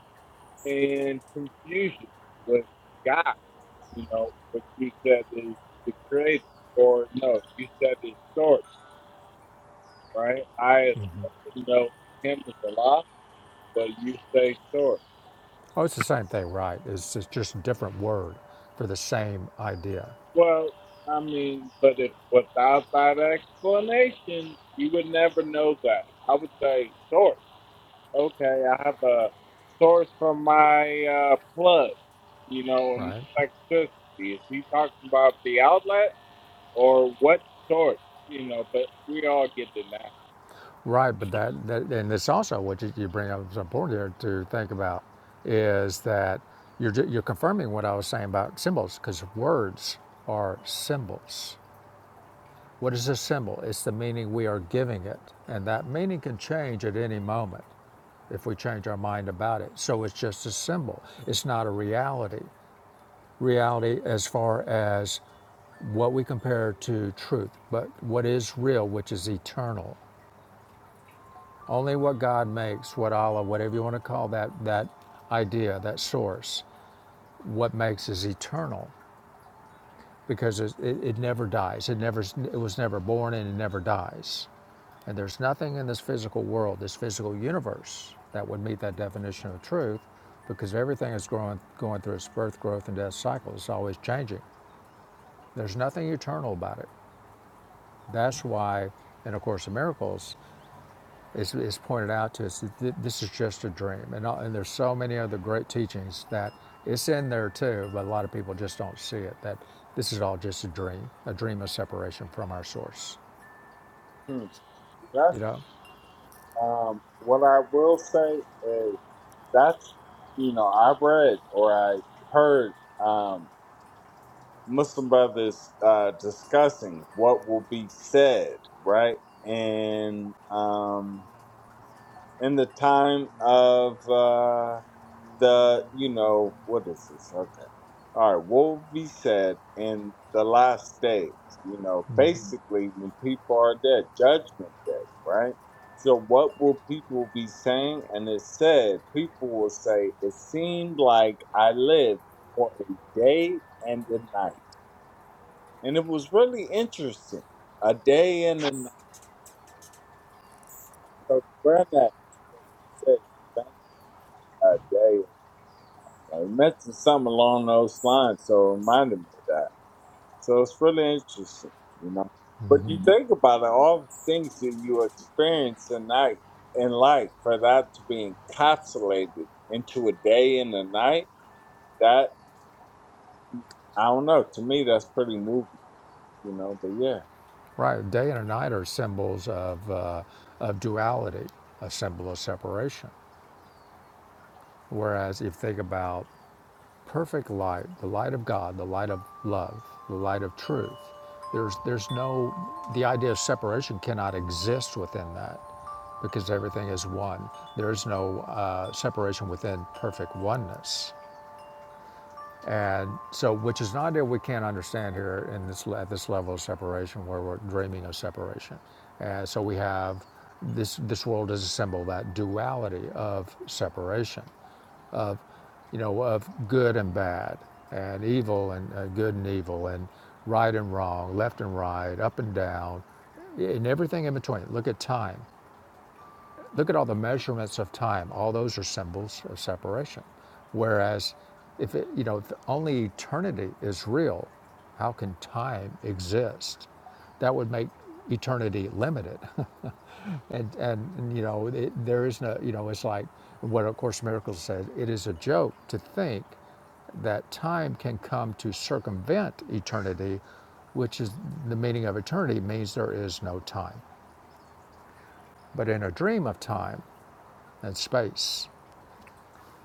Speaker 6: and confusion with God. You know, what you said is the creator, or no, you said is source, right? I as Muslim know him as Allah, but you say source.
Speaker 2: oh it's the same thing right it's, just a different word for the same idea
Speaker 6: Well, I mean, but if without that explanation, you would never know that. I would say source. Okay, I have a source from my uh, plug, you know, and
Speaker 2: right
Speaker 6: electricity. Is he talking about the outlet or what source? You know, but we all get it
Speaker 2: right but that, that and it's also what you, you bring up is important here to think about is that you're, you're confirming what i was saying about symbols because words are symbols What is this symbol? It's the meaning we are giving it. And that meaning can change at any moment if we change our mind about it. So it's just a symbol, it's not a reality. Reality, as far as what we compare to truth, but what is real, which is eternal. Only what God makes, what Allah, whatever you want to call that, that idea, that source, what makes is eternal because it, it, it never dies. It never, it was never born and it never dies. And there's nothing in this physical world, this physical universe, that would meet that definition of truth because everything is growing, going through its birth, growth, and death cycle. It's always changing. There's nothing eternal about it. That's why, in A Course in Miracles, it's, it's pointed out to us that this is just a dream. And, and there's so many other great teachings that it's in there too, but a lot of people just don't see it, that this is all just a dream, a dream of separation from our source,
Speaker 6: now.
Speaker 2: you
Speaker 6: That's
Speaker 2: know?
Speaker 6: um, what I will say is that's you know I read or I heard um, Muslim brothers uh, discussing what will be said right and um, in the time of. Uh, the you know what is this okay all right what will be said in the last days you know basically when people are dead judgment day right so what will people be saying and it said people will say it seemed like i lived for a day and a night and it was really interesting a day and a night so compare that to what you said you mentioned a day. I mentioned something along those lines, so it reminded me of that. So it's really interesting, you know. But you hmm think about it, all the things that you experience in night in life, for that to be encapsulated into a day and a night, that I don't know. To me, that's pretty moving, you know. But yeah,
Speaker 2: Right, day and night are symbols of, uh, of duality, a symbol of separation. Whereas if you think about perfect light, the light of God, the light of love, the light of truth, there's, there's no, the idea of separation cannot exist within that because everything is one. There is no uh, separation within perfect oneness. And so, which is an idea we can't understand here in this, at this level of separation where we're dreaming of separation. And so we have this, this world is a symbol that duality of separation, you know, of good and bad, and evil and uh, good and evil, and right and wrong, left and right, up and down, and everything in between. Look at time. Look at all the measurements of time. All those are symbols of separation. Whereas, if it, you know, if only eternity is real, how can time exist? That would make eternity limited. [LAUGHS] and, and, and, you know, it, there is no, you know, it's like what A Course in Miracles says it is a joke to think that time can come to circumvent eternity, which is the meaning of eternity means there is no time. But in a dream of time and space,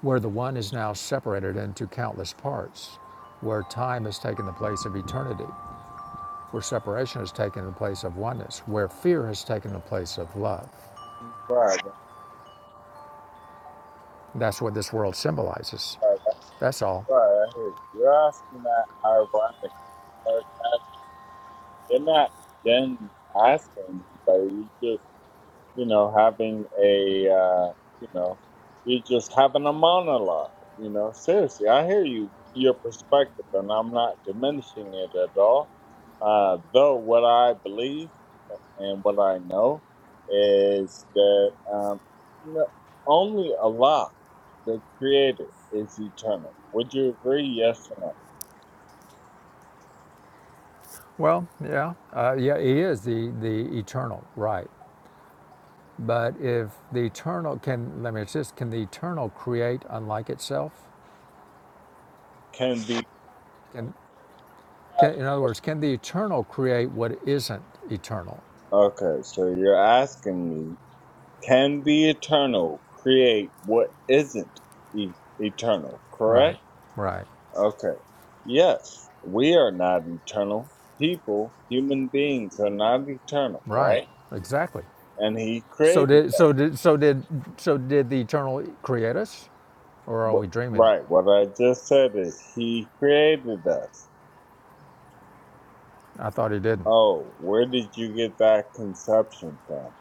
Speaker 2: where the one is now separated into countless parts, where time has taken the place of eternity, where separation has taken the place of oneness, where fear has taken the place of love.
Speaker 6: right, right,
Speaker 2: That's what this world symbolizes.
Speaker 6: right. That's
Speaker 2: That's all.
Speaker 6: right. I hear you. You're asking that ironic sarcasm. You're not then asking, but you just you know, having a, uh, you know, you're just having a monologue. You know, seriously, I hear you, your perspective, and I'm not diminishing it at all. Uh, though what I believe and what I know is that um, you know, only Allah, the Creator, is eternal. Would you agree? Yes or no?
Speaker 2: Well, yeah, uh, yeah, he is the, the eternal, right? But if the eternal can, let me insist, can the eternal create unlike itself?
Speaker 6: Can be.
Speaker 2: Can, can, in other words, can the eternal create what isn't eternal?
Speaker 6: Okay, so you're asking me can be eternal create what isn't e- eternal,
Speaker 2: Right,
Speaker 6: correct?
Speaker 2: right,
Speaker 6: Okay. Yes, we are not eternal. People, human beings are not eternal,
Speaker 2: right,
Speaker 6: right?
Speaker 2: exactly.
Speaker 6: And He
Speaker 2: So
Speaker 6: created
Speaker 2: did so
Speaker 6: us.
Speaker 2: did so did so did the eternal create us, or are
Speaker 6: Wh-
Speaker 2: we dreaming it?
Speaker 6: Right, what I just said is He created us.
Speaker 2: I thought he didn't.
Speaker 6: Oh, where did you get that conception from?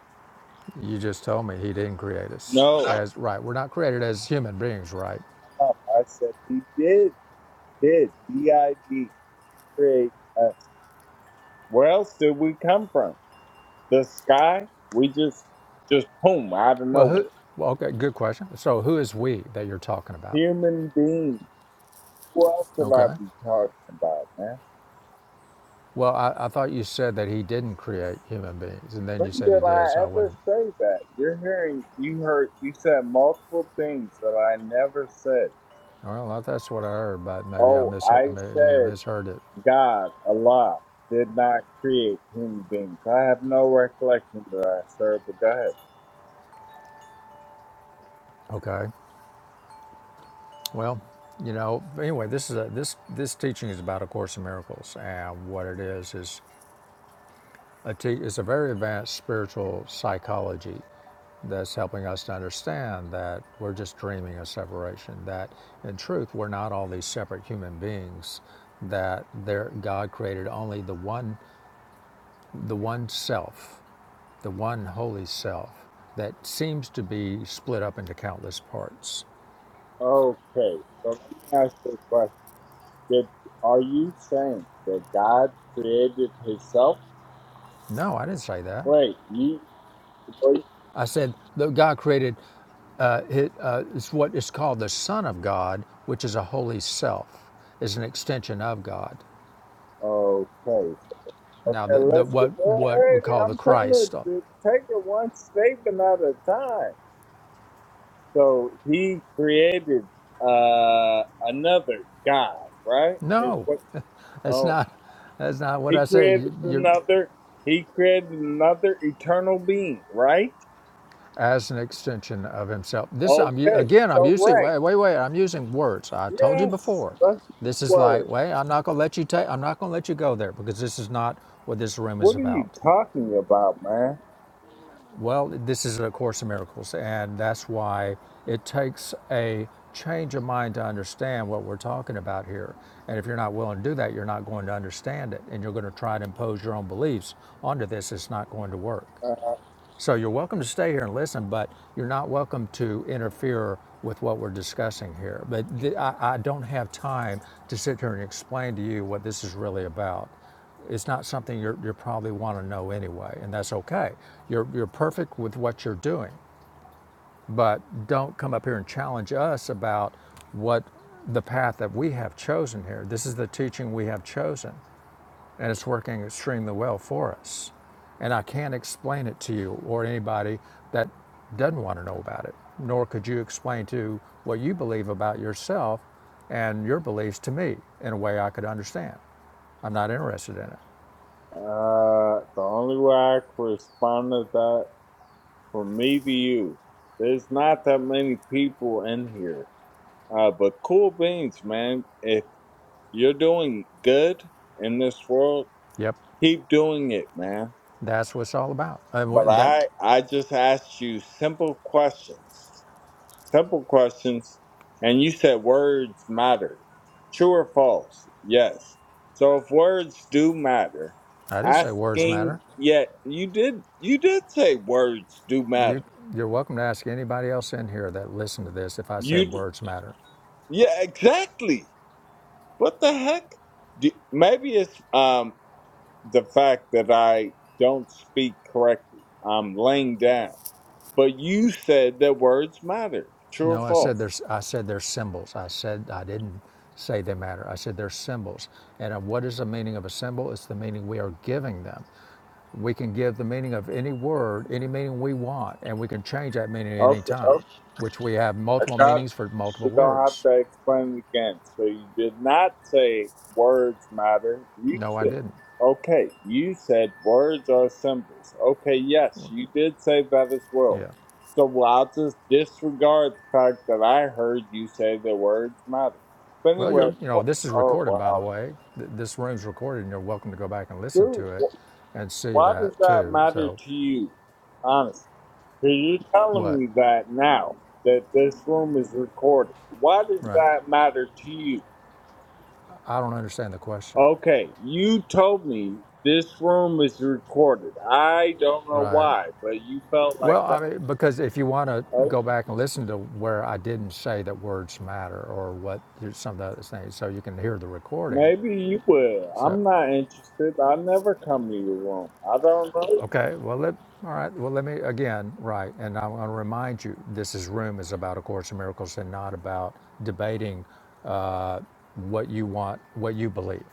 Speaker 2: You just told me he didn't create us
Speaker 6: No,
Speaker 2: as right. We're not created as human beings, right?
Speaker 6: I'm not. I said He did, did, D I D, create us. Where else did we come from? the sky, we just just boom out of
Speaker 2: Well,
Speaker 6: nowhere.
Speaker 2: who? Well, okay, good question. So who is we that you're talking about?
Speaker 6: Human beings. Who else will I
Speaker 2: Okay.
Speaker 6: be talking about, man?
Speaker 2: Well, I, I thought you said that he didn't create human beings, and then you
Speaker 6: When
Speaker 2: said he
Speaker 6: did
Speaker 2: did,
Speaker 6: I
Speaker 2: so I
Speaker 6: ever
Speaker 2: wouldn't.
Speaker 6: say that? You're hearing you heard you said multiple things that I never said.
Speaker 2: Well, that's what I heard, but maybe I
Speaker 6: Oh,
Speaker 2: misheard.
Speaker 6: I
Speaker 2: Maybe I
Speaker 6: said
Speaker 2: misheard it.
Speaker 6: God, Allah, did not create human beings. I have no recollection of that sir. but go ahead.
Speaker 2: Okay. Well, you know, anyway, this is a, this this teaching is about a course in miracles, and what it is is a te- it's a very advanced spiritual psychology that's helping us to understand that we're just dreaming of separation. That in truth, we're not all these separate human beings. That there, God created only the one, the one self, the one holy self that seems to be split up into countless parts.
Speaker 6: Okay, so let me ask you a question. Did, are you saying that God created himself?
Speaker 2: No, I didn't say that.
Speaker 6: Wait, you wait.
Speaker 2: I said that God created It uh, is what is called the Son of God, which is a holy self, is an extension of God.
Speaker 6: Okay.
Speaker 2: Now,
Speaker 6: Okay,
Speaker 2: the, the,
Speaker 6: let's get,
Speaker 2: what
Speaker 6: wait,
Speaker 2: what we call the
Speaker 6: I'm trying to,
Speaker 2: Christ, uh,
Speaker 6: to take it one statement at a time. So he created uh another God, right? Is
Speaker 2: no,
Speaker 6: what
Speaker 2: [LAUGHS] that's
Speaker 6: oh
Speaker 2: not that's not what
Speaker 6: he
Speaker 2: I said. You,
Speaker 6: created
Speaker 2: you're
Speaker 6: another he created another eternal being, right?
Speaker 2: as an extension of Himself. This I'm
Speaker 6: Okay.
Speaker 2: again. I'm
Speaker 6: So
Speaker 2: using
Speaker 6: right.
Speaker 2: wait wait wait. I'm using words. I told you
Speaker 6: Yes.
Speaker 2: before.
Speaker 6: Let's use
Speaker 2: This is like
Speaker 6: words.
Speaker 2: wait. I'm not gonna let you take. I'm not gonna let you go there because this is not what this room is
Speaker 6: What are you
Speaker 2: about.
Speaker 6: talking about, man?
Speaker 2: Well, this is A Course in Miracles, and that's why it takes a change of mind to understand what we're talking about here. And if you're not willing to do that, you're not going to understand it, and you're going to try to impose your own beliefs onto this. It's not going to work.
Speaker 6: Uh,
Speaker 2: So you're welcome to stay here and listen, but you're not welcome to interfere with what we're discussing here. But th- I, I don't have time to sit here and explain to you what this is really about. It's not something you're, you probably want to know anyway, and that's okay. You're, you're perfect with what you're doing, but don't come up here and challenge us about what the path that we have chosen here. This is the teaching we have chosen and it's working extremely well for us. And I can't explain it to you or anybody that doesn't want to know about it, nor could you explain to what you believe about yourself and your beliefs to me in a way I could understand. I'm not interested in it.
Speaker 6: Uh, the only way I can respond to that, from me to you, there's not that many people in here. Uh, but cool beans, man. If you're doing good in this world,
Speaker 2: Yep,
Speaker 6: keep doing it, man.
Speaker 2: that's what it's all about. And
Speaker 6: But
Speaker 2: that,
Speaker 6: I, I just asked you simple questions. Simple questions. And you said words matter. True or false? Yes. So if words do matter,
Speaker 2: I didn't say words matter.
Speaker 6: asking yeah, you did you did say words do
Speaker 2: You,
Speaker 6: matter.
Speaker 2: you're welcome to ask anybody else in here that listened to this if I
Speaker 6: You
Speaker 2: said
Speaker 6: d-
Speaker 2: words matter.
Speaker 6: yeah, exactly. What the heck? Do, maybe it's um the fact that I don't speak correctly. I'm laying down. But you said that words matter. True or
Speaker 2: No, I said
Speaker 6: false?
Speaker 2: there's. I said they're symbols. I said I didn't say they matter. I said they're symbols. And uh, what is the meaning of a symbol? It's the meaning we are giving them. We can give the meaning of any word, any meaning we want, and we can change that meaning at any
Speaker 6: Okay.
Speaker 2: time.
Speaker 6: okay.
Speaker 2: Which we have
Speaker 6: I
Speaker 2: multiple
Speaker 6: got
Speaker 2: meanings for multiple
Speaker 6: You don't have
Speaker 2: words.
Speaker 6: to explain it again. So you did not say words matter. You
Speaker 2: No, I
Speaker 6: said,
Speaker 2: didn't.
Speaker 6: okay, you said words are symbols. Okay, yes, you did say that as well.
Speaker 2: Yeah.
Speaker 6: So well, I'll just disregard the fact that I heard you say that words matter. But
Speaker 2: Well,
Speaker 6: anyway,
Speaker 2: you're. You know,
Speaker 6: wh-
Speaker 2: this is
Speaker 6: oh
Speaker 2: recorded, by the
Speaker 6: wow,
Speaker 2: way. Th- This room's recorded, and you're welcome to go back and listen
Speaker 6: dude,
Speaker 2: to it,
Speaker 6: wh-
Speaker 2: and see
Speaker 6: why
Speaker 2: that
Speaker 6: does that
Speaker 2: too.
Speaker 6: matter
Speaker 2: So,
Speaker 6: to you? Honestly, because you're telling
Speaker 2: what?
Speaker 6: me that now that this room is recorded. Why does
Speaker 2: Right.
Speaker 6: that matter to you?
Speaker 2: I don't understand the question.
Speaker 6: Okay, you told me this room is recorded. I don't know
Speaker 2: Right.
Speaker 6: why, but you felt like
Speaker 2: Well, I
Speaker 6: that.
Speaker 2: mean, because if you want to
Speaker 6: Oh,
Speaker 2: go back and listen to where I didn't say that words matter or what some of the other things, so you can hear the recording.
Speaker 6: maybe you will.
Speaker 2: So.
Speaker 6: I'm not interested. I never come to your room. I don't know. you.
Speaker 2: Okay, well, let, all right, well, let me, again, right, and I want to remind you, this is room is about A Course in Miracles and not about debating uh, what you want, what you believe.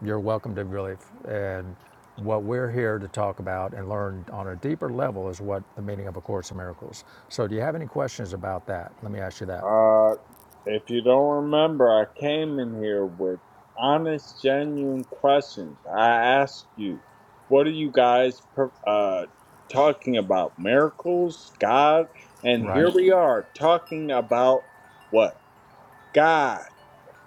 Speaker 2: You're welcome to believe. And what we're here to talk about and learn on a deeper level is what the meaning of A Course in Miracles. So do you have any questions about that? Let me ask you that.
Speaker 6: Uh, if you don't remember, I came in here with honest, genuine questions. I asked you, what are you guys per- uh talking about? Miracles, God, and
Speaker 2: Right.
Speaker 6: here we are talking about what God.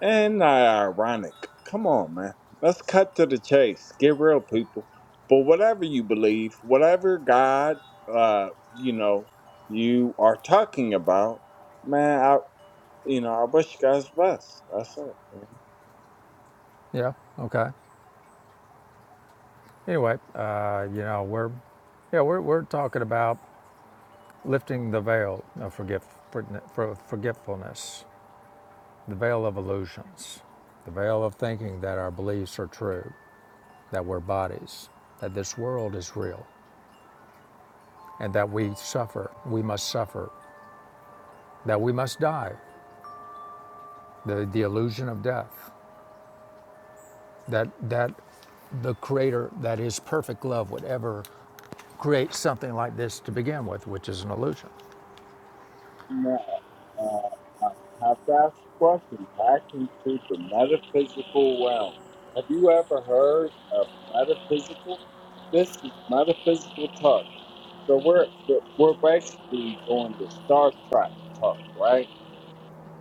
Speaker 6: And not ironic. Come on, man. Let's cut to the chase. Get real, people. But whatever you believe, whatever God, uh, you know, you are talking about, man. I, you know, I wish you guys best. That's it.
Speaker 2: Yeah, okay. Anyway, uh, you know, we're, yeah, we're, we're talking about lifting the veil of forgetfulness, the veil of illusions, the veil of thinking that our beliefs are true, that we're bodies, that this world is real, and that we suffer, we must suffer, that we must die, the, the illusion of death, that, that the Creator, that His perfect love would ever create something like this to begin with, which is an illusion.
Speaker 6: Man, uh, I have to ask a question. Back into the metaphysical realm. Have you ever heard of metaphysical? This is metaphysical talk. So we're we're basically doing the Star Trek talk, right?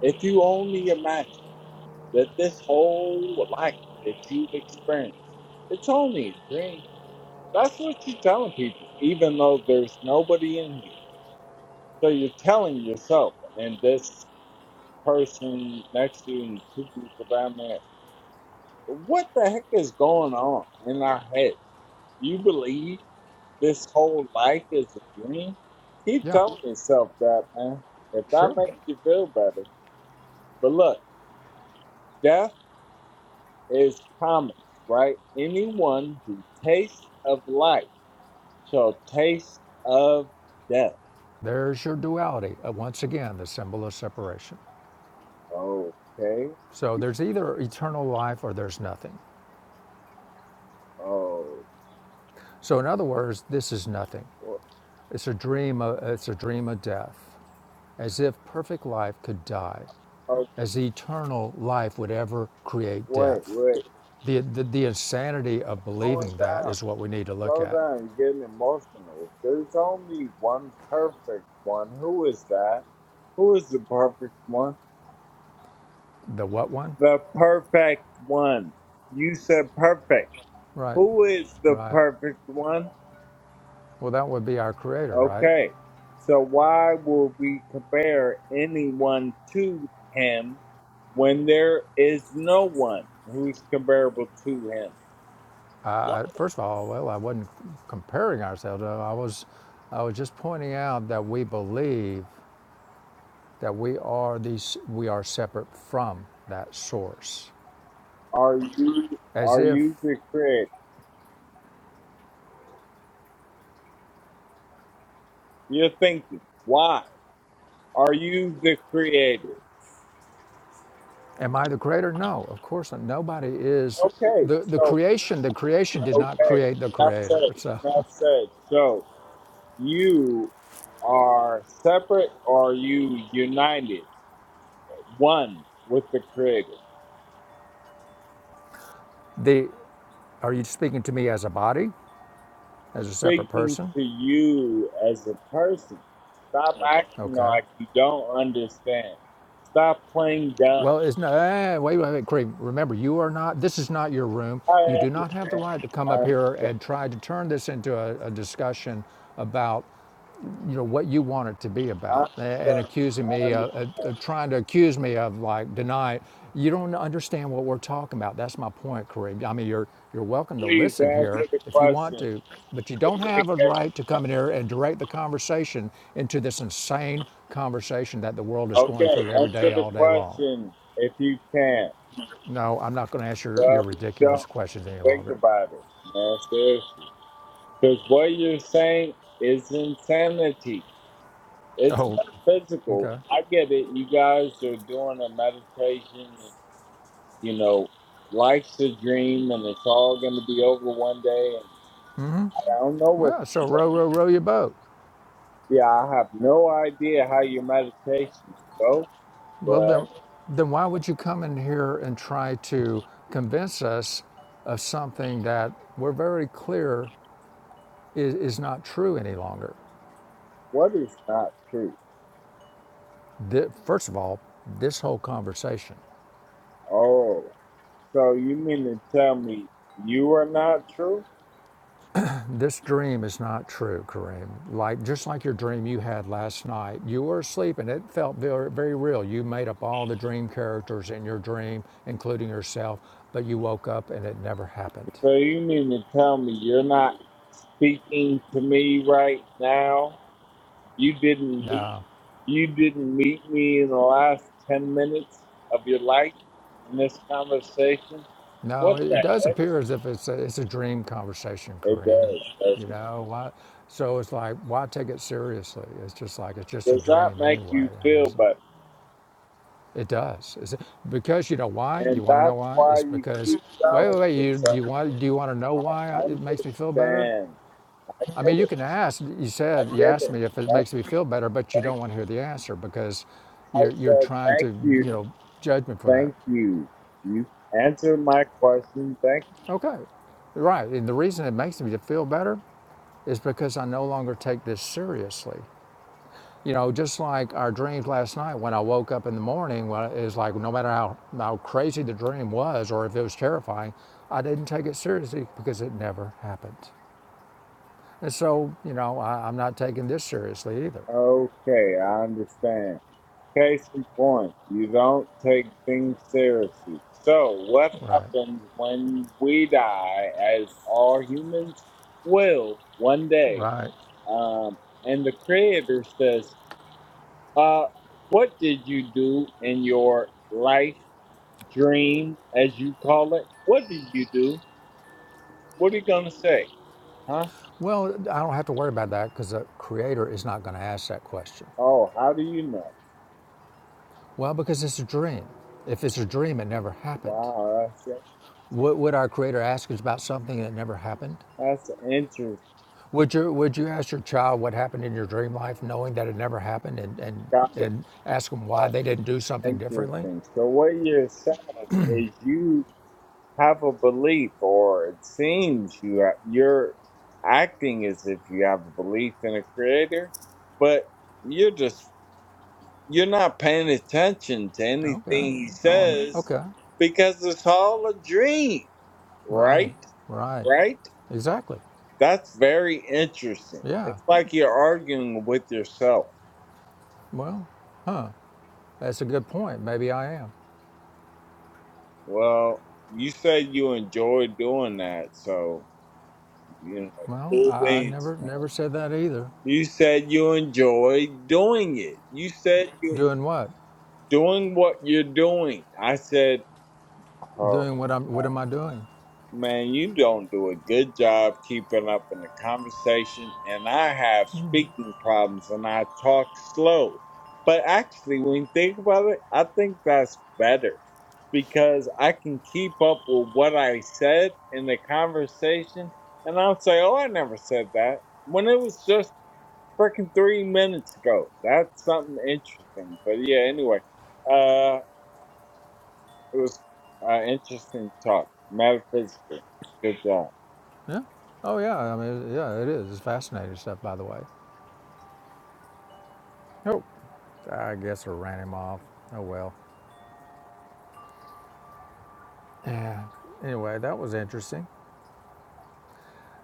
Speaker 6: If you only imagine that this whole life that you've experienced, it's only a dream. That's what you're telling people, even though there's nobody in here. So you're telling yourself and this person next to you and two people down there, what the heck is going on in our head? You believe this whole life is a dream? Keep
Speaker 2: Yeah,
Speaker 6: telling yourself that, man. If that
Speaker 2: sure.
Speaker 6: makes you feel better. But look, death is promised, right? Anyone who tastes of life shall taste of death.
Speaker 2: There's your duality. Uh, Once again, the symbol of separation.
Speaker 6: Okay.
Speaker 2: So there's either eternal life or there's nothing.
Speaker 6: Oh,
Speaker 2: So in other words, this is nothing.
Speaker 6: wh-
Speaker 2: It's a dream of, it's a dream of death, as if perfect life could die,
Speaker 6: oh
Speaker 2: as eternal life would ever create
Speaker 6: wait,
Speaker 2: death.
Speaker 6: wait.
Speaker 2: The, the, the insanity of
Speaker 6: Slowing
Speaker 2: believing that
Speaker 6: down.
Speaker 2: is what we need to look
Speaker 6: Slow
Speaker 2: at.
Speaker 6: down. You're getting emotional. There's only one perfect one. Who is that? Who is the perfect one?
Speaker 2: The what one?
Speaker 6: the perfect one. You said perfect.
Speaker 2: Right,
Speaker 6: Who is the
Speaker 2: right.
Speaker 6: perfect one?
Speaker 2: Well, that would be our creator, right?
Speaker 6: Okay. So why would we compare anyone to him when there is no one who's comparable to him?
Speaker 2: I, first of all, well, I wasn't comparing ourselves. I was, I was just pointing out that we believe that we are these we are separate from that source.
Speaker 6: Are you
Speaker 2: As
Speaker 6: are
Speaker 2: if
Speaker 6: you the creator? You're thinking, why? Are you the creator?
Speaker 2: am I the creator? No, of course not. Nobody is
Speaker 6: Okay,
Speaker 2: the the
Speaker 6: so
Speaker 2: creation, the creation did not
Speaker 6: okay,
Speaker 2: create the
Speaker 6: not said,
Speaker 2: creator. So
Speaker 6: not
Speaker 2: [LAUGHS]
Speaker 6: said. So You are separate or are you united, one with the Creator.
Speaker 2: the are you speaking to me as a body,
Speaker 6: I'm
Speaker 2: as a separate
Speaker 6: speaking
Speaker 2: person?
Speaker 6: to you as a person. Stop acting
Speaker 2: Okay.
Speaker 6: like you don't understand. Stop playing dumb.
Speaker 2: Well, it's no. eh, wait, wait, wait, Cream. Remember, you are not. This is not your room. You
Speaker 6: I
Speaker 2: do not have the
Speaker 6: understand.
Speaker 2: right to come
Speaker 6: I
Speaker 2: up here
Speaker 6: understand.
Speaker 2: and try to turn this into a, a discussion about you know what you want it to be
Speaker 6: I
Speaker 2: about and
Speaker 6: understand.
Speaker 2: accusing
Speaker 6: I
Speaker 2: me of, of, of
Speaker 6: understand.
Speaker 2: trying to accuse me of like denying you don't understand what we're talking about that's my point kareem i mean you're you're welcome to
Speaker 6: Please
Speaker 2: listen here
Speaker 6: answer the
Speaker 2: if you want
Speaker 6: question.
Speaker 2: to but you don't have a
Speaker 6: Communication.
Speaker 2: right to come in here and direct the conversation into this insane conversation that the world is going
Speaker 6: Okay,
Speaker 2: through every day
Speaker 6: answer the
Speaker 2: all day long
Speaker 6: question if you can.
Speaker 2: no i'm not going to answer your
Speaker 6: Well, if you
Speaker 2: ridiculous
Speaker 6: don't
Speaker 2: questions any
Speaker 6: think
Speaker 2: longer
Speaker 6: about it, man. Seriously. Because what you're saying is insanity. It's
Speaker 2: oh
Speaker 6: metaphysical.
Speaker 2: okay
Speaker 6: I get it. You guys are doing a meditation. And, you know, life's a dream and it's all going to be over one day. And I don't know what,
Speaker 2: well so row row row your boat
Speaker 6: yeah, I have no idea how your meditations go,
Speaker 2: Well,
Speaker 6: but
Speaker 2: then, then why would you come in here and try to convince us of something that we're very clear is, is not true any longer?
Speaker 6: what is not true?
Speaker 2: Thi- first of all, this whole conversation,
Speaker 6: Oh, so you mean to tell me you are not true?
Speaker 2: this dream is not true, Kareem. Like just like your dream you had last night, you were asleep and it felt very, very real. You made up all the dream characters in your dream, including yourself, but you woke up and it never happened.
Speaker 6: So you mean to tell me you're not speaking to me right now? You didn't
Speaker 2: No.
Speaker 6: you didn't meet me in the last ten minutes of your life in this conversation.
Speaker 2: No,
Speaker 6: What
Speaker 2: it
Speaker 6: the
Speaker 2: does
Speaker 6: heck?
Speaker 2: appear as if it's a, it's a dream conversation,
Speaker 6: It
Speaker 2: Kareem.
Speaker 6: does.
Speaker 2: You
Speaker 6: Doesn't it?
Speaker 2: know why? So it's like, why take it seriously? It's just like it's just a
Speaker 6: Does that
Speaker 2: dream
Speaker 6: make
Speaker 2: anyway.
Speaker 6: you
Speaker 2: I mean,
Speaker 6: feel
Speaker 2: it's,
Speaker 6: better?
Speaker 2: it does. It's, because you know why? You
Speaker 6: And
Speaker 2: want to know
Speaker 6: that's
Speaker 2: why?
Speaker 6: why
Speaker 2: It's
Speaker 6: you
Speaker 2: because
Speaker 6: keep
Speaker 2: wait, wait,
Speaker 6: telling
Speaker 2: wait. You
Speaker 6: yourself
Speaker 2: you
Speaker 6: that
Speaker 2: want? Do you want to know why
Speaker 6: I
Speaker 2: it makes me feel better?
Speaker 6: understand. I
Speaker 2: I mean,
Speaker 6: get
Speaker 2: you
Speaker 6: it.
Speaker 2: can ask. You said
Speaker 6: I
Speaker 2: you
Speaker 6: get
Speaker 2: asked
Speaker 6: it.
Speaker 2: me if it
Speaker 6: Thank,
Speaker 2: makes me feel better, but you
Speaker 6: thank.
Speaker 2: don't want to hear the answer because
Speaker 6: I
Speaker 2: you're you're
Speaker 6: said
Speaker 2: trying to
Speaker 6: thank you.
Speaker 2: you know judge me for that.
Speaker 6: Thank you. You answered my question. Thank
Speaker 2: Okay, right. And the reason it makes me feel better is because I no longer take this seriously. You know, just like our dreams last night, when I woke up in the morning, well, it was like no matter how, how crazy the dream was or if it was terrifying, I didn't take it seriously because it never happened. And so, you know, I, I'm not taking this seriously either.
Speaker 6: Okay, I understand. Case in point, you don't take things seriously. So, what
Speaker 2: Right,
Speaker 6: happens when we die, as all humans will one day?
Speaker 2: right.
Speaker 6: Um, and the Creator says, uh, What did you do in your life dream, as you call it? What did you do? What are you going to say? Huh?
Speaker 2: Well, I don't have to worry about that because the creator is not going to ask that question.
Speaker 6: Oh, how do you know?
Speaker 2: Well, because it's a dream. If it's a dream, it never happened.
Speaker 6: Wow, that's,
Speaker 2: Would, would our creator ask us about something that never happened?
Speaker 6: that's interesting.
Speaker 2: Would you Would you ask your child what happened in your dream life, knowing that it never happened, and and,
Speaker 6: Got it.
Speaker 2: and ask them why they didn't do something differently?
Speaker 6: Interesting. So what you're saying is you have a belief, or it seems you are, you're acting as if you have a belief in a creator, but you're just you're not paying attention to
Speaker 2: Okay.
Speaker 6: anything he
Speaker 2: Oh, I'm not.
Speaker 6: says
Speaker 2: okay.
Speaker 6: because it's all a dream,
Speaker 2: Right.
Speaker 6: right?
Speaker 2: Right.
Speaker 6: Right?
Speaker 2: Exactly.
Speaker 6: That's very interesting.
Speaker 2: Yeah.
Speaker 6: It's like you're arguing with yourself.
Speaker 2: Well, huh. That's a good point. Maybe I am.
Speaker 6: Well, you said you enjoy doing that, so You know,
Speaker 2: Well,
Speaker 6: cool
Speaker 2: I, I
Speaker 6: beans,
Speaker 2: never
Speaker 6: man.
Speaker 2: never said that either.
Speaker 6: You said you enjoy doing it. You said you're
Speaker 2: Doing what?
Speaker 6: doing what you're doing. I said, oh,
Speaker 2: Doing what I'm. What am I doing?
Speaker 6: man, you don't do a good job keeping up in the conversation. And I have speaking problems and I talk slow. But actually, when you think about it, I think that's better because I can keep up with what I said in the conversation. And I'll say, oh, I never said that. When it was just freaking three minutes ago. That's something interesting. But yeah, anyway, uh, it was uh, interesting talk. Metaphysically, good job.
Speaker 2: Yeah. Oh yeah. I mean, yeah. It is. It's fascinating stuff, by the way. Oh, I guess I ran him off. Oh well. Yeah. Anyway, that was interesting.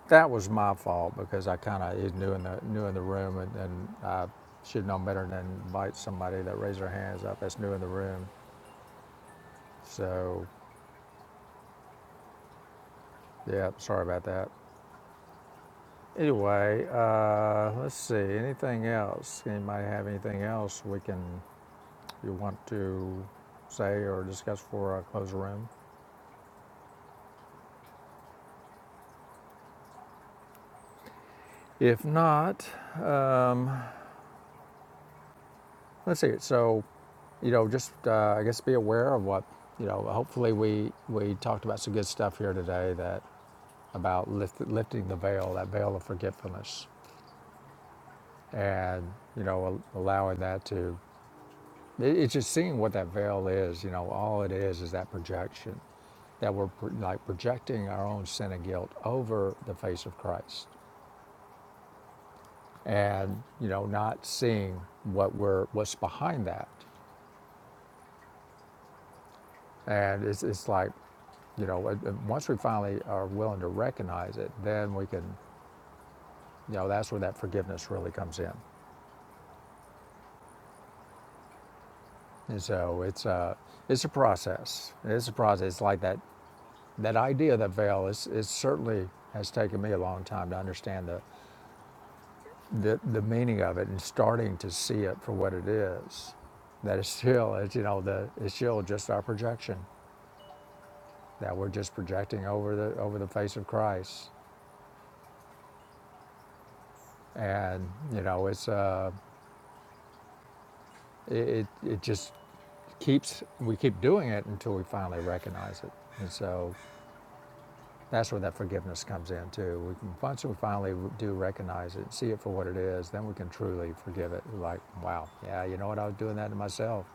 Speaker 2: That was my fault because I kind of is new in the new in the room, and, and I should know better than invite somebody that raised their hands up that's new in the room. So, yeah, sorry about that. Anyway, uh, let's see. Anything else? Anybody have anything else we can you want to say or discuss before I close the room? If not, Let's see. So, you know, just uh, I guess be aware of what you know. Hopefully, we we talked about some good stuff here today that about lift, lifting the veil, that veil of forgetfulness, and you know, allowing that to. It, it's just seeing what that veil is. You know, all it is is that projection that we're pro- like projecting our own sin and guilt over the face of Christ, and you know, not seeing what we're what's behind that And it's, it's like, you know, once we finally are willing to recognize it, then we can, you know, that's where that forgiveness really comes in. And so it's a, it's a process. It's a process. It's like that, that idea of the veil is, it certainly has taken me a long time to understand the, the, the meaning of it and starting to see it for what it is. That it's still, it's, you know, the, it's still just our projection that we're just projecting over the, over the face of Christ. And, you know, it's, uh, It, it, just keeps, we keep doing it until we finally recognize it. And so that's where that forgiveness comes in too. We can, once we finally do recognize it, see it for what it is, then we can truly forgive it. We're Like, wow, yeah, you know what, I was doing that to myself.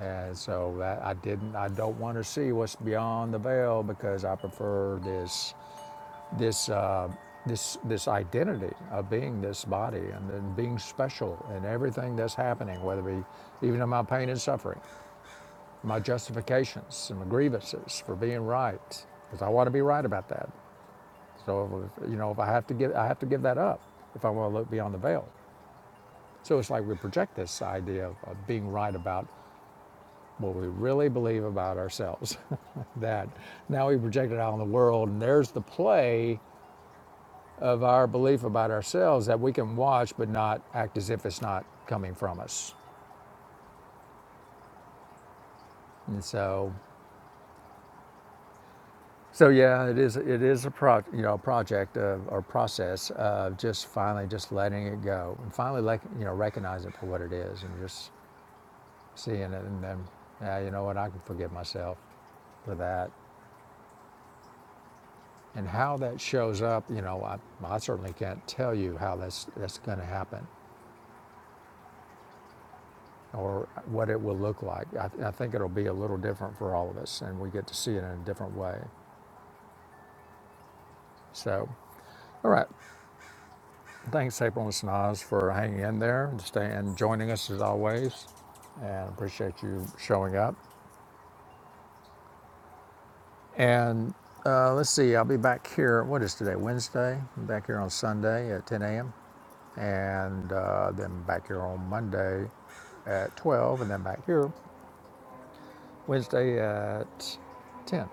Speaker 2: And so that I didn't, I don't want to see what's beyond the veil because I prefer this, this, uh, this, this identity of being this body and then being special and everything that's happening, whether it be even in my pain and suffering. my justifications and my grievances for being right, because I want to be right about that. So you know, if I have to give, I have to give that up if I want to look beyond the veil. So it's like we project this idea of, of being right about what we really believe about ourselves. [LAUGHS] that now we project it out on the world, and there's the play of our belief about ourselves that we can watch but not act as if it's not coming from us. And so So yeah, it is. It is a pro, you know, project of, or process of just finally just letting it go and finally, like you know, recognize it for what it is and just seeing it, and then, yeah, you know what, I can forgive myself for that. And how that shows up, you know, I, I certainly can't tell you how that's that's going to happen or what it will look like. I, I think it'll be a little different for all of us, and we get to see it in a different way. So, all right. Thanks, April and Sanaz, for hanging in there and staying and joining us as always. And appreciate you showing up. And uh, let's see, I'll be back here. What is today? Wednesday. I'm back here on Sunday at 10 a.m. And uh, then back here on Monday at 12. And then back here Wednesday at 10.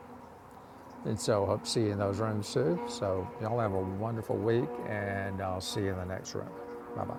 Speaker 2: And so hope to see you in those rooms too. So y'all have a wonderful week and I'll see you in the next room. Bye bye.